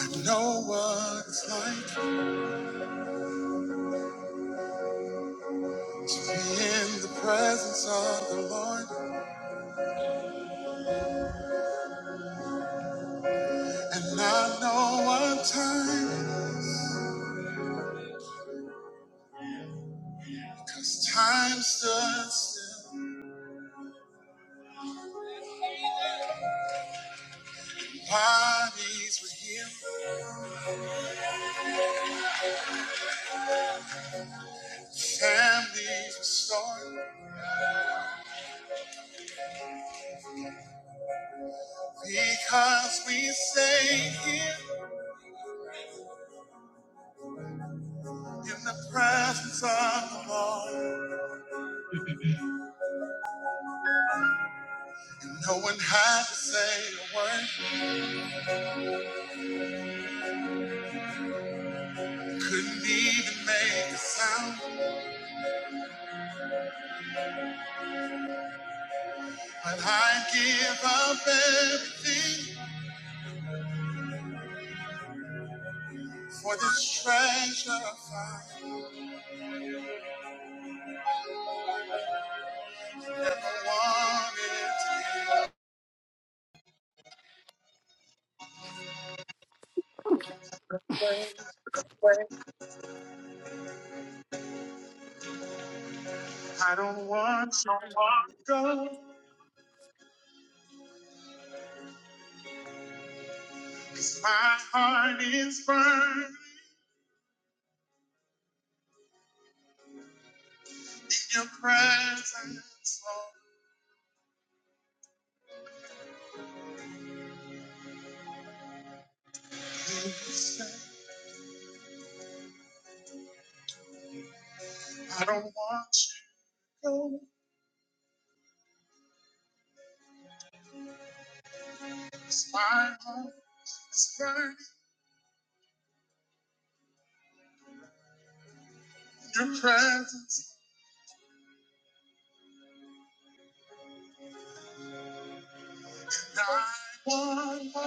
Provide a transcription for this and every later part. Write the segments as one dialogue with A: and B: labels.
A: I know what it's like to be in the presence of the Lord, and I know what time, cause time stood still. Bodies were healed, families restored, because we stayed here in the presence of the Lord. And no one had to say a word, couldn't even make a sound, but I give up everything. For this treasure I never wanted to
B: Where?
A: give. I don't want you to go. 'cause my heart is burning in your presence, Lord. Please stay. I don't want you to go. 'cause my heart is burning in your presence. And I want more.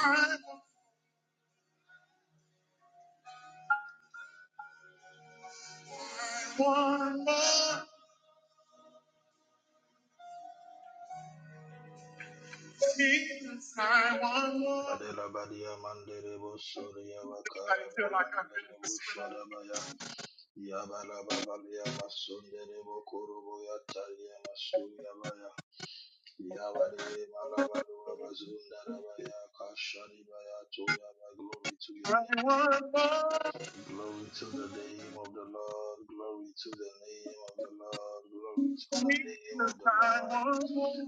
A: I want more. Jesus, I want more.
C: Madela Badia Manderebo Soria
A: Anybody feel
C: Bakarabaya
A: like I've been in
C: Nerebo
A: this room?
C: Shadabaya Yabala Babalia Masunderebo Korobo Yatalia Masuya Baya Yabali Malabalu Abazundarabaya Kashani Baya Toyaba Glory to your
A: I
C: name
A: want more.
C: Glory to the name of the Lord Glory to the name of the Lord Glory to the name of the Lord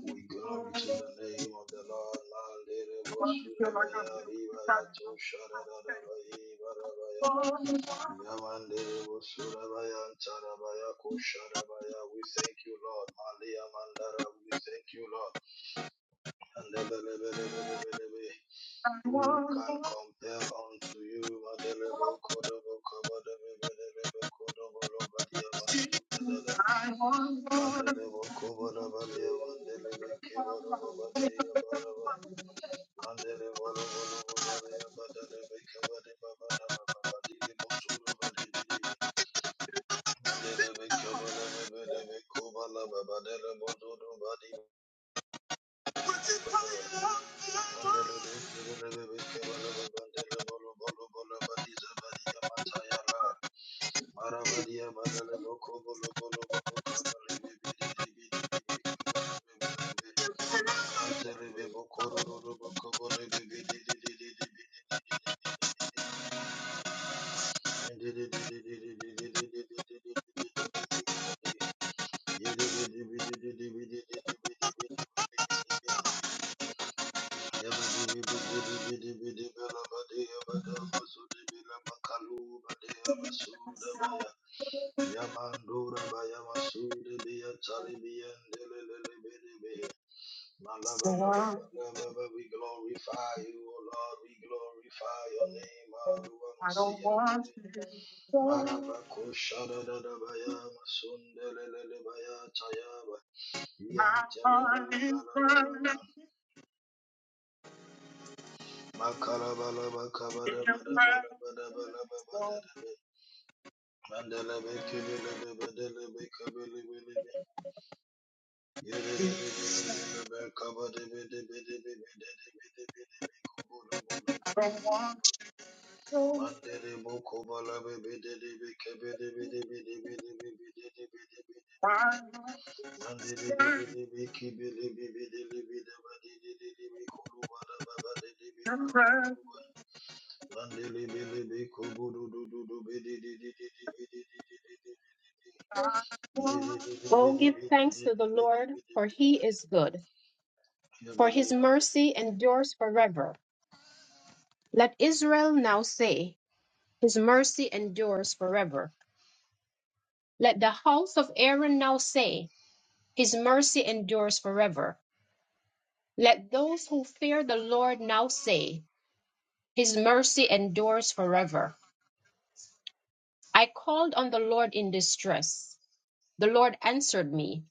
C: we glory to the name of the Lord. Mandere
A: feel like I'm
C: Bosurabaya, Ribaya,
A: feeling
C: Tosharabaya, Barabaya. Yamandere Bosurabaya, Tarabaya, Kosharabaya. We thank you, Lord. Malia Mandara, we thank you, Lord. And the bele who can compel unto you, Madelebo Kodobo Kabadabebelebe Kodobo Lobadia Masudada, Mandelebo Kobadabalia, Mandelebe Kibodobo Badia Baraba, Mandelebo Lobolobo Badia Badalebe Kabadeba Badalaba Badilebo Sudo Badibidibi, Mandelebe Kabalebelebe Kobalaba Badelebo Zodo Badi Mandelebe kebelebe kebalebe bandele bolo bolo bolo badiza badia matayala. Marabadia badale boko bolo bolo boko kabalebe bididi bididi bidi kebalebe belebe. Mantelebe boko rororo boko bolebe bididi bididi bididi bididi bididi bididi badi badi bidi bidi bidi bidi bila bakalu badi yabasuda baya Yabadibidibidibidibelabadiyabadamasudibidabakalubadiyabasudabaya. Yamandurabayamasudibiyatalibiyandilelelebedebe.
A: myself.
C: Malabalabalabalaba, We glorify you, O Lord. We glorify your name. Arua
A: I don't want
C: Masiyande.
A: you.
C: Marabako Shadadabaya Masundelelebaya Tayaba.
A: My
C: Yantelebe
A: heart is
C: gala bala.
A: burning in your presence. Lord. I don't want you.
C: Mandere boko bala bebe de bebe kebe de beke bede bede bede bede bede bede bede bede
A: I want
C: Mandele
A: your presence. Oh, give thanks to the Lord, for he is good, for his mercy endures forever. Let Israel now say, His mercy endures forever. Let the house of Aaron now say, His mercy endures forever. Let those who fear the Lord now say, His mercy endures forever. I called on the Lord in distress. The Lord answered me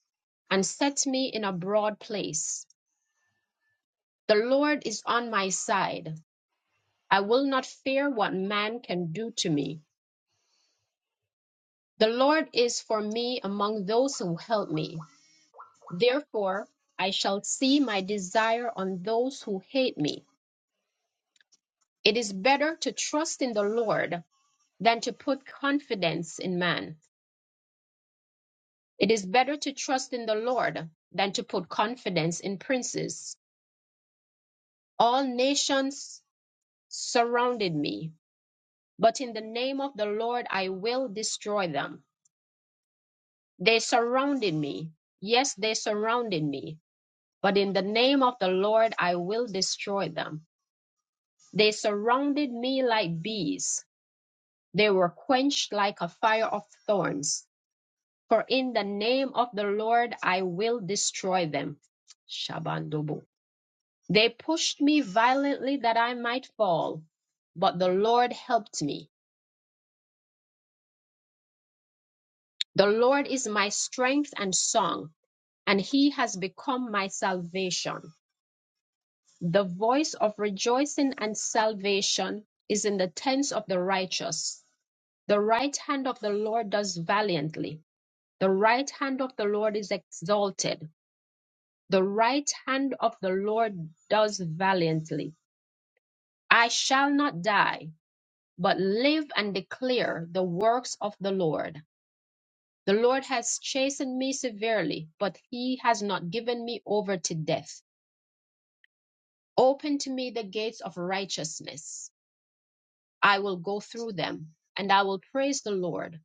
A: and set me in a broad place. The Lord is on my side. I will not fear what man can do to me. The Lord is for me among those who help me. Therefore, I shall see my desire on those who hate me. It is better to trust in the Lord than to put confidence in man. It is better to trust in the Lord than to put confidence in princes. All nations surrounded me, but in the name of the Lord I will destroy them. They surrounded me. Yes, they surrounded me, but in the name of the Lord I will destroy them. They surrounded me like bees. They were quenched like a fire of thorns For in the name of the Lord I will destroy them. Shabandobo. They pushed me violently that I might fall, but the Lord helped me. The Lord is my strength and song, and he has become my salvation. The voice of rejoicing and salvation is in the tents of the righteous. The right hand of the Lord does valiantly. The right hand of the Lord is exalted. The right hand of the Lord does valiantly. I shall not die, but live and declare the works of the Lord. The Lord has chastened me severely, but he has not given me over to death. Open to me the gates of righteousness. I will go through them, and I will praise the Lord.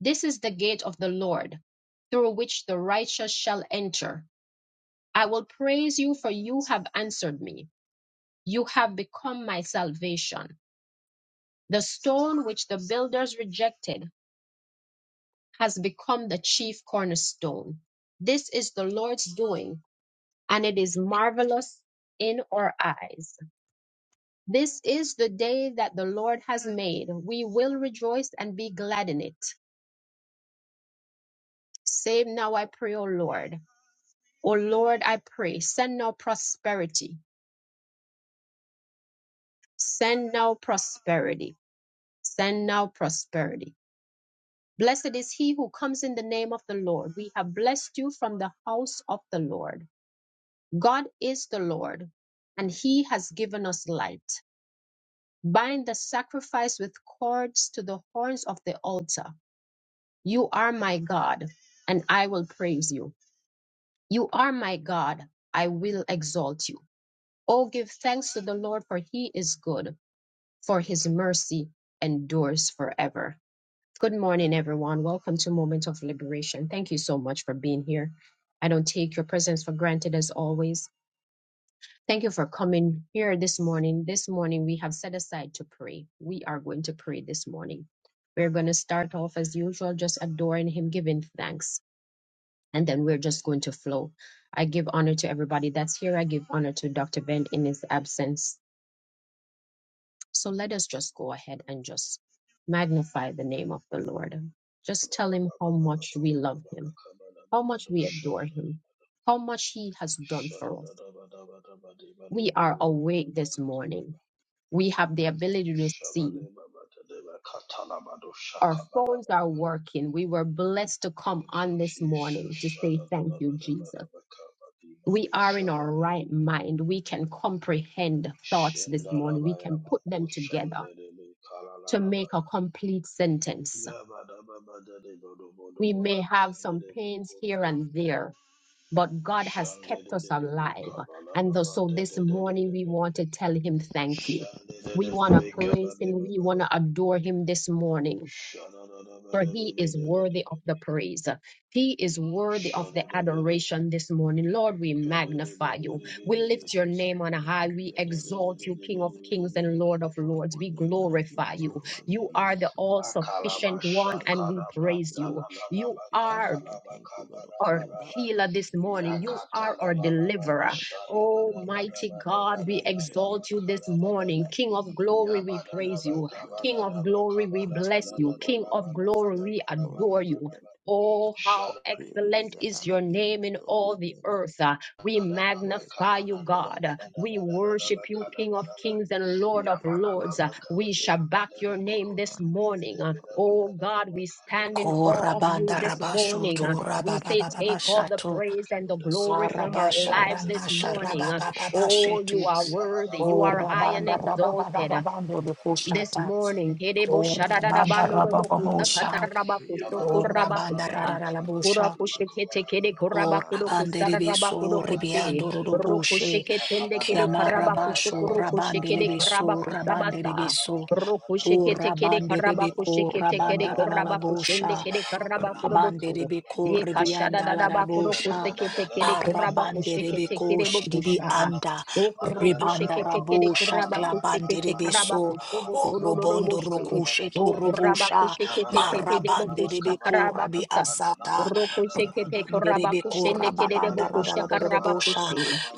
A: This is the gate of the Lord, through which the righteous shall enter. I will praise you, for you have answered me. You have become my salvation. The stone which the builders rejected has become the chief cornerstone. This is the Lord's doing, and it is marvelous in our eyes. This is the day that the Lord has made. We will rejoice and be glad in it. Save now, I pray, O Lord. O Lord, I pray, send now prosperity. Send now prosperity. Send now prosperity Blessed is he who comes in the name of the Lord. We have blessed you from the house of the Lord. God is the Lord, and he has given us light. Bind the sacrifice with cords to the horns of the altar. You are my God, and I will praise you. You are my God, I will exalt you. Oh, give thanks to the Lord, for he is good, for his mercy endures forever. Good morning, everyone. Welcome to Moment of Liberation. Thank you so much for being here. I don't take your presence for granted as always. Thank you for coming here this morning. This morning, we have set aside to pray. We are going to pray this morning. We're going to start off as usual, just adoring Him, giving thanks, and then we're just going to flow. I give honor to everybody that's here. I give honor to Dr. Ben in his absence. So let us just go ahead and just magnify the name of the Lord. Just tell him how much we love him, how much we adore him, how much he has done for us. We are awake this morning. We have the ability to see. Our phones
C: Shabada
A: are working. We were blessed to come
C: Thank you,
A: on this
C: Jesus.
A: morning to say thank you, Jesus. We
C: Shadadadabadabadabakabadimalu
A: are in our
C: shadabaya.
A: right mind. We can comprehend thoughts this morning. We
C: Shindarabaya
A: can put them together
C: makushandedebe
A: to make a
C: kalalalabaya.
A: complete sentence we may have some pains here
C: Yabadababadadebadobadobakatendedebukurubu.
A: and there, but God has kept us
C: Shandedededebe
A: alive. And th- so this morning, we
C: kabalababadededededede.
A: want to tell Him thank you. We want to
C: Shandedededebe
A: praise Him. We want
C: kabadebabada.
A: to adore Him this morning, for He is worthy of
C: Shadadadabadebebedededede.
A: the praise. He is worthy of the
C: Shadadadede.
A: adoration this morning. Lord, we magnify you.
D: And I
A: We
D: thank you,
C: Kededededededede.
D: I
A: lift your
D: bless
A: name
D: your
A: on
D: holy
A: high.
D: name, I
C: la ba kana da da ba da da da ba da da da ba
A: We
D: give you praise,
A: exalt
D: I
A: you,
D: give you
A: King
D: all
A: of
D: the
A: kings
D: honor.
A: and Lord of
D: I
A: lords.
D: take
A: We
D: no none of you
A: glorify
D: into your
A: you.
D: holy name,
A: You
D: be
A: are the all
D: magnified, be
A: sufficient
D: glorified. I
A: one,
D: Thank
A: and
D: you,
A: we praise
D: Jesus.
A: you. You
D: Thank you, King of
A: are
D: King. Thank you, Lord of
A: our
D: Lord.
A: healer this
D: Thank you,
A: morning.
D: my
A: You
D: soon
A: are our
D: coming King. I
A: deliverer.
D: bless your holy name.
A: Almighty God,
D: I
A: we
D: lift your name
A: exalt you
D: up
A: this
D: this morning.
A: morning.
D: I
A: King
D: say
A: of glory, we
D: hallelujah
A: praise
D: be
A: you.
D: to your
A: King
D: name.
A: of glory, we
D: Unto
A: bless
D: you, O
A: you.
D: Lord,
A: King
D: Lord,
A: of
D: you
A: glory,
D: deserve
A: we
D: the glory,
A: adore
D: you
A: you.
D: deserve the
A: Oh, how
D: praise
A: excellent
D: and
A: is
D: honor
A: your
D: be
A: name
D: unto
A: in
D: your holy
A: all the
D: name
A: earth. Uh, We
D: are blessed.
A: magnify
D: You
A: you,
D: are blessed.
A: God.
D: You
A: Uh,
D: are
A: We
D: blessed. You are
A: worship
D: blessed.
A: you,
D: You are
C: kana
A: King
C: ba
A: of
C: la
D: blessed.
C: la
A: kings
D: unto you,
A: and
D: O
A: Lord
D: Lord.
A: of
D: Yes,
C: Yamala
D: Lord,
A: lords.
D: I
A: Uh,
C: baba
D: give you
A: We shall
D: praise. I
A: back
D: give
A: your
D: you all
C: Yamalababakabadebabadadabeko,
D: the
A: name this
D: honor. I say,
A: morning. Uh,
D: well, the
A: Oh, God,
D: other,
A: we
C: dadadabedebedabadadabaka,
A: stand
D: be
A: in awe of you
E: Korabanda
D: magnified,
C: Yabada
D: be
A: this
E: rabasho
A: morning.
E: to
A: Uh,
D: glorified.
A: we
D: Thank
A: say,
D: you,
A: take all the
D: Jesus.
E: rababababashato.
A: praise and the
D: Thank you,
A: glory
D: Lord
A: from
D: of
A: our
E: Sarabasha
D: Lord.
A: lives this
E: ramasha
D: I bless
A: morning. Uh,
D: you. I bless
A: Oh, you
D: you.
E: rababababashetu.
A: are
D: I bless
A: worthy.
D: you.
A: You
D: I
A: are
D: bless
A: high and
D: you.
E: Korabanda
D: I bless
A: exalted
D: you. I
E: rababababando
D: bless you. I,
A: this
E: dukushata.
D: you
A: morning.
D: deserve
A: Kerebo
D: the glory. You
E: Korabanda
D: deserve the
A: shadadadabanododokusa
D: honor.
E: rabababosha.
D: Praise
A: katarabakuso
D: and honor
E: Korabanda
D: be
A: kurabakusa.
D: unto your
E: rararabosha.
D: holy name.
A: Kurakushikete kede
E: Korabande
A: kurabakudokusa
E: ribiso
A: dadabakudokute.
E: ribiando
D: Father,
E: rudoboshe.
D: thank you,
A: Rukushiketende
D: Jesus.
A: kede
D: God bless
A: karabakuso
E: Kiamarabasho
D: you this morning,
E: rabande
A: kurukushikede
D: O God.
E: ribiso
D: We thank you.
E: rabande
A: karabakusabasa.
E: ribiso.
D: I say
A: Rukushikete kede
D: unto
E: Urabande
D: you alone,
E: rebeko
A: karabakushikete
D: unto you
A: kede
E: rabanda
D: alone, unto you
A: kurabakushende
E: rarabosha.
A: kede
D: alone, unto you
E: Rabande
D: alone.
A: karabakudobosu.
E: rebeko
A: Ye
D: I give you
E: rivianda
D: praise
E: la
D: and I give you all
E: rabosha.
D: that
A: kashadadadabakudokusekete kede
D: you
E: Barabande
D: deserve the
A: kurabakushikete
E: rebeko
A: kede
D: glory, you
E: shiribi
A: bokusha.
D: deserve the
E: anda.
D: honor,
A: Rokurabako
D: my
E: Ribanda
A: sekete
D: King and
E: rabosha
D: Savior,
A: karabako
D: my
E: klabande
D: Lord
E: rebeso.
D: and Savior. Mm.
E: Orobondo
D: I bless
E: rokushe to
D: you, I
E: robosha.
D: bless you, I
E: Marabande
D: bless you,
E: rebeko rabi
D: unto you
E: asata.
D: alone, unto you alone.
E: Rabande rebeko
D: Father,
E: rababanda
D: I
E: radala
D: bless you, O
E: dorobosha.
D: God. We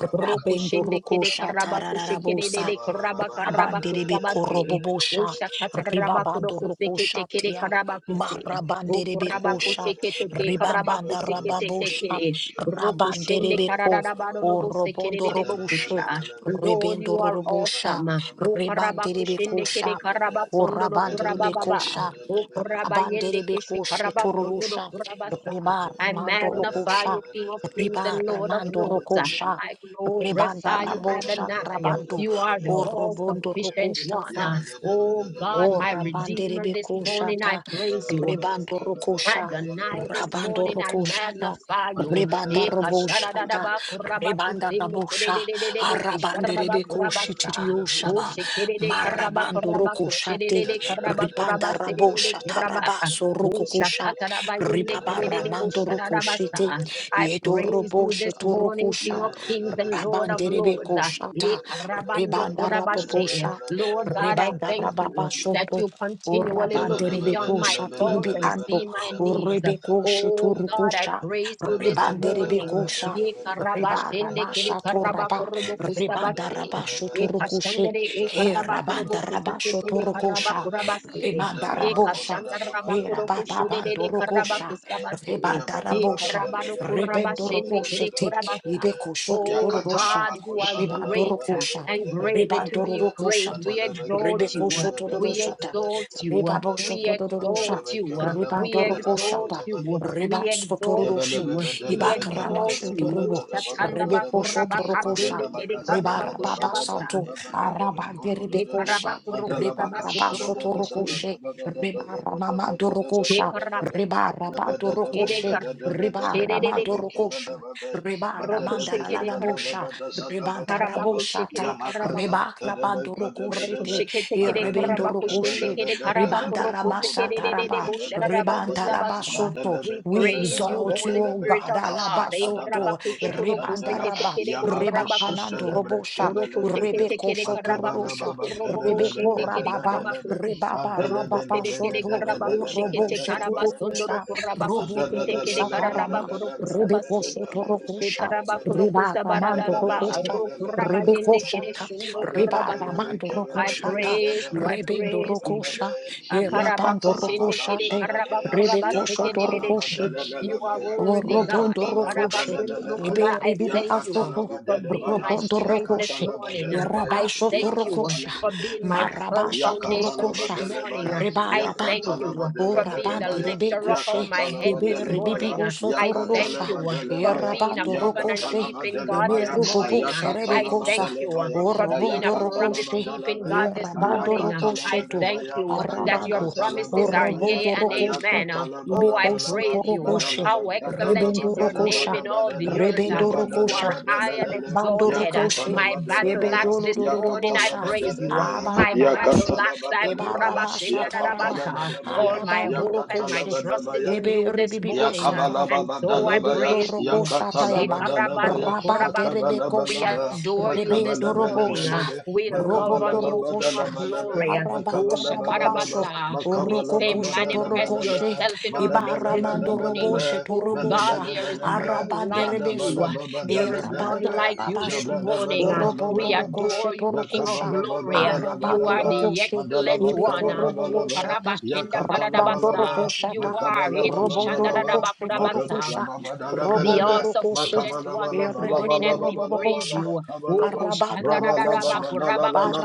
D: and
E: Rabendo rokosha tararabosa.
C: Makabala baba da da da da
E: Rabande
C: da da da da da da da da
E: rebeko robobosha. Ribabando
D: I
E: rokosha
D: thank you, I thank you, I thank you, I
C: da
E: Marabanderebekosha,
D: thank you.
E: Ribambanda
D: I bless
A: sekete
D: you,
E: Rababosha,
D: I
A: tekere.
D: give you
C: da
D: praise.
C: da
A: Rokoshende
E: Rabanderebeko,
D: I
A: karararabaro
C: da
D: thank
A: robo
D: you, I
E: Orobondo
A: sekerere
D: thank
C: Mandala
D: you, I
E: Rokushe,
C: bala
D: thank
A: bokusha.
C: bala
D: you,
C: bala
D: I thank
A: Lord,
C: kabala
E: Rebendo
A: you
D: you.
A: are
C: bala kabala
E: Robosha,
A: awesome.
D: Unto
C: bala
D: you, O
C: bala
A: O
C: bala
D: Lord, yes,
C: kabala
D: O Lord,
C: bala
A: karabakushende
D: unto
A: kere
C: bala
E: Rebanderebekosha,
D: you, O
C: bala.
D: Lord, now
A: karabasondo
C: Bedala
D: is there
A: rokurababa.
C: beke
D: to
E: Korabanderebekosha,
C: bala bala
D: glory
A: O
C: bala
D: and
C: bala
D: another
C: bala
A: kurabayende keshi
C: bala
E: Rabanderebekoshe
C: bala
A: karabasondo
D: praise
C: bala
D: and
E: Torusha,
D: another
C: bala
A: rokurabasa.
D: beauty,
C: bala
D: O
C: bala.
E: Riba
D: Lord,
A: I
D: in
E: Ramando
D: this one.
C: Mandala
A: magnify
C: bala
A: you,
E: Rokosha,
C: bala bala
A: King of
C: bala
A: kings
C: bala
D: afternoon.
E: Riba
A: and
D: I
A: Lord of
C: bala
E: Ramando
D: thank
A: lords.
C: bala
D: you
E: Rokosha,
A: I
C: bala bala.
D: because of
E: ribanda
A: glorify
D: your
C: Ya
A: you,
C: bala
E: Rabosha
D: love
C: bala
D: and
C: bala
A: Adonai.
C: bala
D: grace
E: Rabando,
A: You
D: for
A: are
C: bala
D: me.
A: the
C: bala
D: Yes,
C: bala
E: Orobondo
D: Lord,
C: bala.
D: I
A: all-sufficient
D: was
A: one.
D: not
C: Ya
E: Rokosha,
C: bala bala bala
A: Oh
D: consumed
C: bala
D: in
A: God,
D: my
E: O
C: bala bala
A: my
D: dreams, O
C: bala
E: rabande
D: God.
A: Redeemer,
E: rebe
A: this
C: bala.
A: morning I
E: koshata,
D: I bless
A: praise
C: Bedala
D: you,
A: you.
C: bala bala
D: yes,
E: rebando
D: Lord.
C: kabala bala
E: rokosha,
D: I
C: bala
D: give you
A: Adonai,
C: bala
A: this
D: praise,
C: bala
D: O
E: rabando
A: morning I
D: God. I
C: bala
D: give
C: bala.
E: rokoshata,
D: you all
A: magnify
D: the
A: you.
E: rebanda
D: glory.
A: Eka
D: I give
E: roboshata,
D: you
A: shadadadaba
D: all the
A: kuraba
E: rebanda
D: honor.
A: kusimu
E: rabosha,
A: kididididide
D: I
A: buku
D: thank
E: arabande
A: shadadaba
E: rebe
D: you,
A: kurabasa.
D: your holy
E: koshitiriyoshaba,
D: name.
A: Ushi
D: I
A: kididi
D: magnify
A: karaba
D: your
E: marabando
D: name.
A: kuraba
E: rokoshate,
D: I
A: kushidididi
D: thank you.
A: karaba
D: I
A: kuraba
E: ribanda
D: thank you. I
A: sidididi
D: bless
E: raboshata
D: you.
A: kuraba.
D: I thank
E: rabaso
D: you. I bless
A: Usha
E: rokokosha,
D: you.
A: kakaraba
D: I
A: yende
D: thank
E: ribaba
D: you. I
A: kidididi bu
D: bless
E: ramando
D: you. I bless your
E: rokoshete,
D: holy name. I
A: I
D: say,
E: yedo
D: Lord,
A: praise
D: you
A: you
D: are
E: roboshe
A: this
D: thou.
A: morning, King
E: torokosha,
A: of
D: Worthy,
A: Kings and
D: worthy,
A: Lord of
E: rabande
D: worthy,
E: rebe
A: Lords.
D: worthy. we serve You
E: koshata,
D: deserve
A: Eka rabando
D: it.
E: rebanda
D: Unto you
C: Yeah,
D: alone
A: kurabashe.
D: the
E: rabobosha,
D: presence
A: Lord
D: be
A: God, I
E: Rebanda
A: thank
D: thankful.
E: rababa
D: Unto
A: you
D: you
A: that
E: shoto.
D: alone
A: you
D: I
E: O
D: be
A: continually
C: Yakatala
A: look
E: rabande
A: beyond
D: magnified,
E: rebeko
D: be
A: my
E: shatiri
A: faults
E: bi
A: and
E: anto.
D: glorified,
A: see my
E: O
D: I
A: needs.
E: rebeko
D: magnify, be
A: Oh
E: sheturu
A: God, I
D: glorified.
A: praise you this
D: be
E: Rebande
A: morning.
E: rebeko
D: magnified,
E: sha.
D: be
A: Ye karaba
E: Reba
D: glorified,
E: rama
A: kere
E: shato
D: Lord
A: karaba
E: raba.
D: Jesus, Lord.
E: Rebanda raba
A: kusabase.
D: Come,
A: Ye
E: shoturu kushe.
A: kashandere e
D: take
E: He
D: me,
A: karaba
D: my
E: rabanda
A: korobo
E: raba
A: kusekete
E: shoturu
D: battle,
E: kusha.
D: look upon the
E: Remanda
A: Ye
D: Lord,
E: rabosha.
A: kashandara raba
E: He
D: and the
E: rababa
A: de
D: gift
E: bandoro
D: of the
A: karaba
E: kusha.
D: night,
E: Rebanda
D: and
A: Ye
D: the
E: rabosha.
A: karaba no
D: covenant of the and
E: Rebendoro
D: the
A: kere
E: kushete.
D: Lord.
A: kurabasa.
E: Ibeko shoto
D: Father,
A: Oh
E: rorosha.
A: God,
C: bako
A: you
D: hallelujah,
A: are
C: shada da
D: unto
C: da
D: you,
E: Rebandoro
C: ba
A: great
C: de
D: Lord,
C: be
E: kusha.
C: be
D: my
A: and
C: de le
D: Lord.
C: be
A: greatly
C: ke
A: to
C: be de
A: be praised. We
D: You deserve the
A: exalt
E: Rebeko
D: glory,
A: you.
D: you
E: shotororo
A: We
D: deserve the
E: shata.
D: honor,
A: exalt you.
E: Rebabo
D: praise be
A: We
D: unto your
E: shotororo
D: holy
A: exalt
E: sha.
D: name,
A: you. We
E: Rebandoroko
D: praise be
A: exalt
E: shata.
D: unto your
C: Mandela
A: you.
D: holy
E: Reba
A: We
D: name, Lord.
A: exalt
E: sotororo she.
A: you. We
D: blessed be your
E: Ibakarama
A: exalt
D: holy name,
A: you.
E: shotorobo.
D: blessed be
A: Shatanda
D: your name,
E: Rebeko
A: bakura
E: shotoroko
D: blessed
E: sha.
D: be
A: bakasende
D: your
A: kere
D: name.
E: Reba
A: karaba
E: rababa
A: kushabasa.
E: sato.
D: Blessed be your
E: Araba
D: name. ah.
E: derebeko
D: I
A: Shekaraba
E: sha.
D: thank you,
E: Reba
D: yes,
A: kurokusabasa
E: raba
D: Lord. I
E: shotoroko
A: kurokushu.
D: continue
E: she.
D: to give you
E: Reba
D: praise
E: ramama doroko sha.
A: Shekara
E: Reba raba
D: and
A: kere karaba
E: doroko
A: kere
D: glory.
E: she.
A: kar.
D: Hallelujah.
E: Reba rama
D: Unto
A: Shedede
D: you
E: doroko
D: alone.
E: sha.
D: Thank you, Jesus.
E: Reba
D: Thank you,
A: rokushe
E: ramandara la
D: Lord.
A: kere
E: la
A: kar.
D: Thank
E: bosha.
D: you, Jesus.
E: Reba
D: Thank you,
E: darabo
D: Lord.
A: Karabakushe
E: shata.
A: kere
D: Thank you,
A: karaba
D: King of
E: Reba
D: Kings.
E: rabando
D: Thank you,
A: Roko
D: Savior.
E: rokoshete.
A: shekete
E: E
A: kere
D: You
E: rebendo
A: koraba
D: deserve the
A: koshende
E: rokoshe.
A: kere
D: glory. You
A: karaba
D: deserve
E: Ribanda
D: the
A: koroko
D: honor.
E: rabasa
D: Praise and
A: sekerererere
E: taraba.
D: honor
A: bo
D: be unto
A: shararaba
D: your holy
E: Rebanda
C: Mandela
D: name. Be
A: kosabasa.
E: rabasoto.
D: magnified.
A: We
E: We
A: praise you,
E: exalt you,
A: Holy
E: O
A: Spirit
E: God.
A: of God. E
D: glorified and
A: koraba
E: Alabasoto.
D: thank
A: kosokoro
D: you,
E: Rebanda
D: yes,
A: kosekete
E: raba.
D: you
A: kere bo
D: deserve
E: Reba
A: koraba
D: it, you
E: kanando
A: koshe.
D: deserve it.
E: robosha.
D: uh,
A: Oroko
D: I say
A: shekete
E: Rebeko
D: unto
A: kere
D: you
E: soto
A: karaba
D: alone,
E: rorosha.
D: unto you
A: kosokoro bo
D: alone,
A: bo
D: uh,
E: Rebeko
A: shende
D: that
A: kere
D: is not
E: rababa.
A: karaba
D: being you,
A: kose.
D: is one
E: Rebaba
D: man's
A: Roko
D: bread.
E: rababa
A: sede
D: uh,
A: kere
E: soto.
D: Where will
A: karaba
E: O
D: I have
A: koshekete
D: been,
E: roboshe
D: oh
A: karaba
D: God?
A: sondoro
E: turukusha.
D: I
A: koraba
D: bless
E: Robo
D: you, I
A: kosekete kere
E: robosha
D: bless you, I
A: karaba
E: tarama.
D: bless you,
A: koroko
D: I bless
E: Rebeko
A: sabase.
D: you, I
E: soto
D: bless you, I
E: rokosha.
A: Shekaraba
D: bless you.
A: koroko
E: Reba ramando
A: sabarararaba.
D: Bless your
E: rokosha.
A: Aro
D: holy
A: koraba
D: name. ah.
A: yende
D: I
E: Rebekosha
A: kere
D: bless
A: shundo
D: your holy
E: Riba
A: koraba
D: name. ah.
E: Ramando
D: I
A: I
D: thank
E: Rokoshata,
D: you,
A: praise
D: dear
A: you. I
D: friend.
E: Rebendo
A: praise
D: I
A: you.
E: Rokosha,
D: bless your holy name.
E: Erabando
D: ah. I
A: Akarabakushinde
D: lift you
A: kere
E: Rokoshate,
D: up, O God,
E: Rebeko
A: karabakurabaseke
D: and
E: Shoto
D: say
A: dededeche.
E: Rokoshi,
A: You are
D: hallelujah
C: Yakatalabadalalalabaya,
D: with
A: worthy,
D: your
A: God.
E: Robondo
D: name. ah.
E: rocoshe,
D: Be
C: Yakatalabadalalalabaya,
A: Ekarabasundurukuba.
E: Eberi
A: I
E: ribibi
A: thank
D: magnified,
A: you
E: Afroko,
D: be
A: for being
C: Yakatalabadalabaya,
A: my
E: Robondo
A: strength
D: glorified
A: this
E: Rokoshe,
A: morning.
D: unto you, O
C: Yakatalabadalabaya,
A: I
D: Lord.
E: Rabasho
D: oh
A: thank
D: Yes,
A: you
E: Torokosha,
A: for
D: Lord. ah.
A: being my
C: Yakatalabadalabaya,
A: firm
D: Bless
E: Marabasha
D: you,
A: foundation
E: Torokosha,
A: this
D: bless you,
A: morning.
D: bless
C: Yakatalabadalabaya,
D: you,
A: I
D: bless
A: thank
E: rabando,
D: you. ah.
A: you
E: O
A: for
D: Be
A: being the
E: rabanti de
C: Yakatalabadalabadabaya,
D: magnified,
A: lifter up of
E: bekoshe,
D: be
A: my head
E: ebe
A: this
E: ribibi
D: glorified.
C: Yakatalabadalabaya,
A: morning.
E: oso
A: I thank
E: torodosha,
A: you
D: Hallelujah,
E: e
A: for
D: be
C: Yakatalabadalabaya,
A: being a
D: your
E: rabando
D: name,
A: covenant
D: O
E: rokoshe,
D: God.
A: keeping God
E: eme
A: this
C: Yakatalabadalabaya,
E: rubobo
A: morning.
D: Thank you,
E: sherebe
A: I
E: kosa,
A: thank you
D: Bless
C: Ayakatalabadalabaya,
E: o
D: you,
A: for
D: bless
A: being
E: robondo
A: a promise
E: rocoshe,
A: keeping
E: e
C: Ayakatalabadalabaya,
A: God this
E: rabando
A: morning. Uh, I
E: rokoshe tu,
A: thank
C: Ayakatalabadabaya,
A: you uh, that your
E: arabando,
D: your name, bless your name, O
E: o
A: promises
D: God,
A: are
C: Ayakatalabaya,
A: yea
E: robondo
A: and
D: bless your
E: rocoshe.
A: amen. Uh,
D: name.
C: Ayakatala
A: Oh,
C: bala
A: I
C: bala
D: Mm.
E: Ibekoso
C: ba
A: praise you. Uh,
C: badala
E: torokoshe.
D: Unto
C: ba
A: How
D: you alone,
C: katala
A: excellent
D: and
E: Rebendo
A: is your
D: unto
C: badada
D: you
A: name
E: rokosha.
C: badada
A: in
D: alone,
A: all
D: unto
C: badada
A: the
D: you
A: earth.
C: ya
A: Uh,
D: alone,
E: Rebendo
D: unto
A: You
C: badada
D: you
E: rokosha.
A: are
C: badada
A: high
D: alone.
A: and
C: lele
D: Must
E: Rabando
C: ya
D: be
A: exalted. Uh,
C: katala
E: rokoshe.
A: My
D: worthy
C: badada
D: now,
A: battle
C: baya
A: axe
E: Ebedolo
A: this
D: unto
C: ya
D: you
A: morning, I
C: katala
D: alone.
E: dorobosha.
A: praise
C: badada
A: you. Uh,
C: baya ya Ayakatalabalabalaba, badalabakatalabadadabadabadada,
A: My
C: yabadadabadadalele, yakatalabadalebaya, yakatalabadalebaya,
A: battle
E: Abarababasho.
A: axe, I
C: yakatalabadalebaya,
E: Ebaramasha
D: You
E: taraba.
D: deserve
A: kurabashindadadabasa.
D: the
C: yakatalabadabaya,
A: all
D: glory, you
A: my
D: deserve
E: Arabando
D: the
A: hope and
D: honor,
A: my
E: rokoshe.
D: praise and
A: trust is
D: honor
C: yakatalabadabaya,
A: in
D: be
E: Ebe
A: you
D: unto your
A: this
E: ribibi
D: holy name.
A: morning.
D: Be
A: uh,
E: osatai.
A: And
D: magnified,
A: so
D: be
A: I
C: Yakabalababadalabaya,
E: Rebendo
A: praise
D: glorified,
A: you.
E: rokosha tayama.
C: yakatalabadalabaya,
A: Shikarabando
D: I thank
A: kuraba-
E: Rabande
D: you, King of King.
A: we
E: rebekosha.
D: I
C: makabalabalaba,
D: bless you.
A: adore
D: I
A: you this
E: Rebendo
D: bless you. I
A: morning.
E: robosha.
D: bless
A: uh,
D: you.
C: makabalabalabalaba,
D: I
A: We
D: bless
A: love
E: Robo
D: you.
A: on you,
D: I
A: King
E: dorokosha.
A: of
D: bless your
C: makabalababadalabalaba,
A: Glory.
D: holy
A: uh,
D: name. I
A: Oh,
E: Marabanda
D: give you
C: makabalababalaba,
D: all
E: rababasho.
D: the
A: Shakarabasa.
D: praise.
A: We
D: I
A: say,
E: Orokokosho
D: give you
A: manifest
D: all the
C: makabalababadalabalala,
E: torokoshe,
D: honor.
A: yourself in our midst
D: Give
A: this
D: you
E: ibaramando
D: all the
A: morning.
C: malabalabalabalala,
D: praise.
E: roboshe
D: I
A: Oh God,
D: give
E: torobosha,
D: you
A: there is
D: all the
C: balabalabalaba,
A: none
D: honor.
A: like you.
D: Give
E: arabanderebeso,
A: uh,
D: you
A: There is
D: give you all
A: none
E: erabando
D: the
C: radabalababadalabalaba,
A: like
D: praise.
A: you this
D: Give you
E: rababasho,
D: all the
A: morning. uh,
D: honor, King
E: orobondo
A: We
D: of
C: jabladabalabalaba,
D: King.
E: rokoshe
A: adore you,
D: You
A: King
D: deserve
A: of
D: the
E: torokosha,
D: glory. You
A: Glory. uh,
D: deserve
A: You
E: arabando
D: the
A: are
C: makabalababadalabalaba,
D: honor.
A: the
E: rokoshe,
D: Praise
A: excellent
D: the honor
A: one. uh,
D: be unto
A: Oh,
D: your
C: madalabakabalaba,
D: holy
E: ibekoroboboshata,
D: name. Be
A: Karabashinda
D: magnified
E: rabando
C: yakatalabalaba,
A: Kadadabasa.
D: be
E: rokoshata,
A: You are
D: glorified,
E: robondo
A: Ekushanda
D: be
C: Makabalababadalaba,
E: rokoshe
D: magnified,
E: torokusha,
D: be
A: the
D: glorified,
C: makabalababadalabalaba,
E: robondo
A: all
D: be
E: rokoshe,
A: sufficient one this
D: magnified,
A: morning, and
D: be
A: we praise
E: erebekorobobosha,
C: makabalabalabalabalabalabalabalaba,
D: glorified.
A: you. O
C: kabalaba,
D: Let me
E: arabando
D: be your
E: rokosha,
D: name.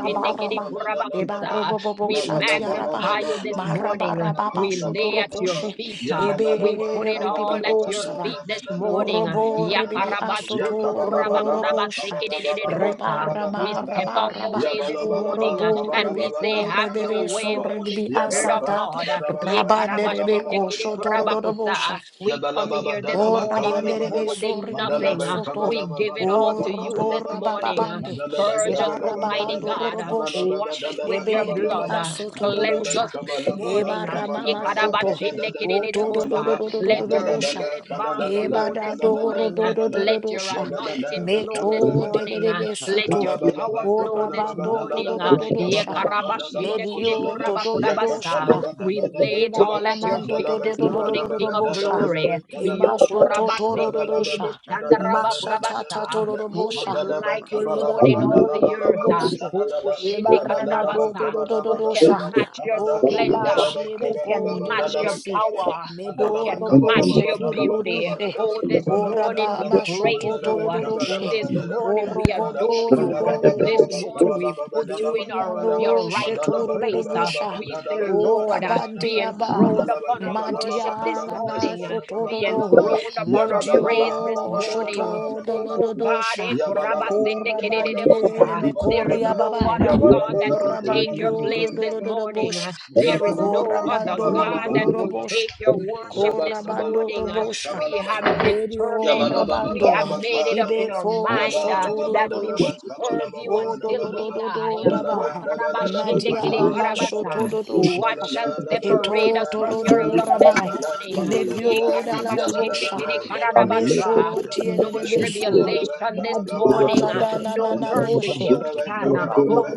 D: Unto you alone, O God,
E: Eba robo
D: unto you
E: bobo
A: We
D: alone,
E: shati araba,
A: magnify you
D: unto
A: this
D: you alone,
A: morning.
D: King of
E: Marabarababa
D: Kings,
A: We
D: you
A: lay
D: deserve
A: at
D: the
A: your
C: labalabalabalalalalalalalalalalala,
E: sotorokoshe.
A: feet.
D: glory.
A: uh,
D: You
A: We
C: yabalalaba,
D: deserve
A: put
E: Ebe
D: the
A: it all
E: ribibi
D: glory, you
A: at your
D: deserve the
E: osaba.
A: feet this
D: honor.
C: kabalababadalabadadaba,
A: morning.
D: Praise
E: Orobo
D: be
C: rabadadada,
E: ribibi
D: unto your holy name, King of Kings.
C: yakabalabalaba,
E: asotorororobosha.
D: Praise be
C: kabalabalaba,
D: unto your holy
A: We
C: kabalabalaba,
D: name.
A: step out the
E: Rebarabaraba.
A: way this
D: Ekapa
C: yabalabalaba,
A: morning uh,
E: Orobo
A: and we
D: amdebeus
C: kabalababada,
A: say,
E: rebeko
A: Have your
E: rebebe
D: yakamanda
A: way,
E: so
C: kabadabadaba,
D: baraba.
A: Holy Spirit
E: ribibi
A: Spirit of
C: Yabba-dabba,
E: asata.
D: Ekapaya
A: God.
C: kabba-dabba-dabba,
D: nana
C: kabba-dabba-dabba,
D: kapaya
E: Rabanerebeko
D: la
C: kabba-dabba-dabba,
D: ambebebe.
E: sotorororobosha.
A: We come
D: Ekama
C: Yabalababa
A: here this
E: O
C: dalaba
D: yama
A: morning
C: kabalaba
E: rabandere
C: laba
D: ekama
E: beso
D: yama
A: withholding
E: ribibia
A: nothing.
C: mandalaba
A: uh,
E: soto.
D: ekama
A: We
C: kabalaba
A: give it
E: O
D: yama.
A: all
C: mandalaba
A: to you
E: robo
D: Ande
A: this
C: kabalaba
D: kiri
C: bada
D: kiri
F: I'm
A: morning. uh,
D: kiri
E: rabababande.
D: yama
C: mandalaba
A: Purge
D: ande
A: us,
E: Eba
D: kiri
C: kabalaba
D: kiri kiri
A: Almighty
E: rababando
C: mandalaba
D: yama
A: God. uh,
D: ande
C: kabalaba
D: kiri
E: roroboshe.
D: kiri
A: Wash
D: kiri
A: us
C: mandalaba
A: with
D: yama.
A: your
E: Ebe
C: kabalaba
A: blood.
C: ba
E: ribia
A: uh,
D: Ekama
E: soto
C: mandalaba
A: Cleanse
E: rorosha.
D: yama
A: us this
C: kabalaba
D: ekama
C: ba
E: Eba
A: morning.
D: yama
A: uh,
E: ramama
C: kabalaba ba
D: ekama
C: da
E: soto.
C: da da
D: kaya
C: da da
E: O toro
D: ande
C: kabalaba
A: Ikarabashindikidididibusha.
D: kama
A: Let your
C: mandala la
D: yama
A: healing
E: rororororobosha.
C: la
D: kama
C: kala la
A: balm
C: la la
E: Eba
A: flow
D: kama
E: da
A: this
C: kala la la
E: doro
D: kama
A: morning. uh,
C: kala la la
A: Let your
E: dorororosha.
D: yata
C: yabalala
A: anointing
C: ba
D: kama
A: flow this
C: kabalaba
E: Meto
C: ba
D: baraba.
C: da
A: morning.
C: da
A: uh,
C: da
E: delelebe
A: Let
E: soto.
D: Father,
A: your
C: malaba
D: take
C: la ba
A: power
E: O
A: flow
D: dominion
A: this
C: kabalaba
D: this
C: ba da
E: rabando
C: da
D: morning,
C: da
D: oh
A: morning.
C: da
A: uh,
C: ba
D: God.
E: dororororosha.
C: kabalaba
D: Have
C: ba
D: your
C: da da
D: way
C: ba
D: this
C: kosha da
E: Medio
D: morning,
C: da
E: do
D: yes,
E: do do
D: Lord.
E: do
D: Uh,
C: yakata
A: Yekarabashindikidikurabakurabasa.
C: la
E: shaba.
C: ba da
D: Have
A: We
C: ba
D: your
C: da
D: way
A: lay it
D: this
C: ba
E: Eba
A: all at
D: morning,
A: your
D: oh
E: clamando
A: feet
C: Mandala
E: do do
C: ben
D: God.
A: this
E: do do
C: kaba
E: do
C: la
A: morning,
D: Have
E: do
C: ben
A: King
C: ben
A: of
D: your
C: da
D: way
C: la
E: do
C: la
D: this
C: la
A: Glory.
C: ben
D: morning,
C: kada
D: yeah.
C: da
E: Keba
C: da ba da.
E: soto
D: Kayata
C: Rada
A: Yokorabasende
D: kamu,
C: la ben
E: tororosha.
C: ben kada da da da
D: andika
C: da
E: Masha
C: da
A: kiribushandarabakurabasa.
D: andika
E: tata
C: da da da.
D: brandas
A: Who is
E: tororosha.
C: Mandala
D: kayata
C: ben
A: like you,
D: banda
C: kaba la
E: Keda
C: ba
A: Lord,
C: ba
A: in
E: da
D: badaba,
C: da
A: all
C: la la
A: the
C: la
A: earth?
C: ben
A: ah?
D: andika
C: kata
E: dororosha.
C: la la
D: yata,
C: la.
E: Eba
A: Okushende
D: andika
C: Rada la
E: rana
C: la
D: yata
C: ben
A: kararabasa.
C: kaba
D: branda
C: la ba
A: Who
C: ba
D: kayata
C: da
E: dororosha.
C: la
A: can
C: ben
D: baba,
A: match your
C: kaba da.
D: ika
A: splendor?
C: Mandala ben
E: Korabashi
D: payaba,
E: ebe
A: Who
C: kaba la ba
A: can
C: ba
D: andere
C: da
A: match
C: la
A: your
C: ben
E: kodelebesi.
C: kaba
D: bostia,
C: da ba.
A: power? Who
C: Mandala ben
A: can
E: Medoro
D: andere
C: kaba la
A: match
C: ba ba
E: boshe
A: your
D: bostia
C: da la ben
D: yata
C: kaba
A: beauty?
C: la
E: tururushe.
D: kayata
C: ba
A: Oh,
C: ben
A: this
C: kaba la
D: kamanda
C: ba da
D: baba,
C: ba
A: morning
E: Koraba
C: da
A: we
C: ba.
E: masho
A: praise
C: Mandala
D: ika
E: toto
A: you.
E: do
C: ben
E: do
A: ah.
C: kaba la ba
E: doshe.
D: payaba,
C: ba
A: This
C: da la
D: kamanda
C: ben
A: morning we
C: kata
D: baba,
C: la
E: korobo totororoshe.
C: la.
A: adore
C: Mandala
A: you.
C: ba
A: ah.
E: Korobodo
C: ba da la
A: This
C: ben
D: Matuluo
E: dododoshe tu.
C: kaba
A: morning
D: was
C: la
A: we
C: ba ba
A: put
C: da la
A: you
D: beginning
A: in
C: ben kaba
A: our,
C: da ba.
A: your
E: Beniano she
D: on
A: rightful
C: Mandala ben
A: place.
C: kaba
A: ah.
C: la ba ba
E: tururubusha.
A: We
C: da la
A: say,
C: ben kaba da
A: Lord,
D: Matuluia
A: uh,
C: ba da
E: Korabande
C: da.
A: be
E: aba.
A: enthroned
D: Marius
C: Madalaba
A: upon our
C: kabalaba
A: worship this
C: badalaba
E: Madialana
A: morning, uh,
C: dazabadaba
A: be
E: shotododo,
C: badalala.
A: enthroned upon our
C: Yabalala,
A: praise this
E: modio
D: have your
C: labalala,
A: morning.
D: way
A: uh,
D: this morning,
A: Oh
C: labalala.
E: shotodododo
A: God,
E: sha,
A: eh,
D: have your way
C: Yabalala,
D: this morning,
C: yabalala,
D: have
E: korabandiele
A: kurabasindikidididibota.
E: me
D: your way
A: there
D: this
A: is
C: yabalala.
E: koria
A: no
D: morning,
E: babae,
D: oh
A: other God that
C: Yabalala,
A: will take
D: God,
A: your
D: have
E: korabandio
D: your
C: yabalala,
A: place this
D: way this
E: dodododo
A: morning.
C: yabalala.
E: bosha,
A: uh, There
D: morning.
A: is
C: Yabalababa,
A: no
D: In
A: other
D: Jesus'
E: korabando
A: God
D: mighty
C: kabalababa,
A: that
E: dododo
A: will
D: name,
E: bosha,
A: take your
C: labalaba.
D: thank
A: worship
D: you,
C: Rabba,
A: this
D: Jesus,
E: korabando
C: kabalaba,
E: do
A: morning. uh,
C: laba,
E: bosha,
D: thank
A: We
D: you,
A: have
C: kabalaba.
D: Lord,
E: medio
A: determined. uh,
D: thank
A: we
D: you,
E: rabando,
A: have made
D: Jesus,
A: it up in
C: Yabalababadalabakadadada.
A: our
E: ibeko
D: thank
A: mind
D: you,
A: uh,
D: Lord,
A: that we
E: shotodododo
A: will serve
D: thank you,
A: you
E: la
D: Jesus,
A: until we
C: Yabalababadalabakabadabadabadaba.
A: die.
D: thank
A: Oh,
D: you, Lord. I
C: Mandalabalabalabalabakata
A: karabashinikidi
D: bless you,
A: karabasa.
C: yabadababa.
D: I
A: What
D: bless
A: shall
D: you,
A: separate
D: I
A: us from
D: bless
A: your
D: you,
A: love this
E: ramai,
D: we
A: morning?
D: will pray.
A: Ye
C: Mandalalalabalalalabalabalabadadadadadadadada.
E: medio da la da
D: Yes, it
E: Bosha,
A: karabashinikidi
D: was
A: karabasa.
E: Mesho
A: No
E: Tiele
C: Yabalalabalakabalalalalakadadadada.
E: de
D: Hallelujah. Be
E: besu,
D: your
E: Kodolododododaba. Madialamasotododosha. Ketotolodoramai. Mediodaladabosha. Meshotieledebesu.
D: name.
A: tribulation this
D: Be
A: morning, uh,
C: Mandalabakabalabadadadadadada.
D: magnified.
A: no
D: Be
E: Madialadanananaboshe.
D: glorified.
A: persecution, uh,
F: Unless
A: oh,
D: How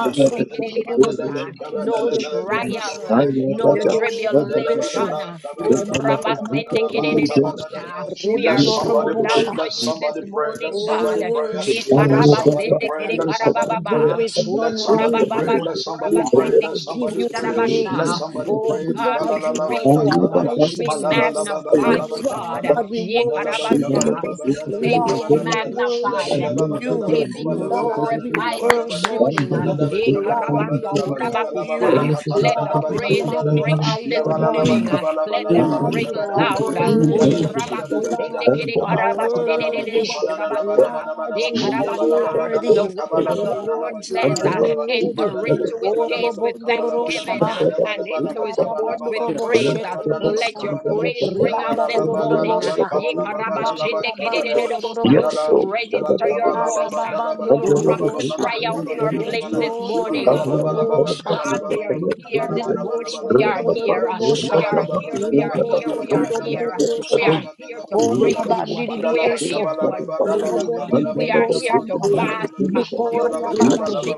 F: I
D: you are.
C: Mandalaba
F: am
D: I
A: no
D: bless
C: kabalala
D: you, O God.
A: trial,
E: Ketododododusha.
C: kabalaba
A: uh, no
C: kabalaba mandalala
E: Yedorebebeshu.
A: tribulation.
C: kabalala kabalala
D: I give you
E: Kemariamatorokosha.
D: all the
C: kabalala.
A: Ukurabasindikidididibusha.
D: praise, O
A: We
C: Let
D: God.
A: are
D: I give
C: somebody
D: you
A: sold
C: pray.
D: all
A: out
D: the
A: for
C: Let
A: you
D: honor.
A: this
C: somebody
D: Praise and
C: pray.
D: honor
C: Let
A: morning,
D: be
E: Oh,
D: unto
E: we
A: God.
C: somebody
D: you,
C: pray.
D: Holy Lord.
E: worship you,
C: And let
E: Almighty
C: somebody pray.
E: God,
C: Let
D: Be
E: for
C: somebody pray.
E: there
A: Yekarabasindikirikarabababa.
D: glorified.
E: is
D: Be
C: Let
E: none
C: somebody
E: like
D: glorified. Be
C: pray.
E: you.
C: Let somebody
D: magnified. Be
C: pray.
E: Lord, I
C: Let
E: give
C: somebody
E: you
D: glorified.
C: pray. Let
E: praise.
D: Unto
A: Ukurabababadukurabasindikidikushadabasa.
D: you, my
C: somebody
D: Lord,
E: For
A: Oh
D: O
C: pray.
A: God,
D: God. I
A: we
E: God,
C: Mandalala
E: you
D: bless
E: are
A: praise
D: you. I
A: you.
E: our
C: kabalala
D: bless you.
A: We
D: I bless
C: malabala
E: righteousness.
D: you. I
A: magnify
D: bless
C: kabalala
A: you,
D: you. I
A: God.
C: kabalala
D: bless
E: God, we
D: you. I bless
C: mandalaba
E: worship
D: you.
A: Yekarabasa.
C: kabalaba
E: you.
D: King
A: We
D: of
A: say,
D: King of
A: Be
E: Lord,
D: King
E: we
C: mandalaba
D: alone. I say,
A: magnified.
E: worship
D: worthy,
A: We
E: you.
A: say,
D: worthy,
A: Be
D: worthy.
C: kabalaba.
E: Lord, we
A: glorified
D: Hallelujah.
A: this
C: Let
E: worship
A: morning.
D: Worthy
E: you.
D: art
A: Eh,
D: thou, O
E: Lord,
D: Lord.
E: we
A: karabando
D: Worthy
E: adore
D: art thou.
E: you.
A: kurabakusa. Let the
E: Lord,
D: Your
E: we
D: holy
A: praises
D: name, King
A: ring
D: of
E: magnify
A: out
D: King.
A: this
D: I
E: your
D: say,
A: morning.
E: name.
A: uh,
D: worthy,
A: Let
D: worthy.
A: them
E: Lord,
A: ring
E: you are
D: Hallelujah.
A: loud. uh, O
F: Thank you.
D: Thank
E: worthy.
D: you, Jesus.
A: kurabakusende
E: Lord,
F: Thank
D: Thank
E: you
A: kere
D: you,
E: are
D: Lord. Thank
E: worthy.
D: you,
A: karabashedededebo
D: Jesus.
A: kurabasa.
E: Lord,
A: Eh,
E: you
D: Thank
E: are
D: you, thank you,
A: karabasa.
D: thank
A: The
E: worthy.
D: you,
A: word
D: thank
A: of the
D: you, O
A: Lord
E: Lord,
D: God.
E: you
A: says,
E: are
D: Thank you.
E: worthy.
A: Enter into
D: Bless
A: his
D: you,
A: gates with
D: bless you,
E: Orobondororo
D: bless
A: thanksgiving
E: shaba.
D: you,
A: uh,
D: bless
A: and
D: you,
A: into
D: bless
A: his
D: you.
A: courts with
E: Ebarabandorobo
A: praise.
D: Once you
A: uh.
D: will
A: Let
E: shetururusha.
A: your
D: learn,
A: praise
D: once
A: ring
D: you
A: out
D: will
A: this
D: learn,
A: morning. uh.
E: Ribandarodorobosha.
D: here the power,
A: Yekarabashindikididididibusa.
D: once
C: Mandala
D: you
E: Maklabandorororoboshi.
D: will
A: Register your
D: steal
A: voice.
D: the
A: uh.
D: power.
A: No rock will
E: Ebarababandorororobosha.
A: cry out in our place this
E: Nedio
A: morning. uh. Oh God, we are
D: Handi kamara
A: here
D: bara
A: this
D: bara,
E: Manano
A: morning.
D: handi
A: We
E: soto
D: kamara
A: are
E: do
D: bara
E: do do
D: bara,
A: here.
E: do
A: uh.
D: handi
E: bosha.
A: We
D: kamara
A: are
D: bara bara,
A: here.
D: handi
A: We are
E: Imeko
D: kamara
A: here.
D: bara
A: We
D: bara.
E: soto
A: are
E: do do do
A: here. uh.
E: do
D: Yatna
E: do
A: We
E: sha.
A: are
D: takaya,
A: here to
D: handi
E: Kora
A: praise
D: kamara bara
A: you. uh.
D: bara,
E: bandiri bi
D: handi
A: We are
D: kamara
A: here
D: bara.
E: eso.
A: to adore
D: Bantu
E: Robo
A: you.
D: kamara
E: diri bi
D: bara,
A: We are
D: yanta
A: here to
D: kamara
E: osamaya.
D: bara.
A: bask uh,
D: Ikamara
E: Mikoria
D: bara bara,
F: you.
E: bande.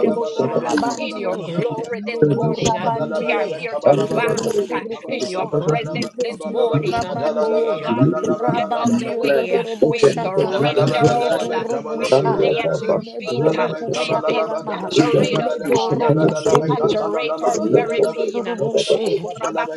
F: Thank
A: in your
E: bandie.
A: glory this morning.
E: Medura
A: uh, We are
E: bandie.
A: here to
D: handi bara bara. Yanta kamara
A: bask
E: Robo
A: uh,
D: bara,
A: in your
E: ndurukusha.
D: yanta
A: presence this
E: Mediora
A: morning.
D: kamara
A: uh,
D: bara, yanta
A: Oh
E: bandie.
A: God, we
F: you.
D: kamara
A: step
D: bara.
A: out the
E: Rabandio do
A: way.
E: do
A: uh,
E: do
A: We
E: boshata.
C: Yabala
A: surrender all. uh, We
E: Medurubusha.
A: lay at your feet. uh, We
E: Medurukushata
A: say,
E: yama.
A: saturate us, God. uh,
E: Medorokoseku.
A: Saturate our very being. uh,
E: Medurubushe,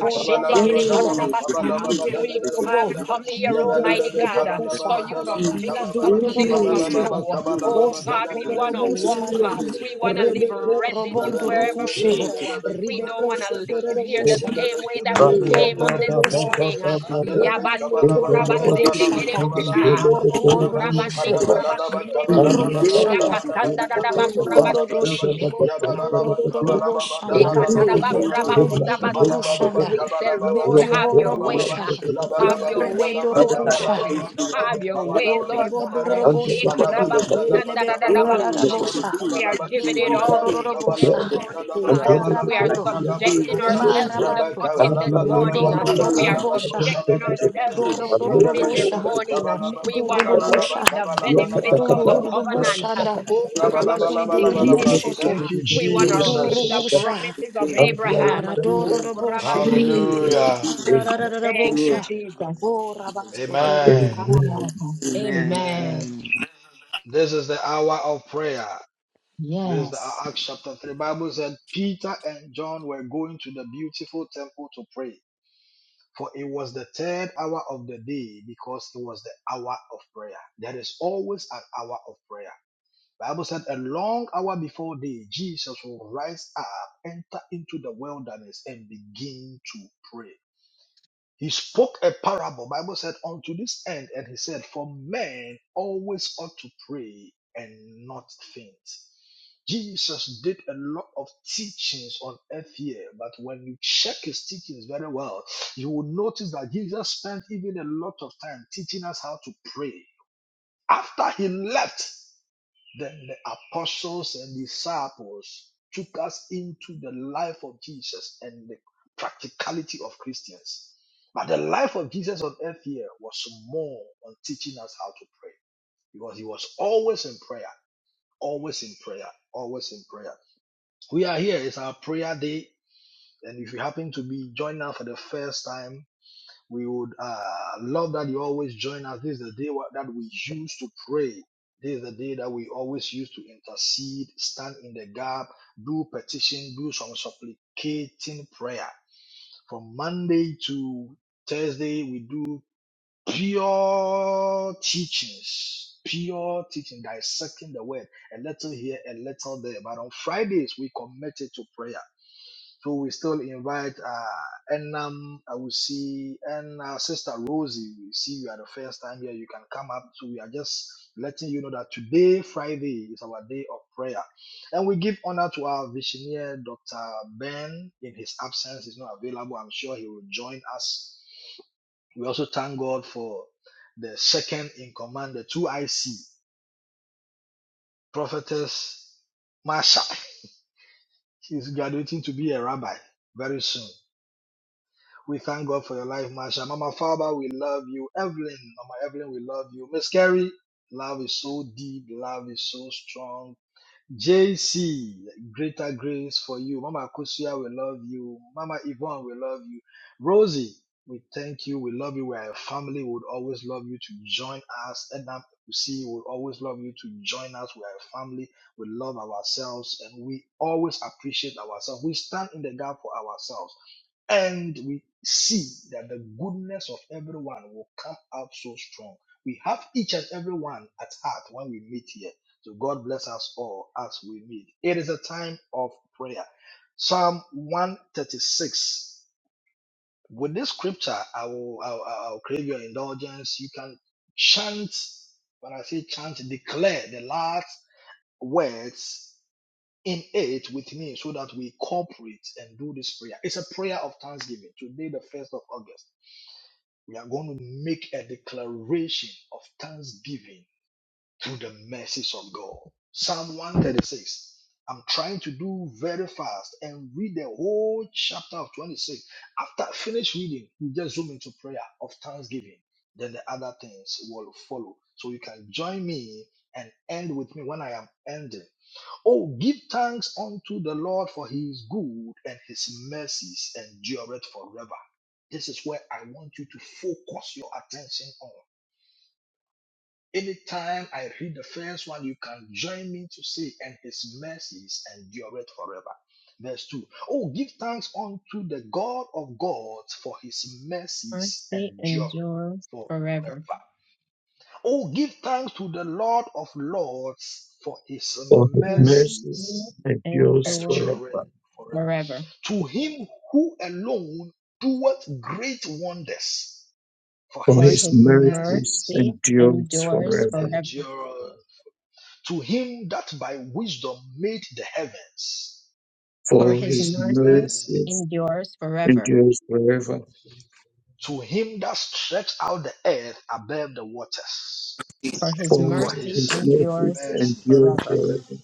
E: Korabanjo,
A: We have
E: Midodobo,
A: come here, Almighty God. uh,
E: Midededebekusha,
A: for you to fill us up to the overflow.
E: Medurubushe,
A: Oh
E: Kosho
A: God, we want to
E: Todorobo
A: walk. uh,
E: Shanda,
A: We
G: Thank
A: want to leave
E: Rebeko
A: residue
E: Robondo
D: Ikan
A: wherever we
E: Rukushe,
A: go. uh, We don't
E: Rebeko
A: want to leave here the
E: Sotorobosha,
A: same way that we came on this
E: Medoroboshata,
A: morning. uh,
C: Mandelebe
E: Kema
A: Yabando
C: kabalaba
A: kurabasende
C: dalalaba
E: Sotodoroboshata,
C: kabalaba
A: kerebusha,
C: kabala,
A: ukurabande
E: Korobondorushe,
C: madabalaba
A: kurabashende bu,
C: kabalaba dalalaba
E: Medorobushata,
D: Andiriya kaya
A: yakasanda dadaba
C: dalalaba
D: kabanda baraba
A: kurabashende
C: kabalaba
E: Kododododoshi,
D: kabanda
A: kerebusa.
D: baraba
C: yabalaba kabala,
D: matondo siya
C: dalalaba
D: kaya nta
C: kabalaba
D: kaya kaba
C: malaba
A: Ekatarabakurabakutsamasa.
C: baba
E: Medudududududushanda.
D: andi
A: We say,
C: kabala,
D: kaya ta
A: Lord,
F: Amen.
C: dalalaba
A: have
D: andi
A: your
D: kaya
F: Amen.
C: kabalaba
D: ta
A: way.
E: Mediorobosha.
D: andi
A: Have
C: labalaba
D: kaya
A: your
D: ta
A: way,
C: dalalaba
A: Lord
D: leta
C: kabalaba
A: God.
E: Berebendorokosha.
D: manda baraba
C: dalalaba
A: Have
D: ya ta
A: your way,
C: kabalaba
D: batanga
A: Lord
D: ya
A: God.
D: ta
C: kabalaba
D: banda
E: Orobodorobosha.
D: baraba
C: malaba
D: ya ta
C: dalalaba
D: bunda
C: kabalaba
D: babu
C: dalalaba
A: Yekarabakusandadadabakusha.
E: Belebekoradadabosha.
D: handi
A: We are
C: kabalaba kabala,
D: kiri
A: giving
D: kiri
A: it
D: kiri ya
A: all to
D: ta
A: you
D: kaba
A: this
D: ya
E: Medorororobosha.
D: ba
C: kabalaba
D: ya
A: morning,
D: ta
C: dalalaba
A: God. We
C: kabalaba
A: are
E: Lebaramando.
D: ni kaba ya
A: subjecting
D: ba
C: dalalaba
A: ourselves to
D: handi
A: the
C: Thank
E: Lebarabando.
D: kiri
A: cutting this morning. We are
E: Medorodorobosha.
A: subjecting ourselves
D: kaba
A: to
D: na
A: the
D: buru buru
A: pruning
D: buru ya
A: this
E: Medorodorobosha.
D: ta ya
A: morning. Uh,
D: ya
A: We
D: ta ya
A: want
D: ya
A: to
D: kaba na
E: Medurubusha.
A: reap the
D: baraba
A: benefits of the covenant. Uh,
E: Medurubushanda.
A: oh,
D: kaba na baraba kaba
G: you.
D: na
E: Medurubusheto.
A: karabashendekedededebusha.
C: you,
A: We
D: baraba
A: want
G: Amen.
A: to reap the
C: Jesus.
E: Medurubusha.
A: promises of Abraham.
E: Yara
A: Uh,
E: doro
A: oh,
E: do boshe.
C: Hallelujah.
A: karabasekededebusha. Thank you,
E: Irararararabosha.
A: Jesus.
E: Ko rabasho toro
C: Amen.
E: boshata.
D: Amen.
A: Karababa.
C: Amen.
A: Amen.
G: Mm.
C: This is the hour of prayer. This is the
A: Yes.
C: Acts chapter 3. Bible said Peter and John were going to the beautiful temple to pray. For it was the third hour of the day because it was the hour of prayer. There is always an hour of prayer. Bible said a long hour before day, Jesus will rise up, enter into the wilderness and begin to pray. He spoke a parable. Bible said unto this end, and he said, For men always ought to pray and not faint. Jesus did a lot of teachings on earth here, but when you check his teachings very well, you will notice that Jesus spent even a lot of time teaching us how to pray. After he left, then the apostles and disciples took us into the life of Jesus and the practicality of Christians. But the life of Jesus on earth here was more on teaching us how to pray because he was always in prayer, always in prayer, always in prayer. We are here, it's our prayer day. And if you happen to be joining us for the first time, we would uh, love that you always join us. This is the day wha- that we use to pray. This is the day that we always use to intercede, stand in the gap, do petition, do some supplicating prayer. From Monday to Thursday, we do pure teachings, pure teaching, dissecting the word, a little here, a little there. But on Fridays, we commit it to prayer. So we still invite uh, Enam, I will see, and uh, Sister Rosie, we see you are the first time here. You can come up. So we are just letting you know that today, Friday, is our day of prayer. And we give honor to our visionary, Dr. Ben. In his absence, he's not available. I'm sure he will join us. We also thank God for the second in command, the 2IC, Prophetess Marsha. She's graduating to be a rabbi very soon. We thank God for your life, Masha. Mama Father, we love you. Evelyn, Mama Evelyn, we love you. Miss Carrie, love is so deep, love is so strong. JC, greater grace for you. Mama Kusia, we love you. Mama Yvonne, we love you. Rosie, we thank you. We love you. We are a family. We would always love you to join us. Edna, you see, we would always love you to join us. We are a family. We love ourselves and we always appreciate ourselves. We stand in the gap for ourselves and we see that the goodness of everyone will come out so strong. We have each and every one at heart when we meet here. So God bless us all as we meet. It is a time of prayer. Psalm 136. With this scripture, I will, I will, I will crave your indulgence. You can chant, when I say chant, declare the last words in it with me so that we cooperate and do this prayer. It's a prayer of thanksgiving. Today, the 1st of August, we are going to make a declaration of thanksgiving through the mercies of God. Psalm 136. I'm trying to do very fast and read the whole chapter of 26. After I finish reading, we just zoom into prayer of thanksgiving. Then the other things will follow. So you can join me and end with me when I am ending Oh, give thanks unto the Lord for he is good and his mercies endureth forever. This is where I want you to focus your attention on. Anytime I read the first one, you can join me to say, and his mercies endureth forever. Verse 2. Oh, give thanks unto the God of gods for his mercies
A: Mercy
C: endureth
A: endures forever.
C: forever. Oh, give thanks to the Lord of lords for his
F: For his mercy
A: Mercy
C: mercies
F: endures
A: endures
F: forever.
C: endureth forever.
A: forever.
C: To him who alone doeth great wonders, for
F: For
A: For
C: his
F: his
A: his
F: mercies
C: mercies
A: mercy
F: endures
A: endures
F: forever.
A: forever.
C: endure. To him that by wisdom made the heavens, for
A: for
F: For
A: his
F: his
C: his
A: mercy
C: mercy.
F: mercies
A: endures forever.
F: endures forever.
C: To him that stretched out the earth above the waters,
A: For his
F: For
C: for
A: mercy
F: his
C: his
F: mercies
A: endures
C: mercy.
F: endures
A: forever.
F: forever.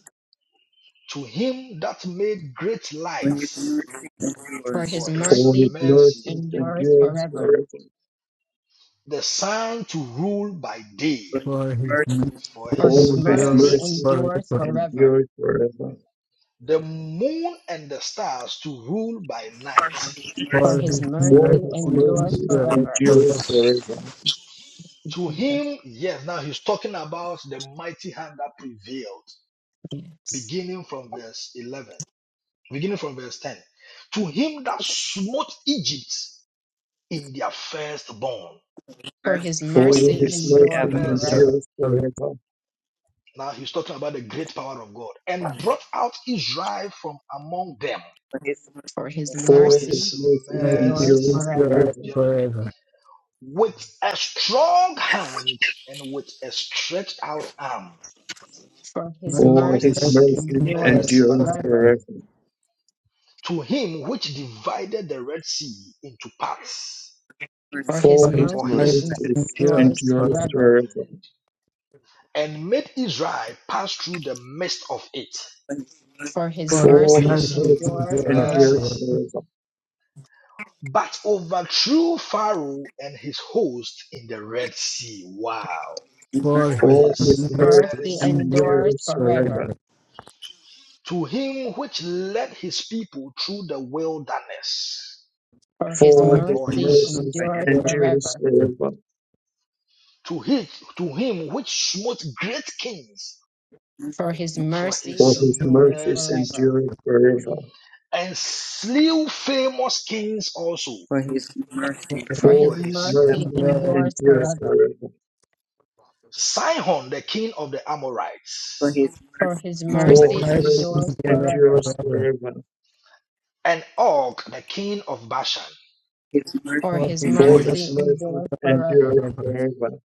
C: To him that made great
G: When his mercy
C: lights,
A: For
G: endures,
A: his
C: for his
F: For his
A: mercy
C: mercy.
F: mercies
A: endures
F: endures
A: forever.
F: forever.
C: The sun to rule by day
G: when his
H: for his
G: mercy endures,
H: mercy
C: for
A: For
F: For
A: his
C: his
G: when
F: his
G: his
H: endureth
A: mercy
F: mercy
C: mercies,
A: endures
H: forever.
A: forever.
F: endures forever.
C: the moon and the stars to rule by night.
A: For
G: mercy
H: For
A: his
H: his
F: For
A: mercy
H: mercy
F: his
C: For
A: endures
F: mercies
H: endureth
A: forever.
F: endures
H: forever,
F: forever.
A: Thank
C: to
A: you, Jesus,
C: him, yes, now he's talking about the mighty hand that prevailed,
A: yes.
C: beginning from verse 11, beginning from verse 10. To him that smote Egypt in their firstborn
A: For
G: endures
A: his
C: for
F: For
A: mercy
G: forever,
F: his
C: his
A: endures
F: mercies
C: mercy.
H: endureth
A: forever.
F: endures
H: forever.
F: forever.
C: Now he's talking about the great power of God and brought out Israel from among them
G: when his
A: For
G: mercy
A: his
C: for
F: For
G: endures
F: his
C: his
A: mercy
F: mercies
H: Mercy
A: endures
F: endures
C: mercies
A: forever.
H: endureth
F: forever.
C: and
H: forever.
C: with a strong hand and with a stretched out arm
A: For his
H: Mercy,
C: for
F: For his
C: his
A: mercy
H: mercy
F: mercies
H: endureth
A: endures
C: mercy
F: endures
A: forever.
H: forever.
F: forever.
C: to him which divided the Red Sea into parts
G: forever, when his mercy endures
A: For his
H: For
F: For
H: his
F: his
G: forever,
C: for
A: mercy
H: mercy
C: his
F: mercies
H: endureth
A: endures
F: endure
H: forever.
A: forever
F: forever.
C: mercy and made Israel pass through the midst of it
A: for his
H: For his
C: for
F: For
A: mercy
F: his
C: his
H: mercy
F: mercies
A: endures
H: endureth
F: endure
A: forever.
H: forever.
C: mercies,
F: forever.
C: but overthrew Pharaoh and his host in the Red Sea. Wow,
H: For
C: for
H: his
F: For
A: For
C: his
A: his
F: his
H: mercy
A: mercy
F: mercies
C: mercy.
H: endureth
F: endure
A: endures
H: forever. For his mercy endureth
A: forever.
F: forever.
H: forever.
C: to him which led his people through the wilderness
A: For his
H: For
F: For
H: his mercy endureth forever. For his
F: his
C: for
H: mercy
A: mercy
C: his
F: mercies
C: um,
A: endures
F: endure
A: forever.
F: forever.
C: to his, to him which smote great kings
A: For his
C: for
A: mercy
F: For
C: his
F: his
C: um,
A: endures
F: mercies
C: mercies
A: forever.
F: endure forever.
C: and slew famous kings also
G: for his mercy
A: For
F: For
A: his
C: for
G: endures
F: his
C: his
G: forever,
C: um,
A: mercy
F: mercies
C: mercy.
A: endures
F: endure
A: forever.
F: forever.
C: Sihon the king of the
G: for his mercy endures forever, for
C: Amorites
G: his
A: For
G: mercy
A: his
F: For
G: endures,
C: for
A: mercy
F: his
C: his um,
F: mercies
A: endures
H: endureth
F: endure
A: forever.
H: forever.
F: forever.
C: and Og the king of Bashan
G: his
A: For
H: For his
G: mercy
A: his
F: For
C: for
H: mercy
G: endures,
F: his
C: his
A: mercy
C: um,
F: mercies
A: endures
H: His
A: forever.
F: endure forever.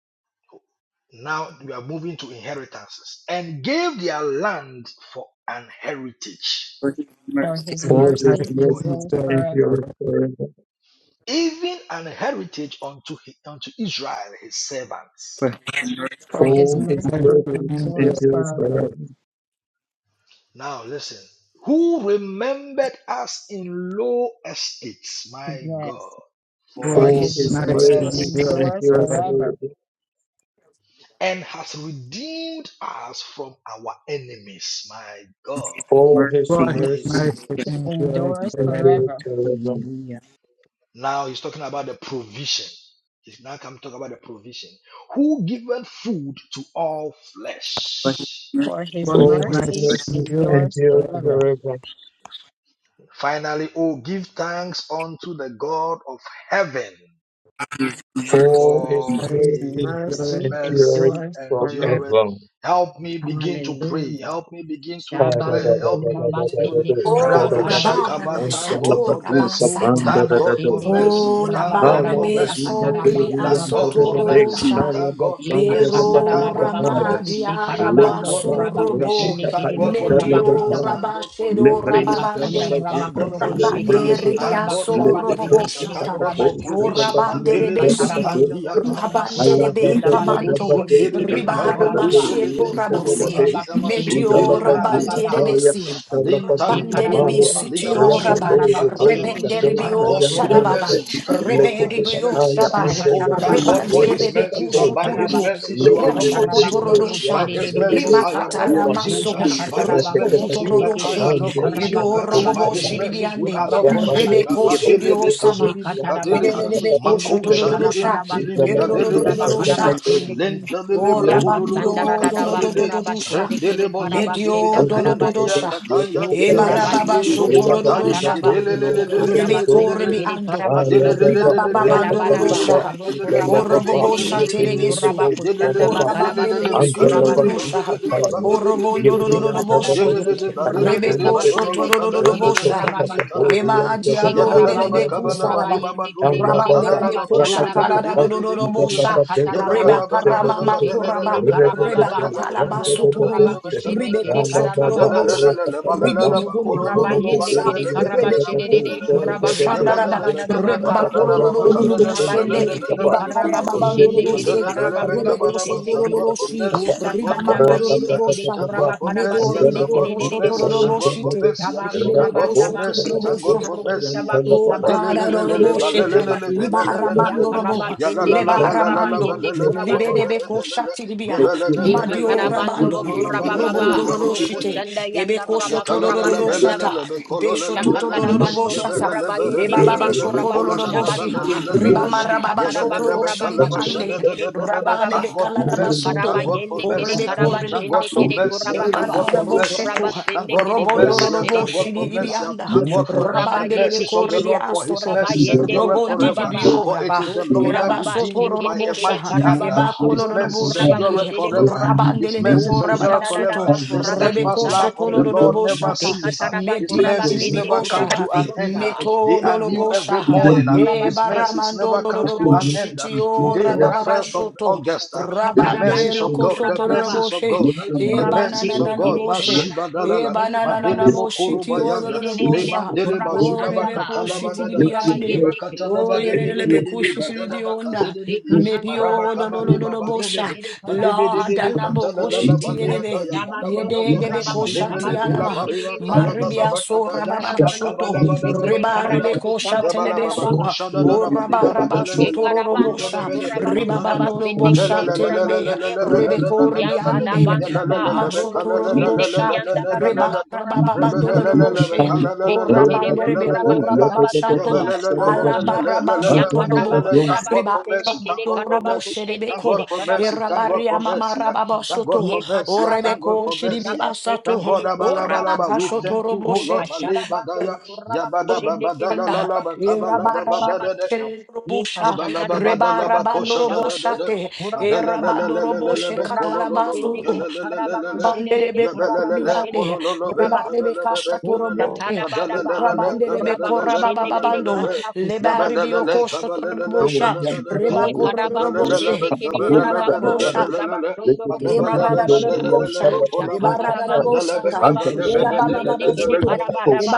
C: now we are moving to inheritances and gave their land for an heritage
G: for his
A: For
G: mercy
A: his
F: For
G: endure
F: his
H: eyes
A: mercy
C: for
H: will
F: mercies
A: endures
H: endure
A: forever.
F: endure
H: forever.
F: forever.
C: Even an heritage unto, he- unto Israel, his servants.
G: for his
A: For
H: For his
A: his
F: For his
A: mercy
H: mercy
F: mercies
A: endures
H: endureth
F: endures
A: forever.
F: forever.
H: forever.
C: Now listen. Who remembered us in low estates, my God,
A: Yes.
C: for
H: For
A: For
H: his
F: For
A: his
C: his
F: his
H: mercy
A: mercy
F: mercies
C: mercies,
H: endureth
A: endures
F: endures
H: forever.
A: forever
F: forever.
C: and has redeemed us from our enemies, my God,
F: For his
H: For
C: for
G: mercy mercy
H: his
C: his,
F: mercies
H: mercy
C: his
H: endureth
A: endures
H: forever.
F: endures
A: forever.
F: forever.
G: hallelujah
C: now he's talking about the provision. He's now come to talk about the provision. Who given food to all
G: for his
C: flesh
A: For
G: mercy
A: his
H: For his
F: For
G: endure
C: for
F: his
H: mercy
A: mercy
G: for
C: his
F: mercies
H: endureth
A: endures
F: endures
H: forever.
A: forever.
F: forever.
C: Finally, oh, give thanks unto the God of heaven,
G: his
H: For
G: mercy
F: For his
C: for
H: his
A: His
H: mercy
C: his,
F: mercies
H: endureth forever.
C: his
A: mercy
F: endures
C: mercy
A: endures forever.
C: endureth.
F: forever.
C: Help me begin to pray.
A: Hallelujah.
C: Help me begin to
F: Let
C: declare.
A: Shabando
C: Help me
A: kuraba
C: begin to de-
A: sende
E: O
A: kuraba karaba
C: Radoshakaba. Thank
E: rabarabasha
A: shiribusa.
C: God
E: to
C: for mercy.
A: U
E: rabasata.
C: Thank
A: kuraba
C: God for
A: shende kiri
C: mercy.
E: Ko
C: Thank
A: kuraba
C: God for
A: karaba saka
C: mercy.
E: labarebeso
A: taraba
E: ribi
C: Thank
A: kuraba
E: aso
C: God for
E: toro
A: kushabasa.
C: mercy.
E: rosha.
C: Thank God for
A: Eka
C: mercy.
A: shanda da
E: Pero
A: da
C: Thank
A: da
C: God
A: ba
C: for
A: kuro
E: ramadi
C: mercy.
A: kushe
C: Thank
A: karabando
C: God
E: arabasu
C: for
A: kuraba
E: robo.
C: provision.
A: kusende
C: Thank
A: kiribu
C: God for
A: kuraba
E: Medio
C: deliverance.
A: kusabasa.
C: Thank God for
E: rabashe do
A: Ye
C: deliverance.
A: katanda
E: rababande.
C: Thank God
A: rabakuro
C: for
A: kushede de
E: Rabande
C: deliverance.
A: de
E: ribi
C: Thank God
A: karabakura
C: for
E: aso robo
A: basende
C: deliverance.
A: kere
C: Thank
E: boshata.
C: God for
A: kurabasha.
E: Ko
C: provision.
E: rabande
A: Ye
C: Madelebe
E: rebesi.
F: the
A: katarabandoro
C: katangiataya.
A: kurabakura
F: Allah
E: Rabanderebe
A: bakusaba
C: Yendelebo
A: seke
E: Kamando,
A: tende kere
C: sundelebe
E: Ribara
C: kabalu
A: karabanaba.
E: mashieto
C: edelebe kodobo
E: Rabasi,
C: ali ama
A: Ukurabakushendekere
E: Medio
C: sundelebe ali
A: karabababa.
C: ataya.
E: Rabanderebesi,
C: Alentalibi
E: Rabanderebi
C: godobo ali ama
E: Sitio
A: Shekarabakorokushekerere
E: Rabat,
C: sulibi katayaba.
A: karabakushendekere
C: Thank
E: Rebenderebio
C: God for the
E: Shadababa,
C: mercies. Thank God for his
E: Reberibio
C: mercies.
E: Shabai,
C: Oh, thank God
A: Shikatarabakuruku
C: for his
E: Rebandiebebe
C: mercies.
A: shiketekiri
C: By his
E: Kushuturulu,
A: karabakuruku
C: mercies you are not consumed.
A: sakatarabakuruku
E: Roshokotorodosha,
G: your
A: shiriririribosa.
G: mercy
E: Rimakataramaso,
G: your mercy
A: Ushakatarabakuruku
E: Rokokotorodoshe,
A: shiketekiri
E: Yedo
F: Thank
E: Roboboshi
A: karabakurabasendekiri
E: Dibiande,
G: thank
A: kurabakushabasa.
E: Rebeko
G: you for your mercy
E: Shidiosama,
A: Shekataraba kuroko
E: Kedelebe
A: shende kere kara karaba
E: Kushuturudusha,
A: sondoro
G: today
A: kuraba
G: for
E: Kirurururururusha.
A: karaba
G: granting me
A: shende ku.
E: O
A: Yakasanda
E: rabandio
G: to do this
A: radadaba
G: to
A: kuraba
E: dolododododusha.
A: shende kere karaba
E: Medio
A: shenda karabasa.
E: dolododosha.
A: O
G: do this to do
A: kuraba
E: Ebarababa
A: yende
G: this
A: keshe
E: shotodododoshata.
A: kataraba kurobo
E: Arebe
A: kusaba sende
E: korbi
A: kere
E: ando.
A: karaba she. Darabaraba
E: Ribabababandororosha.
A: ro kuraba kusende
E: Korobobosha
A: kere kere
E: telebesu.
A: kuraba
C: Yabba
A: kushandaba karaba sende
E: Korabanderebesu
A: kuraba sha.
E: turururusha.
F: Ye brilliant,
E: Korobondorororoboshi.
A: Ekataraba ndoro kuraba
E: Rebeko
A: kusaba sende kere kere
E: shotodorodorobosha.
A: kuraba basa.
F: Rapa
E: Kema adialo
A: Ikarabando do
E: delebeku saraba.
A: kurabayende kere kere
E: Rabande
A: karaba
E: beko kosha tarada
A: shadadabasa.
E: do do do do
A: Usha
E: bosha.
A: kataraba
E: Reba
A: kuraba
E: karama
A: kushende
E: matoraba.
A: kere karababa
E: Reba
A: baba.
E: katalaba
A: Rubo kuraba
E: suturubu.
A: kushende
E: Ribe
A: kere
E: kosho
A: karababa.
E: turubushe. Ribi
A: O kuraba yende
E: bikunulubusha.
A: kere karaba
E: Rebe
A: şedede kuraba
E: kurubusha
A: kasanda
E: naraba.
A: da da da
E: Reba
A: baka. O kuraba
E: bakurubushe.
A: yende kere karaba
E: Ibakaraba
A: kuşende kere
E: bandurushe.
A: karaba
C: Madelelelebe
E: Rebe
A: kurabo
C: kabalaba.
E: kosho
A: şende
C: Thank God
A: ki.
C: for
E: turubushi.
C: mercy.
A: O
C: Thank God
E: Riba
C: for
A: satanda ba
C: mercy. ah.
A: yende kere
E: mandurubusha.
C: Thank God
A: kuraba
C: for
A: karaba
F: and
C: mercy.
E: Medo
C: ah.
F: then
A: sende
F: the
C: Thank
E: ribio
C: God
F: first
A: kere
C: for
A: de
F: week
E: kosho
A: de
F: of
A: de
C: mercy.
F: time, and
C: Thank
A: boşa.
C: God
F: then
C: for
F: the
E: turubushite.
C: mercy. ah.
A: Kaba
F: Thank
E: Ribebe
C: Thank God for
A: kurabanda
E: kosho
A: ba
C: mercy.
A: kurubo
C: Thank God
E: turubusha.
C: for
A: sukuru
C: mercy. ah.
A: kuşaba
E: Oh
A: kusaba
E: God,
A: sende kere
C: Madelelelelele
A: kere
E: Aroloboshe,
A: kurabasa.
E: Libara
A: Ya
E: Mando
C: balelelelelelelelelele.
E: Robo,
A: karaba sende
C: Yalalala
A: kere
E: Lebara
A: karaba
C: balalala
E: Mando,
A: yende
C: balelele
A: kurabasa.
E: Libedebe
C: borodededele.
E: Koshati Libia, Madio
C: Yabelelebelelelebe
A: Shikatarabandoro
E: Rabando,
C: kolololo balelele
E: Robondo
A: kurababa,
C: borodededele.
E: Roshite,
A: rukusanda
E: Ebeko
C: Thank
A: yandaraba
G: to
C: God
G: do
E: Shotororo
G: this
A: kurabasandaba.
E: Shata, Beshotororo
A: Ushakatarabandoro
E: Shata.
A: kurabayende
E: Eba
G: Oh
A: kede
E: baba
A: kuraba
E: shotoro boshi,
A: kushabasa.
E: riba marababa
A: Ushakataraba
E: shoklo
A: kuraba
E: shiribi
A: kashinde
E: ande,
A: kede
E: rabane
A: kurabababa.
E: bekala
C: for mercy.
E: basoto,
A: Ukaraba
C: Thank God for
A: yende kede
C: mercy. yeah.
E: Orebeko
A: karaba
C: Thank God
A: shinde
C: for
E: rebekaso,
A: kede
C: mercy. yeah. Thank God
A: kurabababa.
E: ebarara
C: for mercy. yeah.
E: bosetu,
A: Rukuraba
C: Thank
A: sende
C: God for
A: kede
E: robondoro
A: kuraba
C: mercy. yeah. Thank God
A: sherere
E: roboshi di
C: for
E: di
C: mercy.
A: bosa.
C: yeah.
E: bianda,
C: Thank God for
A: Ukuraba
C: the
E: rabandele le
A: yende
C: mercies of the
E: corre di
C: Lord,
A: kishindu
C: for his
E: astoto,
A: kuraba
C: mercies
A: yende
C: endureth
A: bosa
E: robondi di
C: forever.
A: bababa.
C: For it
E: bioraba,
C: is the
A: O
C: Lord that
F: you.
A: kurababa,
E: elabaso
C: redeemed you
E: toro
C: by
A: shekete
C: a
A: kede
E: robosha,
C: mighty hand. yeah.
A: karababa,
E: ebakolo
C: His
A: robo
C: mercies
E: roboshi
A: kuraba
E: li,
C: endureth
A: kushede
C: forever.
A: bosa.
C: His
E: rabandele be
A: O
C: mercies endure
A: kushada
C: forever.
E: corabasuto,
A: dadaba
C: The
A: kuraba
E: rebeko
C: steadfast
A: kusaba
C: love of
A: se.
E: shetolo
C: the Lord never
E: roboshata,
C: ceases. ah.
A: Ekataraba
C: His
E: medi
A: kuraba
E: di
C: mercies
E: libi
A: kende
C: never come
A: kuraba
E: osha,
C: to
A: se
C: an end.
A: bosa.
C: ah. They
A: O
E: metodo
C: are new every
E: robosha,
A: kurabandaba
C: morning. ah.
A: kuraba
C: His
A: shede
C: mercies
A: bosa
E: ebaramando
C: never comes to
A: kataraba
C: an
A: ku.
C: end. ah.
E: roboshi
A: O
C: Today, the first
A: kurabande
C: of
E: Rabababashoto,
C: August, ah, the
E: rabande
A: katarabande
C: mercies
A: bu
C: of God,
E: lokoshoto
C: the
A: kuraba
E: soto
A: baba.
C: mercies of God, ah,
A: O
E: e
C: the
A: kuraba
E: banana
C: mercies
A: shende
C: of
E: nano
C: God.
A: kede kuraba
C: Mashiba
A: sende
E: e
C: dalala,
A: kede
E: banana
A: karaba
E: nano
A: sa.
C: madelebo
E: moshi ti
C: koroba
E: oro
C: yada,
A: Ede de de de
C: leman
A: bu
C: deleba
A: kuraba
E: o
C: zudaba
E: lebe
A: sandaba,
E: koshi
C: katalaba
A: robo
E: ti
C: dadada,
A: kuraba
E: bibiande
C: yeba
A: yende ke.
E: o
C: katalaba
E: yele
C: debe debe
E: lebe
C: debe,
E: koshi
A: kuraba sa.
C: badalaba
E: bibionda
C: kazebe debe,
E: mebi
A: Ekatanda
C: maraba
E: o
A: raba
E: do do do do
C: kabaleba
A: kuraba
E: do
A: sende
C: badelebe,
E: bosha
A: kere
C: Thank God
A: kuraba
C: for
E: la
A: kusha.
E: dalabo koshi
A: Leche kat
E: elebe
A: rabando no
E: yede debe
A: kuraba
E: kosha
A: kusaba
E: ti
A: sende
E: anama
A: kere kere kere
F: Thank you.
A: kusha.
E: maribia so rababa
A: Yara bando no
E: soto
F: Thank
A: kuche kere
E: reba
A: kuraba
E: rebe kosha Sua, O Rabarabasho
A: Chekarabandoro
E: Torobosha,
A: kurabaku sabas sabasende kere
E: Ribabanorobosha Tedebe,
A: korabayendebo.
E: Rebeko Ribiande,
A: Yakadabandaba
E: Ramasho
A: aruboku shende
E: Torobosha,
A: kiyanda radadaba kurabaku sabase.
E: Ribakrabababandoroboshe, O
A: Teketerebo
E: Rabanderebeko
A: kurabaku sabasanda
E: Rababashato,
A: baranorobosha.
E: Alabarabasho
A: Yakaraba
E: Torobo,
A: kurabaku sende
C: mercy. Thank
A: kere
C: God for mercy.
A: karabaku
E: Ribakrabababandoroboshe
A: shende
C: Thank God
A: kere
E: Rebeko,
C: for mercy.
A: karabasu
C: Thank God
A: kuruku
E: Erabaria
C: for
E: Mama
C: mercy. ah.
A: shirasa.
C: Thank God
E: Rababasoto,
C: for
E: O
C: mercy. ah.
A: Yekataraba
C: Thank God
E: Rebeko
C: for
A: kuruku
E: Shiribi
C: mercy. ah.
A: sabas sende
C: Thank
E: Asato,
C: God.
A: kere
E: O
A: kushabaku
C: abalabalaba. We
E: Rabakasho
A: saa.
C: thank you, O Lord.
E: Toroboshe,
A: Yekasharabandoro
C: Malebadaya.
A: kurabaku
C: Yabada
A: shende
C: babada
A: kere
C: la la
E: Shanda,
C: la ba
A: karabaku sukuraku
E: Erabaraba,
C: kabala
A: shabasa. Ye
E: Shelebusha,
A: kashandara raba kuraba kushaba sunduru
E: Rebarabandoroboshate,
A: kuraba baba. O
E: Erabandoroboshe
A: kuraba kushende
E: Catalabasu,
A: kede karaba kushede de
E: Rabanderebe
A: karaba kushede de
E: Corbiane,
A: kuraba sa.
E: Ribarebe
A: O
E: Cashatorobote,
A: tatada bada ba ru
E: Rabanderebe
A: kuraba kushende kede
E: Corabababando,
A: karaba kusaba se.
E: Lebaribio Cosotorobosha,
A: Ye karaba kushende kere karaba
E: Rebacoroboshe,
A: koroko
F: you.
A: saba tondoro koraba kusha.
E: Emararararabosha,
A: O shakatara bandu
E: ebarararaboshata,
A: koraba kushaba sende kere
E: elababababasoto,
A: karaba daba.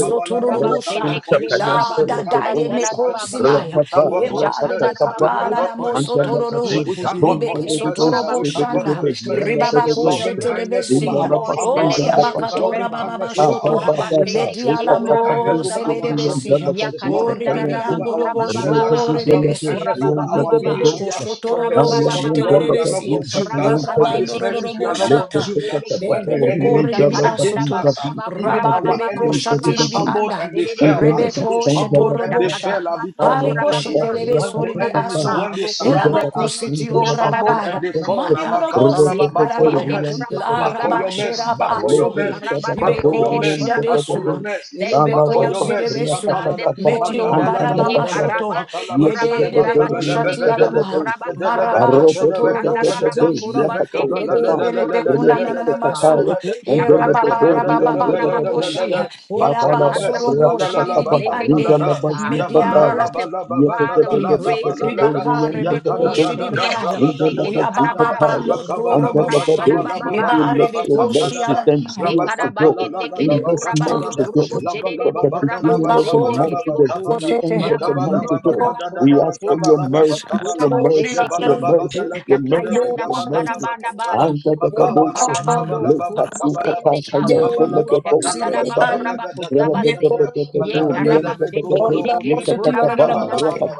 A: O koraba
C: we thank God
A: sende
C: for
A: kere
C: his
A: karaba
E: la
C: mercies. We thank God
A: kusaba
E: Dadaye
C: for his
A: sadada
E: Meko
C: mercies.
A: baba.
E: Simaya,
C: We thank
A: O
C: God for
E: Eba
C: His mercies.
A: shakatara ba
C: We thank
E: Lebekatala
A: koraba
C: God for
A: kusa.
C: His mercies.
E: Namosotororo,
A: Ye
C: We thank God for
A: kushende
E: libeke
C: His
A: kere
C: mercies.
A: koraba
C: We thank God
A: kusa.
E: dadayemekosimaya,
C: for His
E: ebalebekatalanamosotoro,
C: mercies.
A: We thank you
C: His
E: libekesotorobosana,
A: for your
C: loving
A: mercy
C: kindness over
A: this
E: ribabakoshetelebesi,
C: our
A: morning that
E: Oh,
C: families. sir.
A: endures
C: His
E: Yabakatora
C: loving
A: forever.
E: Baba
C: kindness over
A: O
F: Thank
E: Shoto,
C: our
A: Kuraba,
C: families. sir.
A: sende
C: His
A: kere
C: loving
A: Kuraba,
C: kindness
E: Medialamo
C: over
A: kusaba
C: our
A: sa.
C: children.
E: Sebedebesi,
C: sir. His loving
E: Ori
C: kindness
A: Yakatandaraba
C: over
E: Bibiando
C: our business. sir.
E: Bosho
A: kurabababa,
C: His
A: rubo
C: loving
E: Rebesi,
C: kindness over our
A: kurabababa,
C: ministry.
E: Midelebeko
C: sir.
A: rubo
C: For the
E: Shotoro
C: sake of the
A: kurabababa,
C: Lord, we are not
E: Shetelebesi,
A: o
C: consumed. sir.
A: kurabaka
C: By His
E: Orabando
A: sendeke
C: mercies,
A: de
C: we are not
A: karabako
E: Roboshata,
C: consumed. sir uh, when
A: sendeke,
C: the
A: o
E: Berebeko
C: enemy
E: Ribi
C: comes against
E: Asoto,
C: us, uh,
A: satarabadabadaba
C: even our
E: Rabarebeko
C: enemies, uh, they
A: kurabababababa,
E: Shatiribi
C: stumbled
A: kuraba
E: Anda,
C: and they
A: sedede
C: fell. uh,
A: usa,
C: They
E: Rebeko
C: stumbled and
A: isha
C: they
F: you.
E: Shetorobosha.
C: fell uh,
A: katarabando
C: because of
E: Halikoshe
C: mercy. uh,
A: kurabababando
E: telebe
C: When
A: no
C: the
E: soribi
C: enemies, uh,
E: aso.
C: when
A: kurabababa,
C: they
A: ro kuraba
C: surrounded
E: Elaboku
C: us, uh,
A: sendeke
E: siti
A: de
C: they
E: ora
C: stumbled
A: yandarababa
E: babaya.
C: and they fall.
E: Mandi
C: uh,
A: kurabasa,
E: alobosi
C: Makatalaba, But
A: yeka
C: for your
A: sende
E: kararabaya.
C: mercy,
A: kurabako
E: La
C: but for your
A: sabasa,
E: rabashe
C: mercy, but
E: raba
C: for
A: o
C: your
E: sohi.
C: mercy,
A: karaba
C: but
E: Ibe
C: for
A: sende
C: your
A: kiri
E: koshi
C: mercy,
E: da
C: but for
E: besu.
A: kurabasa,
C: your mercy,
A: Thank you
E: Elebe
C: but
A: for
C: for
A: your
C: your
E: koshi de
C: mercy.
A: mercy,
E: besu.
A: God,
C: Makadada,
A: this morning.
E: Metio
A: Uh,
C: makabalaba,
A: Ye
E: barabama
F: Thank
C: badalebe,
E: shoto.
A: karabande
C: katalaba,
F: let your mercy
A: kuraba
E: Yede debe
A: kudaba
C: lebakabalebe,
A: shende
E: kushati
A: kerebo
C: bedelebe,
E: alama.
A: kurabasa.
C: bedelebe,
E: Maraba
A: You
E: shoto
C: ketelebe,
E: robo shiti
C: katelede,
A: tandaraba
C: but
E: dibi.
A: kuraba shende
E: Lebe de
A: kerebo
E: lebe
A: kuraba
E: kuna nanana maso.
A: serebosa. O
E: E rababa
A: shakatarabande bo
E: rababa
A: kuraba kusa.
E: bandoroboshi.
A: O
C: for
E: Elaba
C: your mercy,
A: shatandaba
E: suroko
A: kuraba
E: shidi
C: Malala
E: dibi
A: kusende
E: ande
C: Bakatanana,
A: kerebosa.
C: Yabala
E: mediala
C: Labala
A: Merciful Father, we
C: Babadala
A: praise you this
C: Labalala,
E: ribaka
A: morning.
E: rebeko
C: Yakada
A: Ye
C: da da da,
A: kuraba
E: shiribiaya
C: Rabada
A: shende
C: da
A: kere
C: da
E: oya baba
C: Kanada,
A: karabaraba.
E: bano
A: Rubu
C: Bakabala Baba
A: kuraba
E: toroboshi
C: Kabala
A: karababa.
E: eba
C: Babadana
E: rebeko
C: Bakatanada,
F: and
E: shiaramaya
F: heals to go
C: Rabakatana
A: Shekarabayende kere
F: in
E: rebeko
F: this month
A: kurabasu
I: Take
F: to
I: a
C: Labakatanada,
I: a
F: go
A: kurobo
C: Labala
F: from
A: chedebo
F: the
C: Babadana
A: kurabaku
F: beginning
I: a a
E: eba
F: of the
E: ko
A: sende
C: Bakabala
F: month to
A: kerebo
F: the
A: ku.
I: a
C: Babakabada,
I: a
F: very
E: sete
F: end of the month,
C: Bakabala
A: Yabandoro
F: to go.
E: medio
A: kuraba
C: Babakada
F: We
C: da
A: kuraba
F: ask for your
A: kuraba
I: a a a a a a a a
A: kuraba
F: mercies,
C: Bakabala
F: your
E: ko
A: kuraba
E: de la
A: sende
F: mercies,
A: ke.
F: your
C: Makabala
F: mercies,
C: Baba
F: your
C: Kabalaba
E: ebe
F: mercies,
A: Ushakayanda
F: your
E: ko
F: mercies.
A: bakarabanda bado
F: And the
A: kurobo
F: dosha,
E: eba
A: karabando
F: let us
A: kurobo
F: you
A: sende ka.
F: kapata yan
E: Did sidi
A: Ushakataraba
F: tele
E: an
A: kuraba kusaba
F: Yanta
A: se.
E: Meko
A: Ye
E: ande and
A: karaba
E: Dea,
A: chede
E: all
A: kere
E: about
A: kere
E: also to na
A: kuraba
E: other
A: kusaba
E: motion.
A: sa.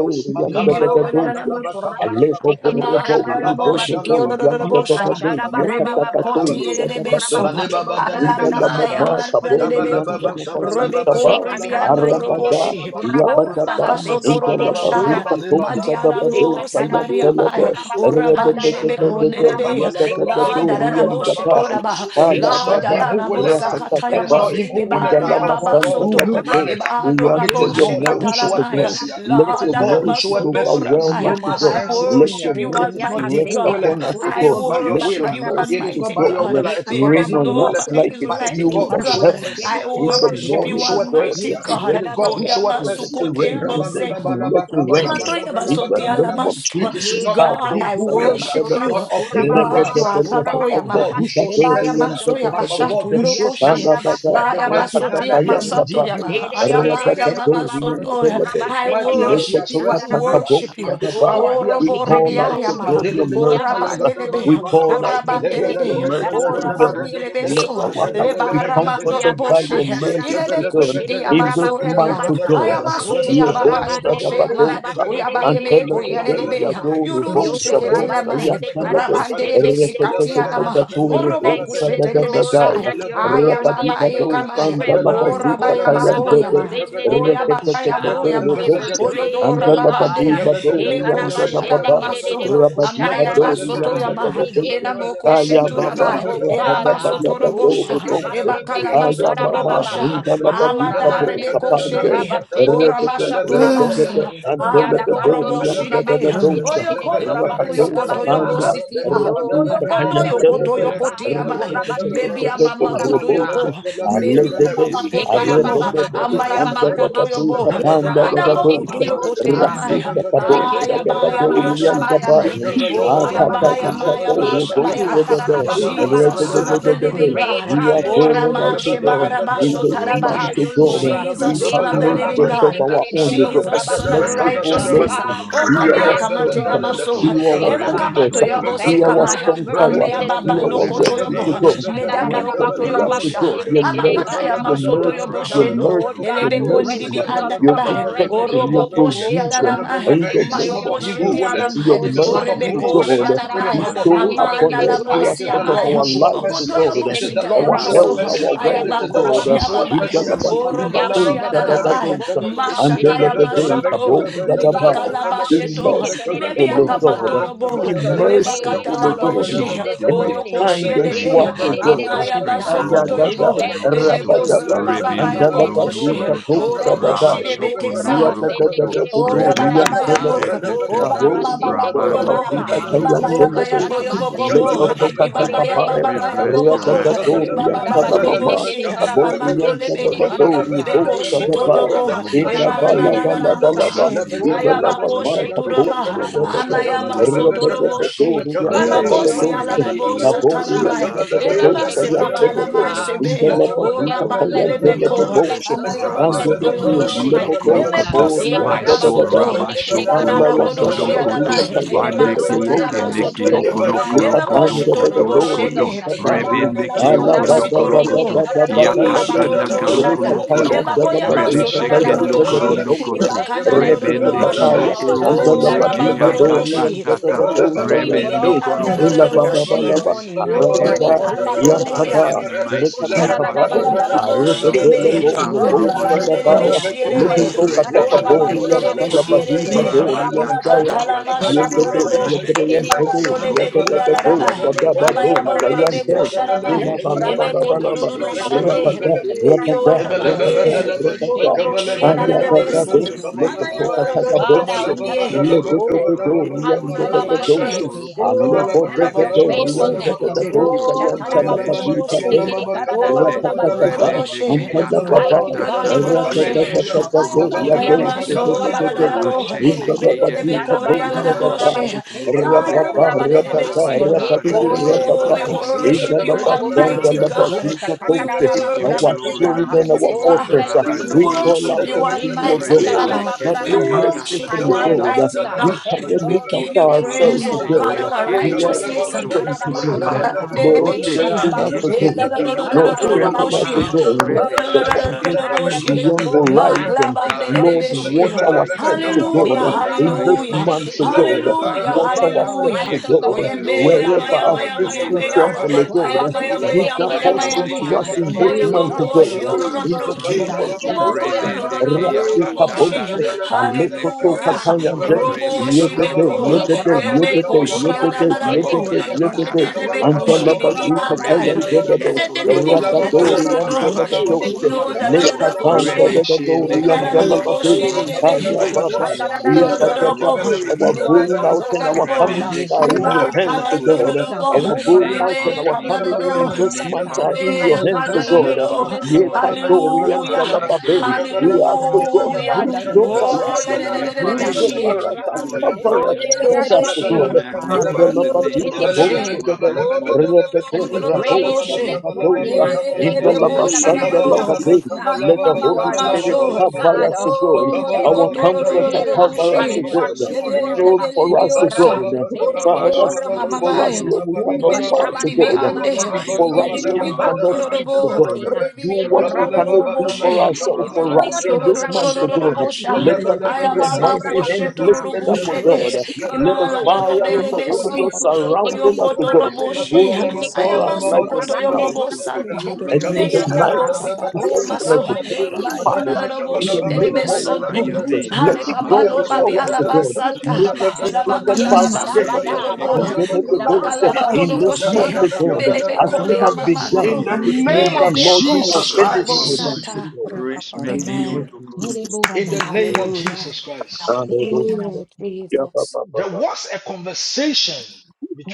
A: Ye katanda
E: Mediola and
A: raba
E: Amusha,
A: kuraba kushekere
E: Amaya
A: karaba
E: and Amoshi, Yododododobosa,
A: Yekashara baba
E: Rebe
A: baba ba
E: Cotier
A: rubu
E: de
A: kuraba
E: Beso,
A: kusebo sada da da baba
E: Alamaya
A: ba
E: Marda de Beco, Rebeco
A: sheka tada
J: Thank
E: Ribiando
A: ba yende kedi
E: Roboshi,
A: kuraba kusaba
E: Orabaca
A: sende kede bu
C: Kabalaba
E: Sotoroboshaya,
A: kuraba
C: Kabalaba
E: Madiala
A: sheka
E: Mose
A: tada
E: Maria Baya,
A: kuraba kusanda ba ru kuraba kusende
E: La
A: kedi
E: da da na
A: kuraba
E: bo she
A: kusa
F: Alababa,
E: ba.
C: for it
A: sheka
C: is
E: La
C: not
E: da
A: tanda
C: him
E: da
C: who
E: na
C: will
E: bo
C: it.
E: sa
C: uh,
A: kuraba
E: ka
C: It is
A: kusende
F: Ratataba,
C: not him
A: kedi
C: who
F: in
C: will it,
F: the
A: yendara
C: uh,
A: ra ba
F: Lama
E: baba
A: kuraba
C: or
F: Santa
C: who,
E: soto.
C: whom
F: Lama
A: kusaba
F: Day,
C: it,
E: Eba
C: uh,
A: sende
F: we
C: but
F: ask
C: it
F: for
E: bo
C: is
F: your
E: she
C: God uh, who
A: yekashende
E: la
F: mercies,
C: showeth
A: kedi
F: O God.
A: kuraba
C: mercy. uh.
F: Let
C: It
A: kusaba
F: your
C: is
E: da la
C: God who
A: sondo
E: ma
F: mercies
C: showeth
A: kedi
E: soto
C: mercy. uh.
E: ra
F: overwhelm us,
A: Ya
F: O
C: Romans
F: God.
E: I
C: 9:16.
A: baba
F: Let
A: robo
F: your
E: worship you,
C: It
A: ko
C: is
F: mercies
A: ya
C: not
E: Almighty
C: him
I: take take take
F: rest
C: who
I: take a
A: kasende
C: will it.
E: God.
A: kedi
F: upon
C: uh,
F: us, O
C: It
I: bash,
C: is
E: I
A: kuraba
F: God.
C: not by
I: take
C: your
F: Let
A: kusaba
C: will.
F: your
E: worship
C: uh,
I: a
E: you,
A: kasaba
C: It
F: mercies,
A: sende
C: is
F: O
C: not
E: Almighty
C: by your
F: God,
E: God.
C: will. uh, It is not
E: There
C: of
F: rain
E: is
C: him
F: on
C: who will it,
F: us
C: uh,
E: nobody
F: like
E: is
F: a
C: but it is
E: like
F: dew
C: God
E: you,
F: of
C: who showeth
E: God.
I: bash.
F: heaven.
C: mercy.
E: I
C: uh.
F: In the
C: It is
E: worship
C: God who
E: you,
F: morning, O
C: showeth
F: God,
C: mercy.
E: Almighty
F: let
C: uh.
F: it
I: And the bash,
C: It
E: God.
F: rain.
C: is
F: In
C: God
I: take
E: Oh,
C: who
F: the
I: a
C: showeth
F: afternoon,
I: bash,
F: let
C: mercy.
I: take
F: it
C: uh.
F: rain.
C: Rabba
F: In the
C: de
E: Yamasukute
I: a
C: baba
F: evening, let
C: laba
F: it
C: kabala
F: rain.
I: bash. And
C: baba
F: In
C: dalaba
F: the
A: Thank
C: kabala
F: name of
C: it
E: Ematoyabasotialamaswa.
I: the
C: is
F: Jesus,
A: Ye
C: not of
E: God,
F: Kato
C: him
A: karaba
E: I
C: who
I: bash, take
C: wills,
A: kuraba
I: a
C: uh,
F: Sayanta
E: worship
F: Lama.
A: kuraba
C: not
E: you.
I: bash, take a bash. take a bash, take a bash. And the bash, take
C: of him
A: kuraba
C: who
F: Rebede,
E: Lord,
C: runs,
E: you
A: kuraba
C: uh,
E: are
F: bede, bede,
C: but
A: kuraba
F: bede,
C: of
E: Katoyama.
C: God
A: kuraba
F: bede,
C: who shows
A: sende
E: Ebaya
A: kiri
C: mercy, uh,
A: shondo
E: Masoya
F: bede,
C: but
A: bu
C: of
E: Pashato
C: God
F: bede,
C: who
A: Ya
C: shows
E: Yorokoshe.
C: mercy.
F: bede,
A: standa
C: uh,
A: ba
F: bede,
C: By the
A: kuraba
E: Laya
C: mighty
A: kasaba
C: hand
E: Masotia
C: that he has
A: se.
C: redeemed
F: Rapatapayantapa,
C: you,
E: Masatoyama.
A: De
C: uh,
A: de de de
C: by
A: de
E: Ayama
C: the
E: Yama
A: kuraba baba bo
I: a
E: Masotoya.
I: bash,
F: Rabatatoriantelebe,
A: kuraba
I: take
E: I
A: sende
C: mighty hands
A: kiri
C: he
A: bu
E: worship
C: has
E: you.
A: shanda
E: I
A: da
C: rescued
A: ba
C: you. uh,
I: a
E: worship
A: se.
C: By
E: you.
C: his
I: bash.
F: Alekotopatakabosadaba.
C: power
E: Oh,
C: he
A: Oh,
C: has
F: We
A: King of
C: redeemed
F: call
C: you. uh,
F: out to
E: Roboribiayama.
F: God
A: Glory.
F: your
C: Madelebe
E: Oh,
A: Yaba
F: mercies.
C: katalaga
A: sundu
C: daba
A: do
E: Rabandelebe.
F: We
C: daba
F: call
C: daba.
E: Oh,
A: kushaba
F: out to
I: Mm.
A: sende
F: God
A: kiri
F: your
A: bu
E: Rabandelebe.
C: Alebelelebe
I: You are
F: mercy
A: ba
E: Oh,
F: to
A: sa.
C: kelelelebe
I: passing.
F: God.
E: Rabandelebe.
C: rededede.
F: Let
A: King
E: So,
A: of
F: our hearts
E: Leba
F: be
C: Bedebelelebe
A: Glory. Ya
F: comforted
C: kedededebe
F: by
C: rede.
F: your
E: Ramandoroboshe.
A: kasanda da
F: mercy
A: ba
F: to
E: Ilebe
A: sende
C: Bekebelebebe
F: God
A: kiri
E: Kushidi
C: delebe
F: in
A: kuraba
F: this month
C: kebelebebe
A: kusaba
E: Amasorebia.
F: to
A: sa.
E: I
F: God.
C: dedede.
E: am
C: Lebe
A: Oh,
E: Asotia Baba
C: kebelebebe
A: Kurabandebo,
C: delebe.
E: Yukosheama.
F: Yebosadabadesa,
C: Bedebe
A: Kurabashedebosa.
E: Uyabayeme
C: kedededebe
F: Antelebede,
C: kebelebebe
E: Koyalebe.
C: delebe.
E: Yururu
A: Yo
I: Wait, always copy
F: Yadorubosadosa,
C: Redededebe
I: this
E: Sheketelema.
I: is
A: Kurabasende,
I: the
C: kedededebe
F: Yantelebe,
I: Ross. I
C: kelede.
A: Karabashende,
E: Rabandelebe
I: just want to reach
C: Malebebe
I: out.
A: Kerebosa.
E: Sikatianama.
C: delebe
A: We thank
C: kebelebebe
A: you this
C: delebe.
E: Orobokushete
A: morning
F: Reketeteteteteturubosadadadadaya.
E: Messiah.
A: that your
C: Bekebelebebe
E: I am
C: delebe
A: mercy
F: Rapadina
E: Amaya
F: do
C: kebelebe.
A: endures
E: Kamaya.
K: Jesus,
F: Santa
C: Madeleine,
F: la
K: we
A: forever.
E: Oh,
F: Bazuka
A: Oh,
E: Rabaya
K: praise
F: Tayandede,
E: Makoyama.
A: Korabakusendebo
F: Rekete
E: Oh,
A: Kusha.
F: Koro
I: Uh,
A: We
E: moyama.
I: shut
A: will
F: Dolce,
A: praise
E: Oyodora
F: Anda
A: you,
F: la
A: God.
E: babande.
F: Badiba
A: Ke
F: Dori
E: Imeko
F: and the
E: shiada
A: Karabashende,
E: la
F: Baba,
E: maso.
A: Kerebo
F: Rabadiba
E: Amaya
I: up,
F: Dori
E: maso
I: shut
F: and
A: Kusharabasa.
I: take up.
E: toyama.
F: the
A: We give
F: Dede,
A: you
E: Enamoko
A: thanks,
F: Kaya Baba,
E: sheturaba.
A: merciful
E: Eramaso
A: Father.
F: Rabadaba
A: Oh,
F: Doro
E: torobosha.
F: Dolce,
A: Kurabasende,
E: Ebakala maso
F: Aya Mama,
E: torobosha.
A: Kerekarababa.
F: Linda la Badita Bo,
E: Amadare
A: Kurabande bo
E: beko
F: Kapande,
E: sherebe.
A: kurabashende kiri
F: Rebede,
E: Oramasha
A: kurabase.
E: toyobosa.
A: kurabaste.
F: Rebede,
I: Mm.
F: Anda la
A: Yada
F: Bedori
A: bandoro
F: and
A: kuraba
F: the
E: Ametoroboshirebe.
I: Um,
A: kushende
F: Dolce,
I: The
A: kiri
I: God
E: Oyoko yoko
I: of
A: kuraba
I: us,
F: Rapato
I: shut
E: toyoko
K: you.
I: take up,
A: kusabasa.
K: Jesus,
F: Kapanda,
K: we bless
E: toyobositia.
A: Yo
K: you.
E: Oyoko
A: karada
K: Jesus,
E: toyoko
K: we
E: toyoko
A: kuraba no
K: magnify
E: tiabaya.
K: your name,
A: kurabashende
E: Maybe
K: Rabba
E: a
A: kide bo
E: mama
K: Shokuru
E: koto yoko.
K: Kutukutu,
E: Maybe a mama koto
K: Rebendeke
E: yomo.
K: Okuru
A: Ekarababado
K: Dukuru
E: Amaya
A: kuraba
K: Kututu,
E: makoto
A: Karabasu
K: Rebindiki Okurudu Kurukututu,
E: Robo,
A: sukuru
K: Rabba
A: kuraba
K: Baba
E: Ladabo
A: yende
K: Baba
A: kere
E: Kutuyo
K: Baba,
A: bocha.
E: Koteamaya,
K: Rebeke
A: Yuse
K: Tereke
A: kende
E: Ayabaya
K: Tete
A: kuraba
K: Tete,
A: kuraba
E: Mashabayama,
K: Rebe
A: kushende kere
E: Oh
K: Shokuru
E: Yabaya
A: karabasa.
K: Dukuru
E: Maya
A: Eka
K: Kututu,
E: Mashabayaba,
I: us,
A: shandaraba
K: Rabba Baba
E: Jesus,
K: Baba
E: Son
A: kurabasa.
E: of
K: Baba
E: the
K: Baba,
E: Living
A: Great
E: God,
F: we
A: are
F: are
K: Rebe
A: you,
F: calling
K: Sheke
A: Lord.
F: out to
A: Great
K: Tete
F: God
A: are you,
K: Tete,
F: in
A: Lord.
F: this
A: Great
K: Robo
F: month
E: Oramashabarabasotarabaya,
A: are you,
C: Kabala
F: to
K: Shokuru
A: Lord.
F: God.
E: Jesus,
F: We
K: Kututu,
A: Ye
E: Son
F: have
E: of the
F: no
A: karaba
E: Living
K: Rabba
F: strength of
E: God,
A: shende
C: Adalabekebelebabakatelele.
K: Tata
F: our
A: kere
F: own, O
A: debo
K: Tata,
F: God.
E: Jesus, Son of
A: kurabasa.
K: Rebe
F: Merciful
A: The
C: Alebebedelebekanadadaba.
F: Lord,
E: Righteousness,
A: God
K: Shondukuru
A: who
F: be
C: It is
K: Dukuru
E: Okamia
F: our
A: remembers
E: Kamate
F: strength,
A: our
E: Yamaso,
K: Kututu,
A: lowly
F: be our
E: Eva
K: Rebe
A: state.
F: fortress,
E: Kamato
A: We
E: Yabo
K: Shokuru
F: be
A: thank you
F: our
K: Kutu,
A: for
E: Sekamaya,
A: your
F: strong tower.
A: mercy
E: Amea
K: Jesus,
A: this
F: Be
K: we
E: Baba no
F: our
A: morning.
K: bless your
F: refuge, O
E: Kotoyobo,
K: name
F: God.
K: this morning.
E: Medabio
F: Grant
K: We
F: unto us, O
E: Kotoyobosha,
F: God,
K: glorify
F: your
K: your name this
F: mercy,
E: Amakataya
F: your
K: morning.
F: mercy,
A: The
F: your
K: Rabando
E: Masotoyoboshendo,
A: Lord
F: mercy, your
A: God who
K: korokondo
E: oni di Nidibi
F: mercy,
A: rescues us
E: and
K: korokototo.
F: your
A: from
E: Abai,
A: our
F: protection,
K: Rebe
A: enemies.
F: your
E: Orobo
K: shekeke
A: Oh
F: provision.
A: God, we
F: In the
A: thank
K: rokototo.
A: you for
F: name
E: mayo
C: not
A: your
F: of
C: of him
E: koshi
K: Jesus,
C: who
E: ti
A: mercies
C: will it.
F: Jesus,
K: we
A: this
F: your
E: Alamaya,
C: It is
A: morning.
C: not
K: glorify
C: of
F: mercies,
K: your
E: Orebe
C: him
F: O
C: who
K: name.
C: will it.
E: koshi
F: God,
C: It is
E: Dabaya,
C: not of
K: Rabando
C: him
F: bestow
C: who ran it,
F: upon
E: Amana la
K: korokonde
C: but
F: every
C: it
E: mosi
C: is
K: keyeke
E: amaya,
F: aspect
C: the
F: of
K: no
A: Ushakatadabakurabayendikidikurabasaa.
C: Lord
E: Lamosia
C: who
E: Maya,
F: our
C: showeth
F: lives, O
I: Mm,
C: mercy.
K: korokototo.
E: Okotoyo
F: God,
C: It is the
E: Bushita
K: Jesus,
C: Lord
F: our
C: who
K: we
C: showeth
F: health,
E: Yamaso,
F: our
C: mercy.
K: glorify
F: wealth,
K: you.
C: It
F: O
C: is the Lord who
F: God.
E: Ayabakoshia
C: showeth
F: In
K: Rabasho
F: the
C: mercy.
E: Babaya,
A: Yukurukushindikidikurabakustididididibukurabakusindebo.
K: korondo
F: name of
E: Orobo
F: Jesus,
E: Shia
A: Yabandaba
K: korokoteke.
E: Dadabaya,
K: Ande
F: and
C: Alabama,
E: Mashataya
K: keyondo
F: the day,
A: robokurabashidikidikurabasaa.
F: the
K: korokondo
E: Mashoto,
F: bones that are
E: Libaka
K: korokototo.
F: bound. Be
E: Labasheto,
K: Jesus,
F: merciful,
K: you are
F: O
A: Ekurabakuseketededededebukusa
F: God.
K: awesome. You're
A: who
F: Be
E: Mebiakamatorobo,
I: us,
K: excellent.
A: sustain
K: You're
F: merciful, O
A: all our
F: God,
K: perfect in
A: needs
K: all
E: Lebakatalaboshe,
K: of
A: this
K: your
F: and be
K: ways.
A: morning. uh,
F: kind
K: We
E: Oyokoshia de
F: unto
K: thank
F: us,
K: you,
E: Bea,
F: O
K: Lord God,
F: God.
K: for
E: Amaya
K: strength.
A: yeketedededebokusa.
K: Robo
A: We
F: Ayagada
E: Basokotoyobo,
A: thank you that
K: shokorokoto.
A: your
E: Ebekosia
F: rabadaba
E: Baba
A: mercy
K: Rebendo korondo
E: Bayabokoshe,
F: andalabazika
A: endures
C: Rekabala
K: kodoto.
E: Orobo
A: forever.
K: Raba
F: toshadabai.
A: O
K: shokondo
E: Shidebekesa.
A: kurabasende
K: korokoto.
A: kirebo
E: Oh ya
F: Yadadadadadado
K: Rebe
E: baba baya
A: sharadadaba.
E: mo,
F: riantelebe.
A: O
E: oh
K: sheketetetete.
E: baya
F: Aho
E: mama
A: Kurabasende
E: babo
K: Rabando
E: yobo,
F: riantelabazika
A: kurabadaba.
K: korondo
E: iba
A: O
E: baya
F: tayantelebe.
E: baya
K: kototo.
E: boyo
A: kashadabande
E: bobo bo, bo,
K: Jesus, we
E: iba
K: praise.
E: baya
A: kurabashekerede
F: Alekotokatakabai.
E: baba
K: We
E: baya
K: bless
E: bobo
K: your
E: bo,
A: kurabakusa.
E: bo,
G: God!
F: Radadado
K: matchless
A: O
E: iba
K: name,
G: I'm
K: O
E: baba bobo
K: Lord
G: still.
E: bo bo
A: karabashende
K: God.
F: riantelamama.
A: kede
E: shi,
F: Abo
E: amado
A: karabakusende
K: Holy
A: kede
E: lebeko,
F: rianteladado
K: Spirit,
A: karabasa.
K: pray
E: ibeko
K: through
E: shi
A: O
K: me.
F: riboshadabai.
E: tolobo,
A: shapataba
K: Robo
E: ema na
K: shokono
A: karabadende
E: na na na
K: koro
E: mo
K: konde
F: Elabalabalaba.
A: burabasa.
E: she,
K: piyo
A: O
K: kono
E: ayaba ko
K: koro
F: Iyalababa
E: she
A: kurabashende
K: koto.
A: kirebo
E: turaba,
K: Robo
F: katoshadabai.
E: amaya
K: shokono
A: kurabakusebosa.
E: maso
C: Rebecca
K: koro
F: Rekataya
K: koto
E: torobo
K: to.
E: she,
A: King
K: Rebe
A: of
E: amakosi ala
K: shekende
E: la
A: glory.
E: bo
K: kia
A: Oh,
K: kata
E: satalamai,
K: tata.
A: kurabakushende
E: elaba
A: kede
E: se
K: Rebe
E: kotala kotalamai
K: shokoro
A: kurabakusa.
G: Hey,
E: sebe,
A: Oh,
E: Kora
A: yes, bless the
G: In
A: Lord,
E: bangelebeko.
G: Jesus'
K: Rodokototo,
A: bless
G: name,
A: the Lord,
E: Amayaba
A: bless
E: soto
A: the Lord, oh my
E: yodoshi.
A: soul.
E: Emeko
K: Ramanokorokondokorokoto,
A: Eh,
E: siala
K: My soul,
E: masoto.
K: Rabba
A: karabakushende kede
E: Eba do do do do
A: karadabasa.
E: shi
K: Shokorokotodokoto,
A: We
E: adaba.
A: thank you,
E: Ema
A: Lord
E: sataya
A: God, uh,
K: Andekiyekendeki
E: masoto
A: that you
E: yoko.
A: are the
E: Eba
G: for
A: God
K: Okonokorokoto
G: your
A: who
E: koshito no
A: preserves
K: Kotorokoto,
A: us
E: boshende. Iba
A: alive.
K: Rebendeki
E: analada
A: Oh,
E: na mosito
A: karabashende
K: Okondokorokoto,
E: robo.
A: kede
E: Ibe koshito robo
A: karadabakurabakusha.
E: shanda.
A: Oh,
K: Yakatanakarokondokoroko,
E: Ema
A: kurabasende
E: koyaba
A: kede
F: Zalabazuka
E: soto
F: Tayan
E: yododo
A: karadabasa.
F: Telebos
A: We
K: Rebeshekendokorondokoto,
E: Eba
A: thank you that
E: kanando do
A: you
E: do do
I: mm,
A: are
K: Rebendeki
A: a
E: boshai.
A: God uh,
E: O
I: us.
A: that
K: Okorokondeki
C: Bella
A: we
E: rabando
A: can
E: robo
G: mercy,
C: Badala,
F: Antalabadibadori
A: trust
F: and
E: shi.
C: Rabba
A: in.
K: Yakatatata,
A: uh,
E: O
F: Tatadosa
E: robo
A: we put
E: diribi
F: Yante,
A: all our
E: andada
G: Jesus,
A: hope
E: do
K: Remendokorokonde,
A: in
E: do
G: Father
A: you
G: God,
A: this
G: thank
E: boshi.
F: Elabalabalaba,
G: you
A: morning.
G: for Remembering,
E: Oh,
A: We
F: Arabada,
G: us, oh
K: Rebeshekendekioko.
E: hallelujah.
G: God,
K: In
F: Yantaba,
K: the mighty
G: Now
K: name of
E: Oh,
G: remove
F: Lekatabaya,
G: me
K: Jesus,
E: rababa
K: Spirit
A: kurabatekedekededebosharadadabakurabata.
K: of the
G: speak, O
E: sherebe,
A: we
K: Living
F: Arepetelebo,
G: God,
K: God,
I: I'm
G: to
E: oh
A: trust
I: letting
A: in
K: Rabba
G: your
I: to
A: you,
E: rababelelebe
I: start.
G: mercy.
A: God.
F: Robosadabaya,
K: Shokorokote,
E: sherebe,
G: Endures
I: Aramando,
K: Rebe
E: oh
I: what
G: forever
I: up,
G: and
F: Lekotokatabori and
I: shut
G: thank you
E: rababelelebe
G: for
I: take up.
K: Shondokorokoto,
A: Ukashedikarababakurabatsa.
G: redeeming
E: sherelelebe.
G: us
K: Rabba
F: Talabadibadori and
G: from
F: Daya.
G: our
K: Nakatatata,
E: Imakatalamasha
G: enemies, O
F: Yegede,
K: Rebe
G: God,
E: torobo,
G: for your
F: Yegede, and
K: Shekendeke
F: Tede,
G: mercy.
A: Ukurabakusendekedekanadarabakushedededebosa.
E: imadoleme
K: Okoto,
F: Yadadado,
G: endures
E: kudalalaba.
K: Robondo
F: Sadabado,
G: forever.
K: Korokondeke
E: Amayaborelebe
A: Ukarabakashedededekorabakusa.
F: Sayante,
E: kusharama,
K: Yakete,
G: Thank you for your mercy, O God. Thank you
E: imeko
G: for your
E: tudu
F: Elabalabalabalaba,
K: Andeke
E: du du
G: mercy.
E: shande.
G: Thank you for your
F: Rapata,
K: Ondokorokote.
G: mercy.
E: Medio
F: Rapata,
K: Mighty
A: Ukurabandekedekurabakushedekedekarabaso.
K: God,
F: Rapata,
E: rabandiye,
K: we praise you,
F: Rapata,
K: we
E: moroboshi
K: praise you, we
E: ellelebe
K: praise you,
F: Ayabada,
E: si.
K: we
A: Yekeshedekedekarabakurabasova.
K: praise you, we
E: Amayamoro
K: praise
A: Oh
K: you.
F: Lekotokatabori.
A: God, I'll
E: moroboshi
K: Robo
A: tell of
E: ndiye,
A: your goodness.
K: Shokorokoto,
A: I'll
E: oh
K: Dokoto,
A: tell of
E: rababa
A: your
K: Dokorokoto,
E: shere,
F: Lebedededoriandadadadoshe.
A: mercy.
K: Rokoto,
E: oh
A: I'll
J: you.
A: tell of your
K: Rebe
E: rababelelebe
K: Shokondo
E: shere,
A: faithfulness. Ooh,
K: korokoto,
E: oh rababelelebe shere.
K: Rebeshekete,
F: Alebodededoriandadadadosayantalapapipateya.
E: Oh, Lord, Lord,
A: shatarabakurabasindekirikaradabakurabasha.
E: Lord, Lord,
F: Ratatataba,
G: Thank
E: Lord,
A: Who is
K: Rebendekia
A: like
K: tata
E: Oh,
A: you,
F: antalababaya.
G: you
E: Lord,
G: for
A: God,
G: your
K: tata,
E: Lord,
A: in
G: mercy.
E: Lord,
A: all
E: Lord, she.
A: the earth?
E: I
A: Ooh,
E: am
G: for
E: a kayama
F: Ratatatatatatoyadoshe.
E: so,
K: Rebeshokorokotorokoto,
E: yaladabo.
A: sheketikirikurabakurabasindebo.
K: Rabashendekia
E: Iberebe korea,
I: Ah,
E: yaladabo,
K: kenokoronde,
E: she.
C: Makabala
F: Indalabadikatoshadabaya.
E: Lord,
K: Robondo
F: Rababa,
K: koroko.
E: yaladebe,
A: Yarabandorokurabakusindekirebokurabasa.
F: rababa,
K: My
E: see.
K: God,
F: rababa,
K: in
G: your mercy,
K: the
G: Jesus.
K: name
E: Oh,
K: of
E: we
F: rababa.
K: Jesus
E: worship you,
K: Christ of
G: Thank you for
A: Yeshendekirikurabakusindekirebosa.
K: Nazareth.
E: Almighty
G: your
A: Ooh,
E: God.
G: mercy, God.
E: We
F: Indalabasandalabazikatoshe.
G: Thank you
K: We
G: for
K: give you
F: Our
E: worship you,
K: glory.
F: shield
K: We
A: shakatarabakurabasa.
F: and
K: give you
F: our
E: Almighty
A: Oh,
K: glory.
E: God.
G: your
F: fortress,
A: bless
F: uh,
G: mercy.
A: the
G: Hey,
E: We
K: Ramano
F: we
A: Lord
F: call
A: with
E: worship
F: out
E: you,
F: unto
A: me.
K: korokototo.
F: you,
G: hey,
F: O
E: Almighty
K: Rebe
F: God
G: hey,
E: God.
F: that
E: We
K: shekenda
F: you
A: Ekushandarabakurabasa
E: worship you,
F: merciful,
A: and let
K: katatata.
F: O God.
A: us
E: Almighty
A: uh,
E: God.
F: We cannot
E: We
F: look
A: exalt his
E: give
F: after
E: you
K: Rabashokototo
A: name
G: hey, hey,
E: praise,
F: ourselves, O
E: oh
K: rokote.
A: together.
E: God,
F: God.
E: our
G: hey,
F: You
K: Nyakende
G: your mercy, your
F: are
A: Kurabakushenekele
K: kiodo.
E: righteousness.
F: strength, O
G: mercy,
F: God.
E: Hallelujah,
G: your
K: Ramano
A: karabakurabasa.
F: Lord,
G: mercy, oh
K: koronde.
G: God.
F: strengthen us, O God.
K: Yekende
A: Ekarabakushenekele
F: Lord,
G: Hey,
K: kiyokoto
G: hey,
F: strengthen
G: hey,
F: us, O
G: hey, hey,
A: karabakurabasa.
F: God.
A: Some
K: Rebe
F: The
A: trust
F: one
A: in
F: who
K: shekendo
F: sees
A: chariots this
K: koroko.
F: beyond
A: morning uh,
K: Mighty
F: horizon.
A: and
K: God,
A: some
K: we
F: Lord,
A: trust in
F: watch
K: glorify
F: our
K: your
A: horses.
F: steps,
G: hey,
A: uh,
K: name.
F: O
K: We
F: God. In
K: glorify
G: hey,
F: this
K: your
E: hallelujah,
K: name.
F: month,
K: We
F: O
C: let Makabala
G: hey, hey,
F: God.
A: ukurabakushenekelelebosa.
K: glorify
C: Baba
E: hallelujah,
K: your
G: hey,
F: Watch
G: hey.
K: name.
A: But
F: our
A: the
F: steps,
E: hallelujah.
K: We
F: O
A: righteous
F: God.
A: of
K: exalt
A: the
E: Oye
K: your
G: Hey,
A: Lord
K: name.
E: mea,
A: uh,
K: We
F: Wherever
E: maya,
F: our
K: exalt
E: maya,
K: your
E: maya,
K: name.
F: footstool
A: remembers
E: mea.
K: Rabba
F: trample, O
E: Aya,
K: Shokuro
F: God.
E: maya,
F: Give
E: mea,
F: that
E: maya,
G: your mercy,
E: maya,
F: portion to
E: mea.
F: us
A: ukurabakushenekelelebosa,
G: God.
F: in
K: Rebeshekendeke
F: this
A: that
E: Moya
A: it
I: shit,
A: is
G: Hey,
F: month, O
A: of
E: boko
A: the
G: hey,
F: God.
E: oshi,
I: shit,
A: Lord's
F: In the name
G: hey, hey,
A: mercies
E: onoroshi
A: uh,
F: of
K: kodokodokototorokoto.
A: that we
E: moko
F: Jesus.
E: yo
A: are
E: ro ro
A: not
E: ro
K: Rebendeke
E: ro ro ro
F: Rapu
E: bo
A: consumed. uh,
F: kapo
E: shi.
K: yakatatata. We
A: because they
K: lift you
F: Alekoto
K: up
E: Hallelujah.
A: kuraba
K: this
F: kataya
A: shende
F: de
K: morning.
E: Robo shi
A: kirebosa,
F: yedede
E: beko.
A: they
F: yedede
K: Rebeshokorondokoroko.
E: Eme
A: kurabande
F: yedede
A: bo
E: ko
K: We
E: shi
A: kuraba
E: beko, shibeko. Emeko shiada
F: yedede
K: glorify you.
A: kushende
E: ladamo.
F: yedede
K: Yanda
A: kiribusa,
F: yedede
E: Yedebe
A: urubudu
F: antala
E: kushiri
K: karakatatata.
E: bi
F: bazu
A: kuraba babadu.
F: kataya
E: andaya.
F: de
K: Rebendeke
F: de
E: Yedebe bi kuneto
K: yokondokorokoto.
A: Kuraba
C: Dana
F: rabadori antala
A: dabasi,
F: da
E: di
F: dote
E: o
A: urubu
E: da la da
K: Rabashokorodokoto.
F: leka
A: shendi
E: da bo
A: kuraba
F: panda
E: shi.
F: da da
A: kuraba
E: Oya
F: dori
A: shende
E: na
K: Rebeshendeke
E: na na
A: kere
F: antala
E: na
A: kuraba
E: ladabo
K: yakata.
F: bade
E: she.
C: Baba
A: sa,
E: Oyananabo
K: In
E: shirebe.
K: the
F: kaya
A: niku
K: mighty
F: baba
C: Dana
A: chanda
K: name of
A: dadaba
G: hey.
E: Oshiada di
K: Jesus,
A: kuraba
F: yababa
K: Robo
A: sa.
F: our
A: You are
F: going
A: the
K: Shokorokoto,
E: o
F: out
E: da la
F: and
E: da da
A: Lord
F: our
E: ladabo.
A: God
F: coming
A: uh,
F: in
K: Rebendeke
F: are
A: who
F: in
E: Eba
F: your
A: orders
F: hands,
A: our
F: O God.
K: Yondokorokoto,
A: steps. uh,
E: kanadodobo.
K: in
F: Our
A: who
K: the
F: going
A: kuraba
K: name
E: Yebe
F: out
K: of
F: and our
A: shende kere
F: coming
K: Jesus,
E: kanadodo.
F: in
A: kuraba
K: in
F: in
K: the
F: this
A: kuraba
K: name
F: month
K: of
F: are
A: sa.
F: in
E: Yebe
K: Jesus.
F: your
A: And we
F: hands, O God.
A: praise you
K: Rawondo
E: kanadodo.
A: this
F: Yes,
K: Kurunde,
A: morning. uh,
F: Pastorian
A: niku
E: Hallelujah.
A: chanda
F: Dalababe.
A: dadaba
K: Rabashekende
A: kuraba
F: We ask
A: sa.
F: for
K: Kototo.
F: God,
A: You
E: Hallelujah.
A: are the
F: brood
K: Jesus,
F: over
A: lifter
E: Oh,
K: we
A: up
F: us,
E: yeah,
A: of
E: yeah,
A: our
E: yeah, yeah, yeah,
K: glorify
E: yeah,
A: head.
F: brood
K: your
E: she.
K: name,
F: over
K: we
F: us, cover
A: Ukurabakushende
K: glorify
E: Oh,
F: us,
K: your
A: kede
E: yeah, yeah, yeah,
K: name.
E: yeah,
F: shield
E: yeah,
A: karadaba
F: us, O
K: We
E: she.
F: God.
A: kurabasa.
E: Oh,
F: In
C: Yabba
F: the
E: ro,
K: magnify
E: ro,
K: the
E: ro, ro,
K: name
E: ro,
A: Ikushende
K: of
F: Labadika
E: bo, she.
F: Bolshebe,
K: Jehovah
A: keredabusa.
K: this
E: Oh, ro,
K: morning.
E: ro, ro,
F: Rebebe,
E: ro,
A: And
E: ro,
A: we
E: ro,
K: Robo
E: ro, ro,
A: praise
E: bo,
A: you
F: Rabosha,
A: this
K: Shokoro
E: she.
K: Kote
A: morning.
F: Rabadosa,
A: uh,
E: Me, le,
F: in
E: le,
F: the
K: Yekende
E: be, ko,
A: Ekashandarabakurabakusa,
E: she, di,
K: Keokono
F: Labasanda
E: yo.
F: Lababe.
K: Korokoto,
E: Ma,
A: uh,
E: ya,
F: Let
E: ma,
F: the
E: ma,
A: You
E: ma,
F: Holy
A: are the
E: ma,
K: Rabando
F: Spirit
E: sho.
A: Lord
F: cover
A: God
K: Korokoto.
F: us,
A: uh,
F: O
A: who
F: God.
E: Mo, yo,
K: Jesus,
A: said,
E: ko,
F: Our
K: we
E: to,
A: Stand
E: ro, ro, ro, ro,
K: praise
F: comforter
A: still
E: ro,
K: you,
A: uh,
E: bo,
K: we
F: cover us,
A: and
E: she.
F: O
K: praise you,
A: watch
F: God.
K: we
E: Ye,
A: you
E: le,
K: praise
A: work.
E: le,
K: you.
F: Shield
A: uh,
E: le, le,
F: for
E: bi,
F: us,
E: yo,
F: O
E: sa.
F: God.
E: O, re, bi,
F: Father,
E: yo, ra, ma, ma,
F: for
E: ma,
F: us
E: ya.
A: Ukarabakusendekerekorabakushe,
K: Rabashokorokoto.
F: where we
E: Re,
F: cannot
E: be, ko,
F: fight,
E: re,
K: Jesus,
F: O
E: bi,
K: we
E: bi,
F: God.
E: ande.
F: Speak
K: glorify
A: Ukashabasandabaka.
K: your
F: for
E: Ye,
F: us
A: We
E: di,
K: name, O
E: li,
F: where
E: bi,
F: we
K: Lord
A: shabak
E: ko, ro,
F: cannot
A: you
E: ro,
K: God,
E: ro,
A: this
F: speak,
K: O
F: O
E: bo.
F: God
K: Father.
A: morning. uh,
E: Re, bi, bi,
F: do
K: There
E: ko,
F: what
E: ro,
K: is
F: we
E: ro,
K: no
E: ro, ro,
F: cannot
E: ro,
K: God
E: bo,
F: do for
K: like
E: she.
K: you,
F: ourselves for
E: Imakana
F: us in this month, O
A: Yekurabasundukurabakusendekerekurabakusa,
F: God.
E: tororororororobosha.
F: Let
K: Rabbanokorotelekeyekete,
F: us see your
E: Ayababa
F: mighty
E: koshe
F: hand lifted up, O
C: Makabala
A: Uteketekerekurabakusa.
F: God.
K: Rebeketetetetete,
E: tururubushene.
C: in
A: Are
F: Let
C: the
A: you,
F: the
E: Imala na
A: Lord?
F: fire of the
A: You
J: Rapa papa
F: Holy
E: lodelebesi.
J: papa
F: Ghost
A: kurabaku
J: papa papa
A: sende
K: Rabashokorokototototo,
F: surrounding
A: kiri
F: us, O
E: Oyokoto
F: God,
J: papa papa
A: kurabakuruku
E: roboshi.
F: going
A: shende
F: before
A: ke.
F: us
E: Ayamaso
F: like a
E: koto
J: papa
F: pillar of
A: Kurabande
E: yobobo
K: Rebenekorondokorokotokoto,
F: cloud.
A: kurabaku
E: santa.
A: sende
F: And
J: Yodororobo
F: in
A: kiri
F: the
E: Media la
F: night,
J: sakara
A: andaba.
J: pa
E: bosi
J: pa
F: coming
J: pa
E: kata
J: pa
F: before
A: O
K: Rebeshokorokototo.
J: pa
F: us
J: pa
F: like
E: yamaso.
A: karaba
J: pa
F: a
J: pa pa
F: pillar
J: pa
F: of
A: yende
K: Jesus,
J: pa ya.
E: Ibadia
F: fire.
E: la
A: kuruku
K: Jesus,
F: In
E: roboshi
F: the
A: sukusu
K: we
F: name
J: Yodororobo
F: of
A: kukuku.
K: glorify
J: sikere
E: terebesonto.
J: de
K: your
J: de de
A: You
F: Jesus,
J: de
K: name,
J: de
F: let
E: Ale
J: de
A: shikitu
F: it
J: de de
F: go
A: kuruku
E: kabalo
J: de de de de
F: before
E: babi
F: us,
A: shikiti
J: de
F: O
K: Rabbanokorokoto.
J: de
A: Kuru
J: de.
F: God.
A: Kuruku
E: alabasata.
F: Make
K: Jesus,
F: every
A: taba
K: we honor
F: crooked
K: your
J: Shodororobo
E: Elabakata
A: Ye
F: path
K: name.
E: labaso
J: sikere de
F: straight.
J: de
K: Rebe
E: koto
J: de
A: kadabada
J: de de de
F: And
E: lobo.
J: de
F: let
K: shekendo
A: rabaku
J: de de
F: the
J: de de.
F: Ghost
K: koroko.
A: dabanda ba.
E: Libakalabato
F: in
A: Ro
F: this
K: Jesus, we
F: month,
E: lokoshe.
J: Ra
F: O
K: lift
J: pa
A: karabatu.
K: you
J: pa
F: God.
K: up
J: pa
K: this
J: pa
E: Melebe
F: As
J: ya na.
F: we
E: koli
K: morning.
F: have
K: You
J: De de
K: are
E: amamando.
F: begun,
J: de de
F: it
J: de de
K: worthy, O
J: de
F: means
C: name
J: de de de
F: that,
C: of
K: Lord
E: Elebe
F: Lord,
K: God
F: you will
J: de
C: Jesus
J: de
E: koshi
J: de
K: Almighty.
J: de.
F: finish
K: You are
F: with us,
C: Christ.
K: worthy.
E: arabosata.
F: Lord,
J: Ra pa
K: Resh
J: pa
F: in
J: pa
F: the name
J: pa
F: of
E: Amen.
G: Hallelujah.
J: ya.
K: mekeyondo
A: Ere
K: koroko.
F: Jesus.
C: In the
G: Thank you,
A: borabata.
C: name
G: God.
C: of
F: Amen.
E: Hallelujah.
J: Amen.
C: Jesus Christ.
A: Ere
F: Hallelujah.
E: Oh,
A: karabata.
F: Yeah, ba,
E: Jesus.
F: ba, ba,
C: There was a conversation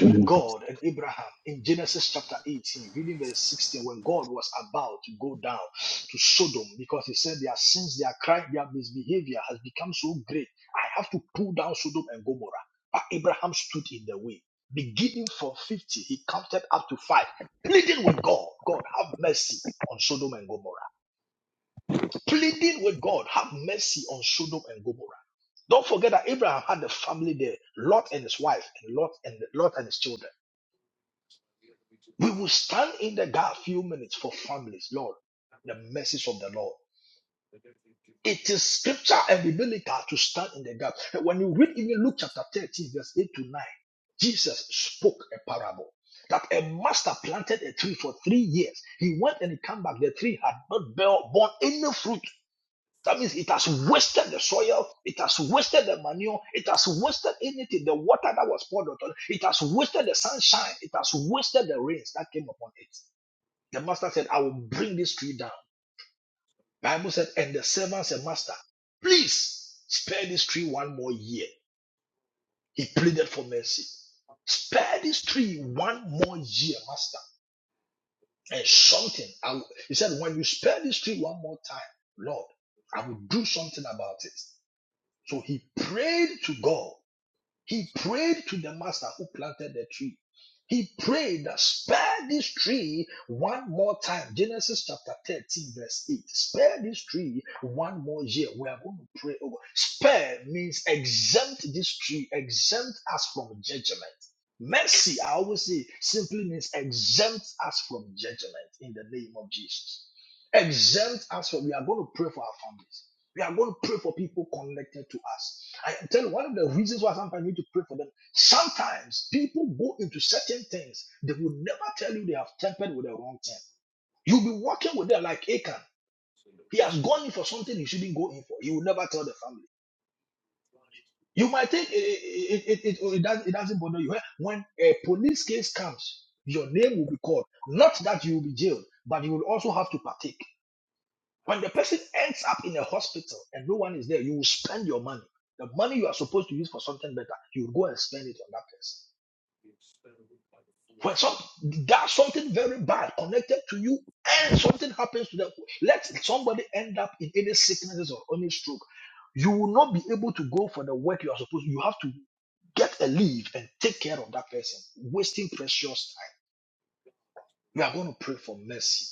F: ba.
C: God and Abraham in Genesis chapter 18, reading verse 16, when God was about to go down to Sodom because he said their sins, their crime, their misbehavior has become so great. I have to pull down Sodom and Gomorrah. But Abraham stood in the way. Beginning from 50, he counted up to five, pleading with God, God, have mercy on Sodom and Gomorrah. Pleading with God, have mercy on Sodom and Gomorrah. Don't forget that Abraham had a family there, Lot and his wife, and Lot and Lot and his children. We will stand in the gap few minutes for families, Lord. The message of the Lord. It is scripture and biblical to stand in the gap. When you read even Luke chapter 13, verse 8 to 9, Jesus spoke a parable that a master planted a tree for three years. He went and he came back. The tree had not borne any fruit. That means it has wasted the soil, it has wasted the manure, it has wasted anything, the water that was poured on it, it has wasted the sunshine, it has wasted the rains that came upon it. The master said, I will bring this tree down. Bible said, and the servant said, Master, please spare this tree one more year. He pleaded for mercy. Spare this tree one more year, Master. And something, I will, he said, when you spare this tree one more time, Lord, I will do something about it. So he prayed to God. He prayed to the master who planted the tree. He prayed that spare this tree one more time. Genesis chapter 13, verse 8. Spare this tree one more year. We are going to pray over. Spare means exempt this tree, exempt us from judgment. Mercy, I always say, simply means exempt us from judgment in the name of Jesus. Exempt us from, we are going to pray for our families we are going to pray for people connected to us. I tell you, one of the reasons why sometimes we need to pray for them. Sometimes people go into certain things, they will never tell you they have tempered with the wrong thing. You'll be walking with them like Achan. He has gone in for something he shouldn't go in for. He will never tell the family. You might think it, it, it, it, it, it doesn't, it doesn't bother you. Eh, When a police case comes, your name will be called. Not that you will be jailed, but you will also have to partake. When the person ends up in a hospital and no one is there, you will spend your money. The money you are supposed to use for something better, you will go and spend it on that person. When some does something very bad connected to you and something happens to them, let somebody end up in any sicknesses or any stroke, you will not be able to go for the work you are supposed to. You have to get a leave and take care of that person, wasting precious time. We are going to pray for mercy.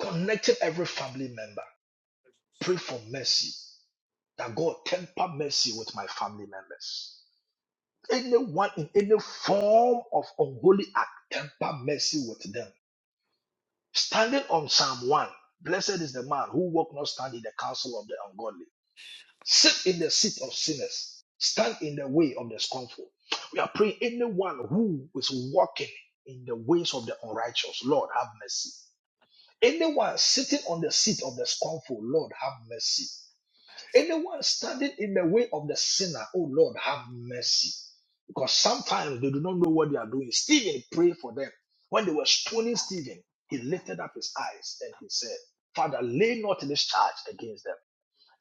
C: Connecting every family member, pray for mercy. that God temper mercy with my family members. Anyone in any form of unholy act, temper mercy with them. Standing on Psalm 1, blessed is the man who walk not stand in the counsel of the ungodly, sit in the seat of sinners, stand in the way of the scornful. We are praying anyone who is walking in the ways of the unrighteous, Lord, have mercy. Anyone sitting on the seat of the scornful, Lord, have mercy.
I: mercy.
C: Anyone standing in the way of the sinner, oh Lord, have mercy. Because sometimes they do not know what they are doing. Stephen prayed for them. When they were stoning
I: Ah,
C: Stephen, he lifted up his eyes and he said, Father, lay not this charge against them.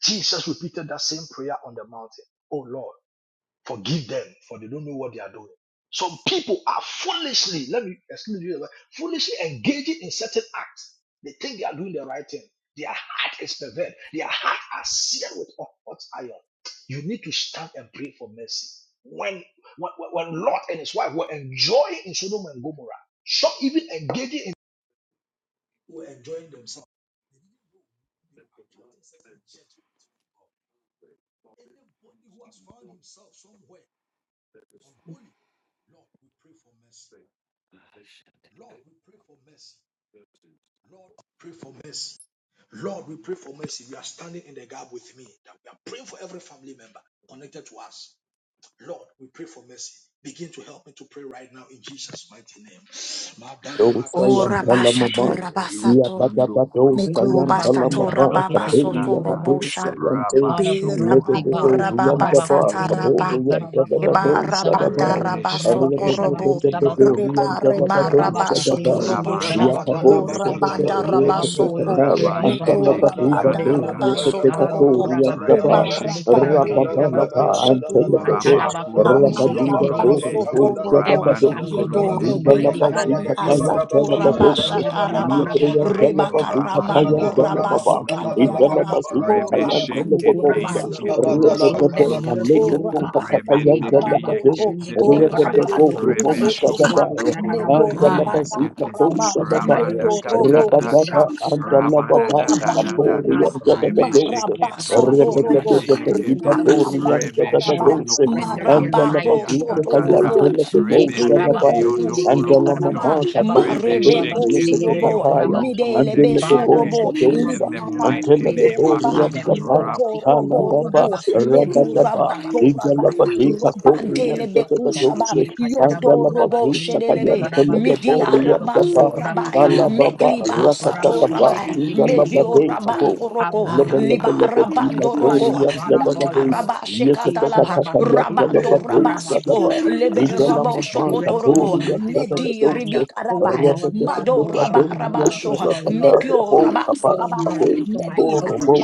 C: Jesus repeated that same prayer on the mountain. Oh Lord. Forgive them, for they don't know what they are doing. Some people are foolishly, let me excuse you, foolishly engaging in certain acts. They think they are doing the right thing. Their heart is perverted. Their heart are seared with hot hot iron. You need to stand and pray for mercy. When, when, when Lot and his wife were enjoying in Sodom and Gomorrah, some even engaging in were enjoying themselves. They didn't know they were attracting certain judgment from God. Anybody who has found himself somewhere unholy. Lord, we pray for mercy.
I: ah,
C: Lord, we pray for mercy. Lord, pray for mercy. Lord, we pray for mercy. You are standing in the gap with me that we are praying for every family member connected to us. Lord, we pray for mercy. Begin to help me to pray right now in Jesus' mighty name.
E: Oh,
F: Dosayan
E: Rabashato,
F: Talamaba,
K: Boshete
E: Rabasato.
K: ukundo
F: Yapatapato
A: God
F: Sayan
K: kurukunde
E: Mikluba tora
F: Talamaba,
E: baba
K: pinyakata
F: Kateya
E: sotoro
K: kata
F: Pato
E: bosha.
F: Sayan Tej,
A: of
K: rabasho
A: mercy,
K: kuruku
E: Birabando
A: God,
F: Lepeto
K: duro
E: rababa
A: Kurabaku
F: Riantaba,
A: in
K: kutende
A: the
F: Kabo
E: sataraba.
A: Kide
K: kete
A: Karabaku
K: tete
E: Eba
F: Riantatato
A: Rabaku
E: rabanda
F: Shadabai,
A: Sabasung in the
E: raba
K: rebeshe
A: Kurabaku
K: kende
E: sotorobo.
A: Shabaku
K: kiyondo
F: Arrepetepetepeto
A: Sabasi,
E: Reba
K: kuruku
E: reba
F: Riantatato
K: tutu
E: raba
A: Ukurabaku in the
F: Shadabai,
A: Kide
E: sotorobosha.
K: rabando
A: Karabaku
F: Yakapo
E: O
K: kurunde
A: Repusa.
F: Shadabe,
E: rabanda
A: we
K: kiyekete
E: raba
A: come, Holy
E: soto.
F: Repetekataya,
A: Spirit of God,
E: Meto
K: rabashende
F: Antalapatu
A: for
E: rabanda
A: the
K: kiyanda
F: Bate,
E: raba
K: kata
A: Almighty God, O
K: kata
F: Yepetekato
E: sotorobo.
F: Riantaba,
E: Ema
K: rebeshe kete
E: rabando
K: yekete
E: rokoko
F: Rababalaba,
K: ye
F: Antelepete,
E: seturukusha. Ama
K: rabakurukundo
F: Rabadura
E: raba
K: kurute
F: Bo,
E: sotorobo.
A: every
K: rabando
F: Shadabato
A: family
E: Yedo
K: kurunde
A: member,
E: rebe
A: Almighty God,
F: Indalabazi
E: karebi
K: kiyekete
A: before
F: kataya
A: you.
E: asato
A: We
E: raba
A: come,
K: Jesus,
F: ndalababote.
K: Jesus, we
F: Iyebreya
K: thank you,
A: Tandarabakurabaku.
F: ndalabazu
A: Show
F: kataya
E: Rebakaramanto
K: Rabashondo
F: ndalababa.
K: Kurukututu,
E: rabasikatiaraba.
F: Indalabazu
E: O
K: Rebe
F: kataya
C: Yakata
K: Shekete
E: rabandele
F: ndalababota.
I: Ah, the God of us,
F: Rebekete
E: besurukukushata.
A: them
I: shut take
A: mercy,
E: O
K: Yakiturukuturukutu,
A: O
F: alekoto
I: up.
A: God.
E: rabanda
K: Rebe
F: kataya
A: Ye
K: Neke
A: karabaku
F: ndalababo.
E: ramakoto.
A: shinde
E: O
A: kide
K: Yakete,
I: Basha
A: karabaku
I: take
F: Rebekete
E: rabanto
I: a
A: roku
F: rubo
K: Rebe
I: bus
A: sabasto
E: rokokusha.
A: kuroku
K: Shokondo
F: shadabaya.
A: shararabaku
E: Medori
K: Kuruneke
A: sabasta.
F: Andalabazi
I: Aramando
K: Yakete,
F: kato
I: for
A: O
I: a
E: bakatarama.
A: kurabade
F: shadabaya.
K: Rabanda
A: bu
I: take a
A: shinde
E: Medorobo
A: kide
I: bus
F: Rabadaba
K: Katatata,
E: kusha.
A: kurabaku sabasta.
E: O
K: Rabada
F: andalababaya.
K: da da da
E: rabande
A: Lord
K: da
E: riba.
F: Katoriya
A: God,
K: da,
A: for
I: Ando
K: Rebe
A: those
I: for
A: of
F: ndadadadose.
I: a
A: O
E: Maraba
A: kurabaku
K: Sheketurukuneke
E: sotorobo.
A: sabasta
I: Basha
F: Rebekete
I: take a
A: who
K: Yakete,
E: Riba
A: have
I: bus
F: ibatoriya
A: answered the
E: klabanta
K: Rebe
A: call
E: raba.
A: and
K: Shondo
F: ndadadadose.
A: surrendered their life
K: Kurukuneke
E: Marabako
I: Ando
A: to
F: Andalabazu
A: you,
I: for a
A: O
F: kataya
K: Yakatata,
E: sotorobo.
A: God.
I: Basha
F: ndalababo
A: Ye
I: take a
K: Rebe
I: bus
K: Neke
A: karabaku
F: shadabaya.
E: Medurubu
A: shinde
E: kusha
A: kide
F: Andala
K: Yondo
F: mama
A: karabaku
F: kato
A: shabaku
F: kabe
A: sokurabas
E: Marebeko
A: kide
F: yekete
K: Remeshekete
A: kide bu
E: sirobo,
F: kataya.
E: midelebe
F: Andele bebo
A: Father, in
K: yokorokondekeyeke.
A: the
E: surobo,
A: name of
F: shadosa.
K: In the
E: libara
A: Jesus, I
K: mighty
F: Antele
A: pray that
K: name
A: you
E: bandela
F: bebo
K: of
E: ba,
A: show
F: riam
K: Jesus.
A: them
F: gaba.
E: roko
A: mercy.
F: Kala
E: robo
A: Oh,
F: baba
E: rubo,
F: raba
E: medura
F: gaba.
E: bato
F: Igala
E: rabai,
A: korabakushilikirikorabakuzabasa.
F: badi kato
A: Soften
F: riam
A: their
E: rabandelebe
A: heart.
F: jete
E: kushaba,
F: katose. Andala
E: yodo robo
F: bazu takayan
E: shedelebe,
F: tele bebo
E: midia
F: riam gaba.
E: ramaso rabai,
F: Kala
A: Ikatarabakorabakendikilikarabakuzabakutokutokurabasabasa.
I: Ando
F: baba
I: for a
E: mekliba
A: Oh,
F: rakata
E: sato
I: Basha
F: kaba.
I: take a
E: rabai,
I: bus
F: Igala
E: medio
F: bade
A: korabakushikitikirilibukuzda.
F: kabo.
E: rabando
A: Have
E: roko,
F: Lebe
A: mercy,
F: lebe
I: Aramando
A: O
F: lebe
E: libara
A: God.
I: for a
F: di
E: bando
A: You
F: kato
A: are the
E: roko,
I: Basha
F: riam
A: God
I: take a
A: of
F: jete
A: all
F: katose.
I: bus
E: mataraba
A: mercy.
I: take a
F: Yekete
E: shekatalaba,
F: kataya tele
E: Rabando
F: bebo
E: Rabasiko,
A: Ikorabakushilikirikarabakuza.
I: for a
E: Lebe
A: We
I: Basha
A: have
E: Rabo
I: take
A: experienced your
E: Shokotorobo,
F: Igalamamakatoria
A: mercy
E: Medi
A: firsthand.
F: Zagadoce,
A: Oh
E: Ribikarabaya,
A: Lord God,
E: Mado
A: no
E: Raba
A: show
F: Rabatadoria
A: mercy
E: Rabasho,
A: to our
F: Zagabada,
A: loved ones.
E: Mekio
F: Abo Kapa,
A: Show
E: Rabasikabaya,
F: Abe
A: mercy to my
E: Mebi
F: Kapono
A: cousins.
F: Bo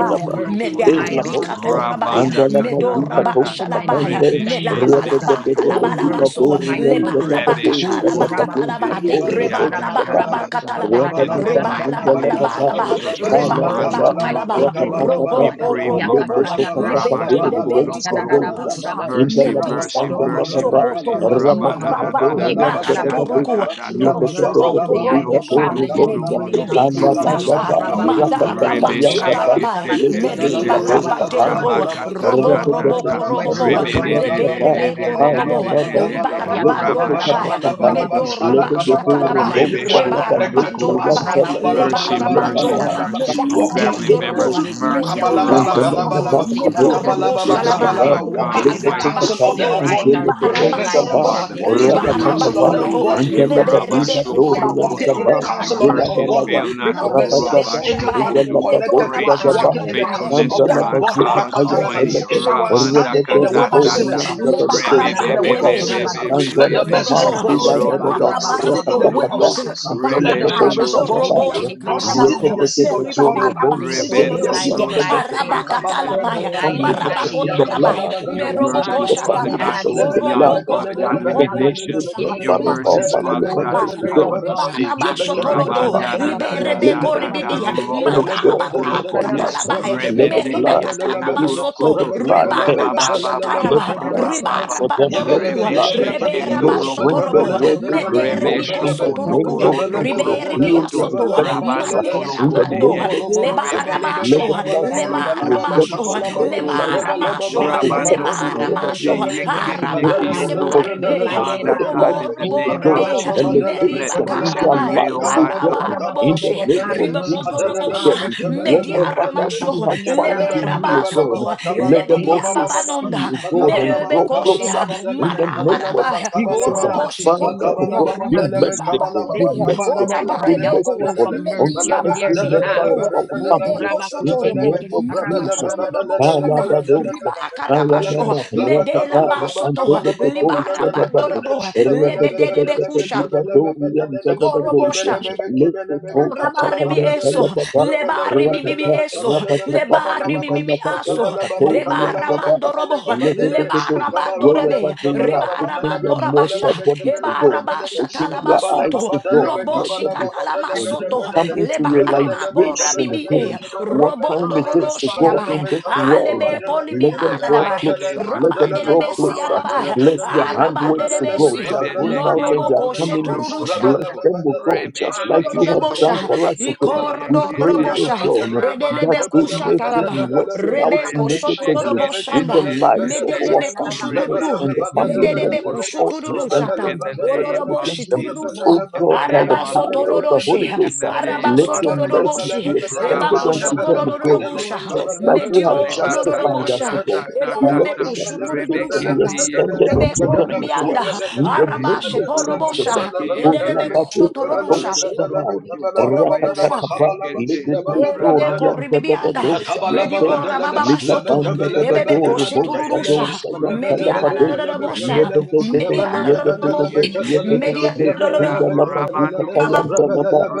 A: Show mercy to
E: Meda
F: E
K: Korokoto
A: my
F: La
A: aunts and
F: Bosa,
A: uncles.
E: Ribikatorabaya,
K: Rabanda
F: Andala
A: Show
E: Medo
F: Mazika
A: mercy
K: Katatata
A: to
F: Tosa
A: my
E: Rabashalabaya,
F: Pande,
A: nieces
K: Rebe
A: and
E: Mela
A: nephews.
K: Shende
E: Balabaka
A: Show
K: Kiyondo
A: mercy
E: labalabaso,
A: to my
K: Korokoto
F: Rabatadoria
E: Leba
A: cousins.
K: Rebe
F: Zagabo
E: labakata
A: Oh,
K: Shokoro
F: Zagabade,
A: kurabaku,
K: kote,
E: Labakatalabakatalaba,
C: Labakabala
A: kene,
F: Katono
A: kene,
F: Bo
E: Reba
K: Yanda
A: karabaku,
F: Shabada.
A: rabaku,
K: Katata
E: Labakatalaba,
K: in the
E: Reba
A: sandarabakurabaku,
K: mighty name of Jesus
E: Labalabalaba,
A: Show
E: reba laba
A: mercy
K: Ramando
A: to my
E: talaba
K: Korokoto
A: siblings, oh God.
K: we
E: roko ko
K: pray for
E: roko ko
K: mercy
A: Yakatanda
K: Rabba
E: libe de
A: rabakurabaku,
K: Shokono
E: lebeti tu du
K: Koroko
E: dusha
A: sekararabakurabakusa.
K: mercy
E: medida
K: mercy
A: Show
E: da
K: mercy
F: Indalamastandalababa,
A: mercy
K: mercy
E: sokoto
A: to us, oh
K: Rabba da
A: God.
K: da
E: maraba
K: da
F: Rabadikato,
K: da da
E: rema
K: da da
F: Yantakati,
K: da
A: Yekatarabasa.
E: suturuku
K: da da da
A: Show
E: ro
A: mercy to
E: sokoto rosokoto
A: the
K: Roko
A: Ivy
K: do do
F: Yatakato,
E: rokosha
K: do
A: family this
K: do
F: Rubota,
E: medi
K: do
A: morning,
K: do
A: God.
K: do
E: libi
K: do do do
E: alabasa
F: Kalapataba,
K: do do
C: Badalaba
E: madara
F: Rapatapa,
I: a
C: Madala
F: Yatapa,
I: bus
E: maskatarabaya
F: Lekete,
E: medi
C: Madalaba
K: Rebeshekete,
E: balaba
F: Labota,
C: kabalaba
E: delebo
F: Pande,
A: Yekarabakusindikidikurabakusabasindikidikurabakushabasa.
C: badalaba
E: robo
A: Show
C: kabalaba
E: robo
F: Rabadikato,
E: ko
A: mercy
K: Rabakatata,
A: to
C: badalaba
E: robo
A: every
E: korobobo
A: one of my
C: makabalaba
E: lebe
A: siblings
F: Yantapa,
E: rebe
A: and their
E: ko
C: bakabalaba
E: robo korobobo
A: families, God.
F: Ayababa,
E: liba
K: Rebede,
C: makabalaba
E: rabando
C: badalaba
A: Yakatanda
E: rabaya
C: kabalaba
F: Lekotokatakaba,
C: laba
E: Redo rabash
K: Rabashokunukurukutoto,
C: alakadaba
F: Ledodo,
C: laba
E: katalaba.
F: Rebosa,
C: anyone
E: Reba
A: rabakurabakusindikidibukurabakusabasa.
C: connected to
F: Dabatosa,
E: rabando
C: us
K: Rebeshokunukuruko.
E: rabaya.
F: Yantalade,
C: makabalaba
A: Yokurabakutende
E: Leba
K: Mercy,
C: laba laba
K: mercy,
E: rabando.
C: laba
F: Lekata,
C: laba
K: mercy
E: Meda
K: for
A: This
C: walking
K: family
E: rabando
C: in the
K: members.
A: morning
E: roboa.
A: we cry
K: Mercy,
A: out
E: Medio
A: to
C: kabalaba
A: you
C: laba
A: for
F: Antala
C: laba
E: rabasama.
C: laba
A: mercy, God.
E: Medo
K: Rabanokurukoto.
E: robo
C: makabalaba
A: Some of
K: Mercy, O
E: shalaba.
C: bakabalaba
A: them,
K: Lord
C: walking
K: God
E: Reba
C: in
A: Almighty
C: the
K: Almighty.
A: God,
E: kalaba
C: counsel of the
A: their
E: shoto.
A: eyes
C: ungodly
A: are
C: we
E: Liba
C: pray
A: so
C: for
K: Mercy,
E: ramando
C: mercy
K: oh
A: blinded that
E: roboa.
K: Father,
A: they
C: walking in
E: Liba
K: mercy,
C: the
A: cannot even
C: counsel
K: mercy,
C: of
E: rabando
C: the
A: see.
E: roboa.
C: ungodly we
K: mercy,
A: They
C: pray for
A: cannot
E: Lebe
A: even
C: mercy
E: rebe
A: see that
E: kurababa.
C: walking
A: they
K: Rabashokorokoto.
C: in
A: are
C: the
E: Reba
K: Your
C: counsel of the
E: rabando
K: mercies
A: Karabakusende
C: ungodly.
E: roboa.
K: fail
C: We pray
K: not,
C: for
K: O
E: Made
C: mercy.
E: lebe
A: kirekurabakutabasaha.
E: kurabaya.
C: Anyone
K: Rabashokoto.
E: Medo
C: connected to
K: Great
C: us
K: is
E: rabasha
K: your
C: walking
A: Sorry,
C: in the
E: kata.
A: dire
C: counsel
K: faithfulness,
C: of
K: O
C: the
E: Meda
A: spirits,
K: Lord
C: ungodly,
A: they
K: God
E: rabarabako
A: carry
C: Makatalaba.
A: the
K: Almighty.
A: spirit
E: robosha.
C: anyone
A: of
C: standing in
K: Rabandakatatata.
E: O
C: the
A: Ye
C: way of
A: karaba
E: Rabande,
C: sinners, um,
E: Leba
C: standing
A: kusanda
C: in the way
A: raba
C: of
E: Rabanderebe,
C: sinners, um,
I: Ante
C: let the
I: kapara
K: Rebebebebebebebebe.
A: Ye
C: message of
E: Roshokotorobo,
A: karaba
C: God
I: basha.
C: speak. uh,
A: kusanda
E: Reba
C: Standing in the
E: Rabasoto,
C: way of
K: Rodododododododo.
C: sinners, uh, let
A: Ye
K: Rebe
C: the
E: Marabarabai,
A: karaba
C: message of God speak.
A: kushende
E: Orobo
C: uh, Not sitting in
E: Shekatalamai,
C: the
F: Yekete
C: seat of
F: kete
C: the
K: Shokorokototo.
F: koro
E: Meribaba
C: scornful,
A: They
C: uh,
A: have
F: bo
A: been so
C: sitting
F: shado
K: Rebe
C: in the
F: sa
K: no
C: seat
E: Rabasotoroshi,
C: of
A: blinded
C: the
K: no.
F: yantele
A: by
F: pe
C: scornful.
A: sin,
E: Araba
F: we spoke
A: so
F: for your
E: Katalamai,
F: family
A: blinded
C: Makabadabrakatadabagada,
A: by
F: members
K: Jesus,
A: the
F: in the blood.
K: Jesus.
A: enemy.
E: Marabakotalamai,
K: Your
A: Oh
F: We spoke
E: Meroboko
A: God,
K: mercies,
A: that
F: for
A: they
K: Father
F: family
C: yakatalabagadabapadabadabalaba,
K: God,
E: Shatarabai,
A: can't
F: members
K: go
A: even
F: in the
K: beyond,
F: blood.
E: Oroko
A: see.
K: Father
A: Ye
K: God,
F: Each can
A: karaba
K: limitation.
F: every
E: Kotorokoturukusha,
C: lebelelebekadadadabadadadadabakadada.
K: Your
F: member of
A: kushikiri
F: our
E: Madebe
K: mercies,
F: family
K: Father
A: Oh
F: members
K: God, has
E: Katalamai,
F: to
A: Spirit
F: God.
K: power
A: of
K: to
C: Malebelebebadalelebarade,
E: Reba
A: God.
F: We
K: save.
F: choose
A: Ye
F: in the
K: Rabba
E: Rabasotorodo,
A: kashanda
F: blood.
K: da da
A: raba
K: da
F: We
C: yebekedebedebedebedebe,
K: da
A: kuromo
E: Liberebe
K: da
F: play
K: da da
E: Koribidia,
F: Son of
K: robo
F: God over
E: Marabaraba
F: their
C: bekebelebebekebelebebedebedebe,
K: shokorokote
F: lives.
A: Ikarabakoro
E: Katalabai,
F: And
E: Satai,
F: let the
A: kusabasu.
K: rebendeke
F: blood
E: Meribakataraba
F: forgive
C: rebedebekatelelebedebe,
F: them.
E: soto
F: Let the
K: yokondokorokoto
F: blood
K: rabba
F: purge
K: ba
F: them.
K: ba
E: meribakatarabasoto
K: ba
F: Let
K: ba
F: the
E: rebarabashataraba
K: ba
C: rebekebelebebedebedebe,
F: blood
A: Carraba
K: ba ba
F: speak
A: corro
K: ba
F: for
A: custa
F: them. Let the
E: ribarabandorokua
A: bastondino
K: rebe
F: blood,
A: corraba
C: Yebelebebelebekebelebe,
K: sheketo
F: Lord,
A: cucende che mi
F: bring them
E: reberabasotorobo
A: carraba
K: rokototo
F: where they
A: corraba che lo
K: rebe
F: belong
A: sta.
F: in
C: mekebelebebelebekebelebe,
F: the
A: O
F: name
E: mederibikosotorukua
A: se
F: of
A: che
K: shokondokorondo
A: de che
F: Jesus.
A: di
F: Heal
A: carraba
F: their
A: custa
E: riberibiasotoa
A: bastana.
F: infirmities. uh,
K: rabando
C: mekelebebelebekebelebebelele,
A: Ili
F: In the
K: korokote
A: pastonda
E: maderamando
F: name
K: ye
F: of
A: rama corraba
F: Jesus,
A: stene.
K: rebe
F: let
A: That
F: the
E: lebaramasho
A: they
F: blood
A: cannot
F: speak
A: even see.
E: lemaramasho
F: redemption.
A: But
F: Let
C: leborobolobobokabalebebekabalabalabalabakabalababa,
F: the
A: oh
F: blood
K: shokorokototo
A: God,
F: speak
A: uh,
E: lemaramasho
A: that you will
K: Rabando
A: have
F: protection. Let the
K: Kurokote
A: mercy
F: blood
E: lemaramasho
A: this
C: lebalababadalabakobolobobekelebe,
F: speak to
A: morning uh,
F: God.
A: and
K: Yekindekiondo.
A: open
E: arabasebarimea
F: Forgiveness.
A: blinded
F: Let
K: Father
F: the
A: eyes.
F: blood
K: God,
E: robo
C: madeleleleberedelelelebekebelebe,
K: in the
F: speak
A: Oh,
F: to
E: robo
K: name of
F: God
E: ribea
K: Jesus,
A: Kurabakushendekiri,
K: let
F: elevation in
K: mercy
F: their
E: meribakaramaya
K: prevail, O
F: lives, oh
K: Lord
A: Karabakurabashendekiri,
F: God, in the
A: Karabasi.
E: arabaroboshe
F: name
A: Have
F: of
C: makabalababadalebekebelebelebekabalababakabalababadalele,
A: mercy,
F: Jesus,
A: oh
F: oh
E: Ribokotorobosha,
F: God.
A: God, this morning. uh,
F: Whatever that
C: madelelelebekebelebebelebe,
F: we
E: Mediaramasho,
F: have found in you, oh
A: Ikashandarabakurabasan.
F: God,
E: Leberabasoko,
A: They are
F: let them
A: sitting
F: also
A: in
C: mekebelebebekebelebekabalabakabalababa,
F: see,
E: Lebediababanonda,
F: oh God,
A: of
F: and
C: Makabala
A: the
C: Baba
F: grow
C: kabala,
F: closer
E: Merebekoshia,
A: and
C: Baba
A: those
F: in
A: of
C: Deleme
F: the
A: their
F: name
C: kabala,
A: lives.
F: of
C: Baba
E: Marabarabaya,
A: Oh,
C: Kabala,
F: Jesus.
E: Oroboshi
F: Father,
A: Kurabakushin,
F: oh
A: Kiri
C: Makabalaba
E: Toroboa,
F: God,
C: Kabalaba
F: be
C: Delebe
A: Karabakusa.
E: Mediba
F: merciful, be
A: This
C: Kabalaba
E: Badebe,
A: morning
C: Kabalaba
A: I
F: merciful, be
A: cry
C: Makabalaba
A: out to
E: Orabarebeko,
A: you
F: merciful
A: for
C: Delebe
A: mercy
F: unto
E: Mediba
A: on
C: Kabalaba Kabalaba Kabalaba Delele Belebe
A: their
F: every member
A: behalf.
F: of
E: Basotorobo,
C: Delebe
F: our
A: Oh,
C: Delebe
F: family
E: Yebeko
F: in the
C: Ketelebe
A: Kurabakushin,
E: Sotorobo,
F: name
A: Kiri
F: of
C: Rebelebe
F: Jesus.
A: Karabakurabasa.
C: Delebe
A: Oh,
E: Medianoloboshana,
F: Father, those
C: Delebe
F: I
C: Ketelebe
A: Christ,
F: am
E: Ribakarabasho,
F: a
C: Laba
E: Medela
F: rakataya
C: Kabalaba
A: Lord,
F: and take
E: Basoto,
C: Kabalaba
A: Lord,
C: Delele
A: I'm
F: the
A: so sorry.
E: Libarabandorobo,
F: Wherever
C: Lebele
F: they
C: Baba
F: are,
A: I'm asking
C: Deleme
A: you
F: fixing
E: Lebedebekusha.
A: to
C: Kebele
A: give a
C: Baba
A: full of
C: Delele
A: change. in the world.
C: Kebele
E: Korobosha
C: Baba Kebele Baba
A: Right
E: Oh,
A: now,
C: Ketele
E: Rabari
C: Baba
E: mi eso,
C: Delele Rebele
E: lebari
C: Baba
E: mi mi
A: God,
E: mi
C: Deleme
E: eso,
C: Kabala Baba Kabala
E: lebari mi
C: Baba
E: mi mi aso, rebara mando robo, lebara mando rebe, ribara
F: their
E: mando rabasha,
F: mortal body to
E: ebara
F: God,
E: basha
F: opening
A: Thank
F: their
A: you
F: eyes
E: talabasuto,
F: to God, let
E: loboshi
F: them be
A: let
F: God,
A: you,
E: katalamasoto,
F: come
A: heavens
F: into
A: of
E: lebari
A: God,
E: makora
A: and
F: realization
A: so
F: of
A: we
E: bibi
F: God.
E: e,
A: pray, oh
F: What time
E: robondo
F: it
A: God,
F: is to
A: from
E: roroshi
F: God
A: the
E: abai,
A: earth
F: in this
A: to this
F: world.
A: morning.
E: alebe polibi
A: We
F: Let
K: In the
F: them
A: come
E: ala
F: draw
A: about
E: dabai,
A: to
K: mighty
A: see
F: closer.
K: name of
F: Let them
E: rabande
K: Jesus,
F: draw
A: to
E: lebesi
A: have us,
F: closer.
E: arabai,
A: uh,
K: Rabato
F: Bless
A: the
F: their
A: earth,
K: Shukurokoto,
E: arabande
A: uh,
F: handworks to
A: we
F: God.
E: lebesi,
A: will
F: They are
A: stand up
F: going
A: and
F: out
K: Rebeneki
A: about
F: and
E: morobo
A: to
F: they are
K: Okundo
E: koshe
F: coming in.
A: the
F: Bless
E: tururusha,
A: son
K: Korokoto,
F: them,
A: of Nabaka, the most perfect.
F: O
A: Oh,
F: God,
K: Rebe
F: just
A: God,
F: like you have
K: Shekito
F: done
E: Ikorodorobosha,
F: for us, O God.
K: Korokote
A: We take
F: We
A: you, we
F: pray,
A: come
K: Yekete,
F: O
A: about
E: ikorodorobosha,
A: to
F: God,
A: stand
C: Rabba
F: that
K: Rabano
C: Kabala
A: us,
E: edelebekusha
K: Korono
F: anything
E: taraba,
A: we can
K: Koto,
F: working
A: stand up and
F: out
E: rebeko
K: Rebe
F: negatively
K: Shekete
F: in the
E: sotoroboshanda,
A: we
F: lives of
K: Tete,
A: will
F: our
A: stand up and
F: families
E: medelebekushuturu,
F: and the
E: yedelebekushuturu-shata, tududu
K: Rebeneki
F: family
K: Okundo
E: yedelebe
F: members,
E: kushu
A: we
K: Korokoto,
F: altars
E: tududu
F: and
E: shata,
K: in
F: things
K: the name
F: working
K: of
E: ororoboshi
F: against them.
A: is
E: tududu
K: Jesus,
E: sha,
F: O
K: in
A: nothing
K: the
F: God, by the
K: name
A: higher
E: araba
A: than
K: of
A: we
E: soto
F: power of
K: Jesus,
F: the
E: doroshi,
F: Holy
K: in
F: Ghost,
K: the
F: uh,
A: So,
K: name
E: araba
F: let
K: of
A: Lord
F: your
A: God,
K: Jesus,
F: mercies
E: ororoboshitururusha, arabasotororoshe, arabasotororoboshe,
F: be
A: we
F: extended
A: for our
F: unto
K: Rabando
F: them, O God,
A: pour
E: ebakoshotorororobosha,
A: out
K: Korokoto,
F: just
A: your
F: like you
A: mercy
F: have
A: upon
K: Reba
A: us
K: ta
A: this
F: justified
K: ta
F: us, O
K: ta
E: mediorororobosha,
A: morning.
F: God.
K: ta ta
A: Pour
F: And
K: ta
F: let
A: out
F: the
K: ta.
A: your mercy
K: Rebe
F: justification
A: upon our
F: be
K: kende
E: shanda.
A: loved
K: ye
A: ones
F: extended
K: kono
A: this
F: unto
K: kono
E: Rebeko
A: morning.
F: them as
K: kuto.
F: well.
E: Rebianda,
A: We
F: In the
K: Rebe
F: name
E: Arabashe
F: of
A: are
K: sokoro
F: Jesus.
K: kunde
E: Torobosha,
K: ke ye
F: O
K: kete.
E: Edelebeko
F: Rabbi, Kato
E: Shotorusha,
K: Ramando kono
F: Shadabai,
K: kuto.
E: Korobobusha.
K: Rebesokorokuneke
F: Rakatakabai,
A: we
K: yekete. Rabandokorokoto. Rebeshekete.
A: cry
F: Little
A: out, we cry
E: Erebeko
F: Dorian
A: out, we cry
K: Rabandokoroko.
E: ribibianda,
A: out,
F: Dadadosa,
A: we cry
K: Mighty
E: medio
F: Yante,
A: out.
K: God.
C: Akabalababadalala,
E: rababa
A: We cry
E: shoto,
F: Likapanda
A: out, we
K: Mighty
A: cry
E: ebebeko
F: Dadadoru,
A: out,
K: God,
F: Bosa
A: we
E: shetururusha,
C: labatabalabababalabakatalala,
F: Dosa,
A: cry out.
E: media
K: Remeshokuroduko,
E: la
A: We
E: la
F: Yantalabade,
E: la
A: cry
E: la
A: out, we
E: bosha,
A: cry out,
F: Yedede,
A: we cry
E: media
K: Rebendokurukoto,
E: la
A: out,
E: la la
A: we
K: we
E: la
F: Yedede,
A: cry out.
K: intercede on
E: media
F: Yedede,
K: their
E: la
A: We
E: la
A: cry
K: behalf,
E: la
A: out, we cry out, we cry
F: Zindalabaduka,
A: out,
E: baba
A: we
K: Rabandokuruko,
F: Tayantalaba,
A: cry out.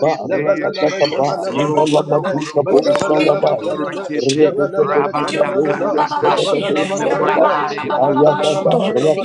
A: It's my mercy, God.
F: Rakatakaba,
A: It's my love. It's my love.
E: bosha,
F: Indalabaduka,
A: we cry out.
F: Boshadabai,
K: rakete.
F: Yakata
A: Mercy God, mercy
K: Rabanda
E: Joka
K: katata.
E: Bababashi,
K: in the mighty
E: Erama,
K: name of
E: Babababa
K: Jesus.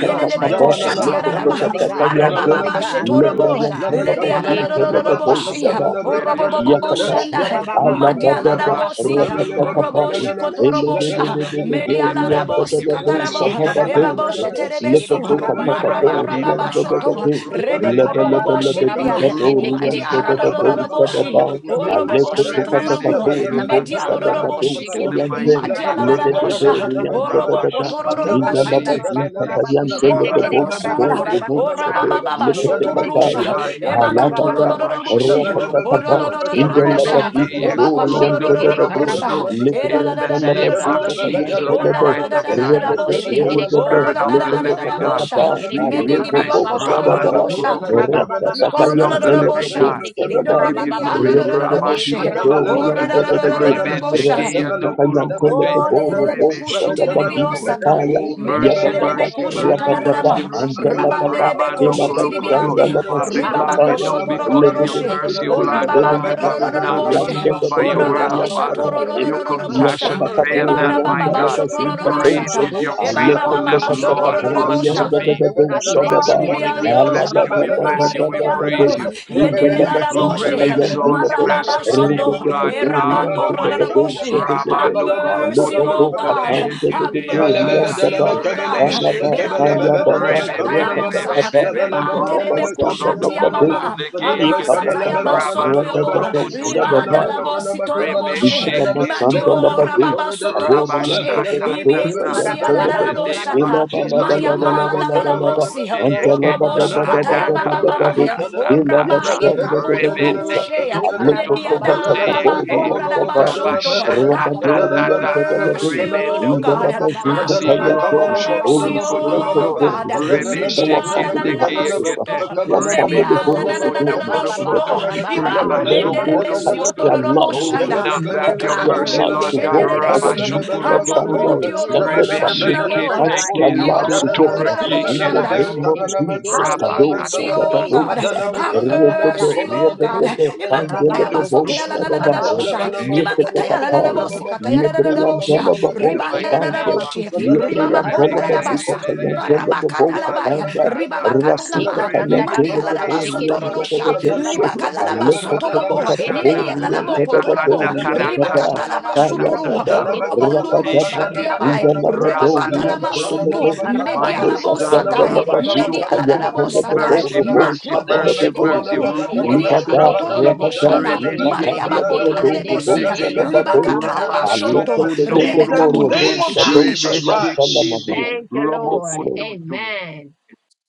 K: In the
A: God,
K: mighty
A: mercy
K: name
E: koshati
K: of
A: God,
K: Jesus,
E: Shatiarama,
A: mercy
E: arabababashi
A: God,
K: Rebeshukurukoto,
A: mercy
E: torobo,
C: Kabala
A: God. Ye karababa,
K: Rebendekuruko,
E: Lebiaraboshi,
A: robo kuraba,
E: Orobobobo Shanda,
K: Rebeshukurukoto,
A: rukurababa,
E: Madiala
A: rukuraba
E: Mosi,
A: kurabasa.
E: Oroboshi
K: Rabashukundukurukoto,
E: Kotorobosha,
K: Jesus, we give you
E: mediala
K: thanks. We
E: Rabosi
K: give you thanks. We
A: She
E: Katarabo,
K: give you
A: karaba
K: thanks.
E: Ebabo
A: kuraba kuchekere
K: We
E: Sheterebesu,
A: karaba
K: glorify
A: kuraba
K: your name,
E: Marabarababa
A: kusabasa.
K: Rabano
E: Shoto,
A: Ye
K: Kurokunde
E: Rebeko
A: katanda
E: Robobo
A: raba
K: Kete,
A: kuraba
E: Shiribia,
A: kushende
K: Robo
A: kere
E: Madiala
K: Kokuto
A: karaba kurabasa.
E: Dodoroboshi,
A: Ye
K: Kurokutorukute,
F: Aleko
A: kashanda
E: Oroboboshi
A: raba
K: Rebende
E: Turubu,
A: kuroku
F: tupatapatoru
A: sabasto
F: bosa
E: Mediala
F: da
K: Keyakatata,
A: kuraba
F: badosa
K: in
E: Doroboshitu,
K: the
A: kushekete kere
F: yante.
K: mighty
A: karaba
E: Madiala
K: name of
F: Lede
A: kusa.
F: de
K: Jesus,
E: Darabosha,
F: doru yanda da
E: Orobo
F: da da. Inda
K: Rabashukurukute
F: la
A: Ikatanda
E: Kotoroboshiti,
C: Makabelebebelebele,
F: bazin
A: rabako
K: Yekete,
A: rabako
F: tapayante
A: shende
F: lebe
A: kere
K: Rabano
F: boka
A: karabako
E: Ikororoboshanda,
F: boru
K: Kurode,
A: rabako
F: bosa
A: sa.
K: Father
F: de.
C: Rebekebelebebelebekebelebelebe,
E: orabababa,
K: God,
F: Lekete
A: O
K: we
E: shotororosha,
A: shekere
F: kataya.
K: glorify
A: kere
K: your name,
A: karababa
F: Alaba da.
A: baba.
C: Medelebekebelebebelebekebelebe, Lebelebebelebekebelebelebe,
E: ebakatorororoboshe,
F: Rakata kaba.
K: Rabashukurukuto,
F: Inda la
A: Shekadada
E: ororororobosha,
F: badi
A: rabako
K: Rebeke
A: rabako
F: badoru
A: shende
K: Korondo
F: yanda da
A: kere
F: da de.
A: karabako
E: ebakatorororobosha,
K: Kurokuto,
C: Melebebelebekebelebelebe,
A: rabako sa.
F: Libre
K: in the
F: yanda la
K: name
A: Eka
K: of
F: bazuta
A: shende
E: erarararararaboshe,
A: kere
F: payante
K: Jesus
F: lebe.
A: karabako
K: Christ of
C: Mekebelebebelebekebelebe,
A: rabako
K: Nazareth.
F: Rede
A: saba
F: de
A: sende
E: orarararararaboshe,
F: rede
K: O
A: kere
F: de de.
K: Spirit of
A: karabasa.
K: the
F: Lekete
K: Living
A: O
K: God,
E: orarararararabosha,
F: katakaba.
A: shekere
K: we
A: kere
K: give you
F: Alebo
K: thanks.
A: karababa ba.
F: bosa da
K: Rabando
F: ba.
A: O
E: medidibiokotorororobosha.
A: karababa
K: Kurokoto,
A: baba.
F: Rakata
A: baba.
K: Spirit of
A: O
K: the
F: kayante
A: karabo
F: lebe
K: Living
E: Ikororororobosha,
K: God,
A: shende
F: bosa
A: kere
F: da ba.
K: we give you
A: karababa ba.
K: glory.
A: Ye
K: Rabasho
E: edoribiandorororoboshe,
A: karabasende
K: Kurokoto,
A: kere karabako shende
E: orarararararabosha,
A: kere
K: Remeneke
A: karabako sa.
K: Yanukurokote,
E: Oh,
A: Jesus,
E: lelelebe
K: Remesho
E: kushiti
A: Jesus,
K: Kuroko.
E: dibiosata.
A: Jesus, they
K: Oh,
A: can take
K: mercy,
E: Medelebe
F: Yabadaba
A: Arabado,
K: mercy, mercy,
E: kushata
A: Rabado,
F: Rabadaba
K: mercy,
E: rama.
K: mercy.
A: Rabado,
F: Antalababa
A: Robo,
E: Rabandelebe
A: take it
K: Rabando
A: in the
E: koshiti
K: Kurokoto.
A: Kiribusha.
E: dibiande.
K: Father
A: Have
K: God,
E: Ribaba
K: we
F: Elabashandalabasukataya
K: know
A: mercy,
E: koshoto
A: mercy,
K: because of your
E: rororoshe.
A: mercy,
K: mercy, O
E: O
A: mercy,
K: Lord
E: rababa
K: God,
A: mercy,
K: that we're
A: mercy,
K: not
E: nororororoboshe.
A: mercy.
K: consumed by
E: O
K: your wrath,
A: Mercy,
E: rarabosha
K: Father.
A: mercy,
K: Your
A: mercy, mercy,
E: tororororobosha.
K: compassion fail
A: mercy,
E: Eba
K: not, my
E: rababa
K: God.
E: basho
A: mercy, God.
K: Great
E: torororoshata.
K: is
A: Oh,
K: your
E: Eba rababa
K: faithfulness,
A: Kurabakuchinde
E: basho
K: Lord, unto
A: Kedebosa.
E: torororobosha.
K: me.
A: Do not
K: So
A: let
K: this
A: the
K: morning we
A: enemy
E: Ikaribiando,
K: bless you, we bless you,
A: Kurabakuchinde
K: we
A: Kedebosa
F: Alabada
K: praise
E: lebaribiando,
K: you.
A: consume
K: We
A: them.
K: give
E: yedela
K: you
E: la
K: glory,
E: boshe,
K: we
A: Mercy,
K: exalt your
A: mercy,
E: marababa
K: master's
A: mercy,
K: name,
E: soto,
K: O
A: mercy,
K: Lord God
A: mercy.
E: erabando
K: Almighty.
A: Lord God,
E: raraboshe.
A: it's not your
E: Have
K: Rabando
A: desire that
E: mercy, O
K: kurukuturu
A: everyone
C: Yakatana
E: God.
K: kuteye
A: forces
E: Have
A: is
K: kete
C: Yabala
A: lost.
K: yakata.
E: mercy, O
A: Oh, have
E: God.
K: Rebe
A: mercy on
K: shekete.
A: them,
E: Blato toko
K: Rebe
A: God.
K: bebe
E: shataya
A: Have
E: mosa,
K: bebe
A: mercy
K: bebe.
A: and
E: ebante
A: snatch
E: debe
A: them from
K: Rokotodo
A: the
E: kushatia
A: jaws.
E: mama,
K: dokodokudeke
A: Oh,
E: ama
A: Kuraba,
K: yekete.
E: Sataya
A: Kutrinde,
E: Basoto
K: Rabando
A: Kiribiri,
E: sotoyobo,
A: Karaba, hell and the
F: Thank
E: libada
A: grave.
K: kurukututututu.
E: labo
A: Oh,
K: Rebe
A: Kuraba,
E: sitoroboshe,
A: Kutrinde, Kiri,
E: madio
A: Karaba,
K: sheketurukote.
F: Ikalabasandalabade,
E: rababa sotoyokoshe, ibe
F: Aboriantadadadosa,
A: Kiri,
K: Rabashakatata.
E: kusia
A: Karaba,
E: la
K: In
E: la
A: Baba,
E: la
K: the
F: Yantalabe,
K: name
A: Kuraba,
K: of
E: boshata,
A: Kutrinde,
K: Jesus,
A: Kiri,
E: mayama
A: Karaba,
E: la la
A: Kiri.
E: la
F: Ilabalabalabalabalabalaba,
E: bosi,
K: Robodokorokoteyeke,
A: Shaba,
E: oroboshi
A: Baba, Baba,
E: kataya
A: Baba,
E: mama mama,
A: Kuraba,
F: Antalabadabadabadabadabade,
A: Kutrinde, Kiri,
K: Ladakatatatata,
A: Kuru,
E: orabaye
A: Kutraba.
E: kabudu
F: Ilabashandadadadosa,
E: rubushe,
A: Ye karaba baba
E: lebiada
A: kuraba kusaba
K: Rebendekeyokotolokoteyeke,
E: ramatora
A: seke
F: Alekotokatakaboriyantaba,
A: tikiri
E: rabashonto,
A: kuraba
E: have
A: kusaba se.
K: Rabashakatatata,
E: mercy
A: Ye
E: mercy,
F: Rabadoriyantadadade,
A: kiri de
E: oh
A: de
K: Rebendoko.
E: God.
A: karaba
E: Have
A: baba
K: Mercy,
A: baba baba
F: Indalabazikatayante.
A: baba baba
E: mercy,
F: Holy
A: baba baba
F: Spirit
A: baba
F: of
E: oh
K: Raboshokorokotodon,
F: God
E: God.
A: kuru
F: is
A: so
F: visit
A: kuru
F: our
E: Mediala
A: kuru
E: la la
F: family
E: la
A: kuru kuru
F: houses,
K: Rebeshekedekeyekete,
E: masuto.
F: our
A: kusike.
F: family
E: Mediala na
A: Ye
F: homes,
E: na
F: O
E: na na
A: ya
E: na
F: God,
E: no
A: baba
F: and
A: ba
F: the
E: suto.
K: Rebekorokonokorokoto,
A: araba
F: people
A: baba
E: Ibako
F: in their
A: araba
F: Lord
E: nendelebesi
A: kuchili
F: touch
K: Rabashokodokoto,
F: their
A: kiri
E: otorobo
A: buta.
F: lives, O
K: Hold
E: shanda.
F: God.
K: not back
F: Touch
K: your
A: Mercy,
F: their
E: Mikato
K: mercy,
E: robo
F: lives,
A: mercy,
K: Lord
F: O
K: God.
A: mercy,
F: God. Our
K: Rabba
E: shendelebesi.
A: mercy,
F: nuclear
K: shukuru
A: mercy,
F: family, our
K: nukutu.
A: mercy,
E: Amokoti orobo
F: extended
A: mercy.
K: Rebe
E: shanda
F: family.
A: Yes,
K: shiki
E: rabo.
F: Touch
A: God,
F: their
K: teki
A: yes,
K: ruku
F: lives,
A: God,
F: O
A: yes,
F: God.
K: tora
A: God,
E: Yokorororobo
A: yes,
F: In
K: kiki
F: the
E: shanda.
A: God. Ye
F: name of
A: de de
K: ruku.
A: de de,
F: Jesus.
E: Have
K: Rabba
A: ye de
K: kata
F: Kadosh,
E: mercy,
A: de
K: ta
A: de
K: ta
E: oh
A: de.
E: God.
F: Adabadosh.
K: ta
A: Rudo
K: ta
E: Have
K: ta.
A: buta kadaba.
F: Rebebe,
E: mercy,
K: Rebe
E: oh God.
K: neki
F: Rebebe,
K: yokuru
E: Imakataya
F: Kandelebe,
K: kundu
A: Rabando ku
K: kuru
E: basotaya la
F: Bosha,
E: la
K: kutu.
E: la la la
F: Adabai.
E: bosha.
A: karabasu
K: Rebe
E: Imakataya
K: shukuru
A: tekende
E: la la la
F: Yeketekataya.
K: kuru
A: kurabaku.
E: mosikataya la la la la bosha.
A: Yeke
F: Yebriyandelebe,
K: the
A: sende
F: Bosha,
K: mighty
A: kere
E: Ribanda la la
C: Madana
K: name
F: Pande.
K: of
A: karabaku
E: boshi.
A: sende
K: Jesus.
A: kere
E: Rimama kota la
A: karabaku
F: Yebriyandelebe,
E: la
K: Rebegerere,
A: rabaku.
E: basa.
F: Zikachayandelebe,
E: Barabakata la
F: Bosha,
E: baya.
F: Pande.
K: rabakasatata,
E: Ribabakata la
F: Rasuta
A: Sheka
E: ma.
A: tanda
F: kayante
A: baku
F: de
E: Madia la
F: de
A: roku
E: la
K: rebekete,
E: baso
A: sheke
F: borian
E: toro
F: de
A: tende
F: de
E: dosha.
F: de
A: kere
F: doshe.
K: kunukurukutu,
A: kurabaku
E: Libaka la la
A: sondoro
F: Ale
E: baso toro
A: kurabaku
E: bo.
A: shedede
K: rakatatata,
F: borian de
A: kurabaku
E: Lalaboko
F: de
A: sa.
E: tolobo,
A: Eka
E: ribakatala
A: shanda rabaku
F: Kaya
E: masuturu,
A: roku
K: lebakandakarakatarakatatata,
F: baba.
A: sheke de
F: Raka
A: karabaku
E: robondururu
F: de ba.
A: rabaku saba
K: rokoteyekete,
E: shatiabai,
F: Inga la
A: seke
F: ba
A: tekere ku.
E: rebakatala
F: dorian de de de
K: rabanukuruku.
E: masuntu,
A: Ye
F: de.
A: karabaku
E: mediala
F: Ale
K: Mighty
A: roku
K: God,
A: shende
E: bosataya,
A: kere
K: Rabba
A: karabaku
E: mediala
K: Shokoto,
A: saraba
E: dadabosataya,
K: mercy,
F: boro
A: karabashe.
K: mercy,
F: bosha de
E: makroko
F: de
A: Jesus.
K: mercy,
F: de
K: mercy,
F: doshe.
E: shituruku,
K: Robo
F: Libada,
E: miriabako
K: Nukurokote,
E: torobo
F: rabada,
E: shanda,
K: Rebe
F: libakanda de
E: mariabako
F: de boro
E: taladebesia,
F: bosha de
K: Shekindurokondegeya,
F: ba de.
E: libakatala
F: Ale
C: Rabba
E: masunto,
C: in the
K: Rabashokonokonokoto,
C: name
E: rebekaturuku
C: of
F: bosha
E: shai.
F: dosa
C: Jesus
F: yanta
C: Christ.
K: Remeshekene,
A: Thank you,
F: Yes,
A: Lord.
F: Lord.
K: Romokototo.
A: Amen.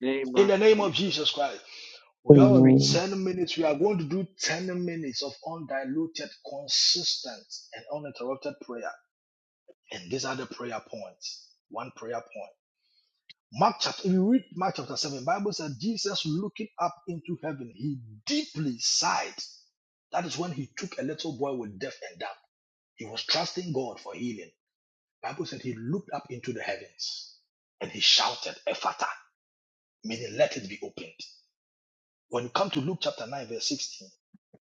K: Name
C: In the
K: of
C: name of
K: Jesus.
C: Jesus Christ. We have
A: Glory.
F: Amen.
C: 10 minutes. We are going to do 10 minutes of undiluted, consistent, and uninterrupted prayer. And these are the prayer points. One prayer point. Mark chapter, if you read Mark chapter 7, Bible said Jesus looking up into heaven, he deeply sighed. That is when he took a little boy with deaf and dumb. He was trusting God for healing. Bible said he looked up into the heavens and he shouted, Ephata May the letters be opened. When you come to Luke chapter 9, verse 16,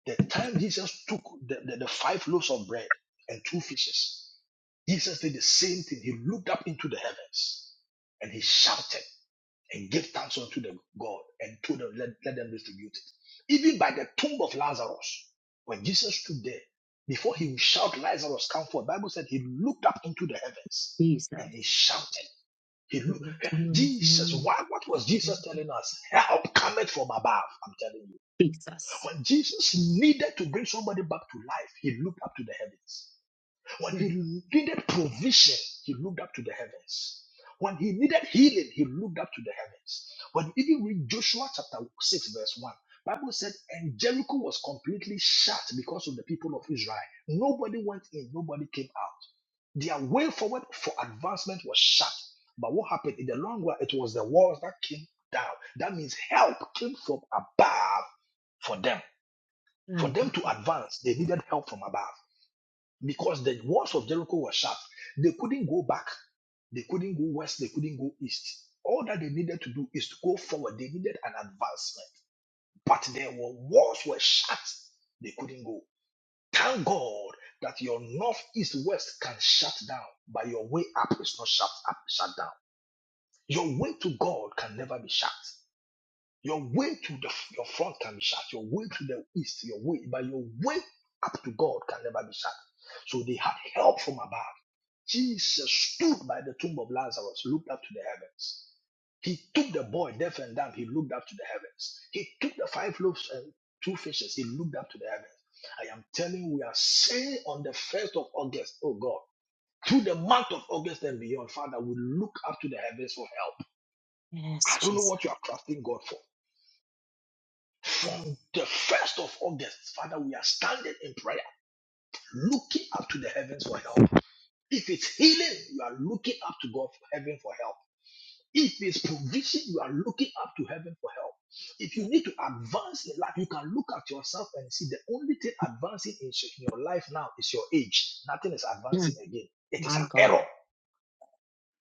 C: the time Jesus took the, the, the five loaves of bread and two fishes, Jesus did the same thing. He looked up into the heavens and he shouted and gave thanks unto the God and told them, let, let them distribute it. Even by the tomb of Lazarus, when Jesus stood there, before he would shout, Lazarus, come forth, the Bible said he looked up into the heavens and
A: Jesus.
C: he shouted. He,
A: We look to you this
C: Jesus,
A: morning.
C: why, what was
A: Lord.
C: Jesus telling us? Help cometh from above, I'm telling you.
A: Jesus.
C: When Jesus needed to bring somebody back to life, he looked up to the heavens. When he
A: Mm,
C: needed provision, he looked up to the heavens. When he needed healing, he looked up to the heavens. When you even read Joshua chapter 6, verse 1, Bible said, and Jericho was completely shut because of the people of Israel. Nobody went in, nobody came out. Their way forward for advancement was shut. But what happened in the long run? It was the walls that came down. That means help came from above for them. For
A: My
C: them
A: God.
C: to advance, they needed help from above because the walls of Jericho were shut. They couldn't go back. They couldn't go west. They couldn't go east. All that they needed to do is to go forward. They needed an advancement. But their walls were shut. They couldn't go. Thank God that your north, east, west can shut down, but your way up is not shut up, shut down. Your way to God can never be shut. Your way to the, your front can be shut. Your way to the east, your way, but your way up to God can never be shut. So they had help from above. Jesus stood by the tomb of Lazarus, looked up to the heavens. He took the boy deaf and dumb, he looked up to the heavens. He took the five loaves and two fishes, he looked up to the heavens. I am telling you, we are saying on the 1st of August, oh God, through the month of August and beyond, Father, we look up to the heavens for help.
A: Yes,
C: I don't know
A: Jesus.
C: what you are trusting God for. From the 1st of August, Father, we are standing in prayer, looking up to the heavens for help. If it's healing, you are looking up to God for heaven for help. If it's provision, you are looking up to heaven for help. If you
A: Yeah.
C: need to advance in life, you can look at yourself and see the only thing advancing in in your life now is your age. Nothing is advancing
A: Mm,
C: again. It is
A: My
C: an
A: God.
C: error.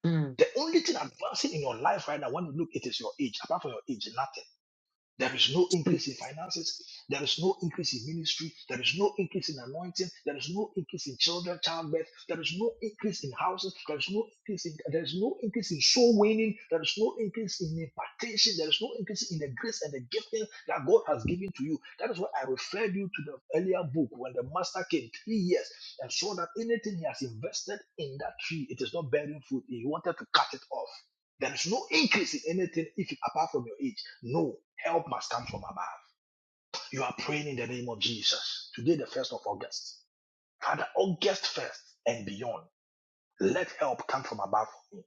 A: Mm.
C: The only thing advancing in your life right now, when you look, it is your age. Apart from your age, nothing. There is no
A: mm.
C: increase in finances. There is no increase in ministry. There is no increase in anointing. There is no increase in children, childbirth. There is no increase in houses. There is no increase in there is no increase in soul winning. There is no increase in impartation. There is no increase in the grace and the gifting that God has given to you. That is why I referred you to the earlier book when the master came three years and saw that anything he has invested in that tree, it is not bearing fruit. He wanted to cut it off. There is no increase in anything if apart from your age. No, help must come from above. You are praying in the name of Jesus. Today, the 1st of August. Father, August 1st and beyond, let help come from above for me.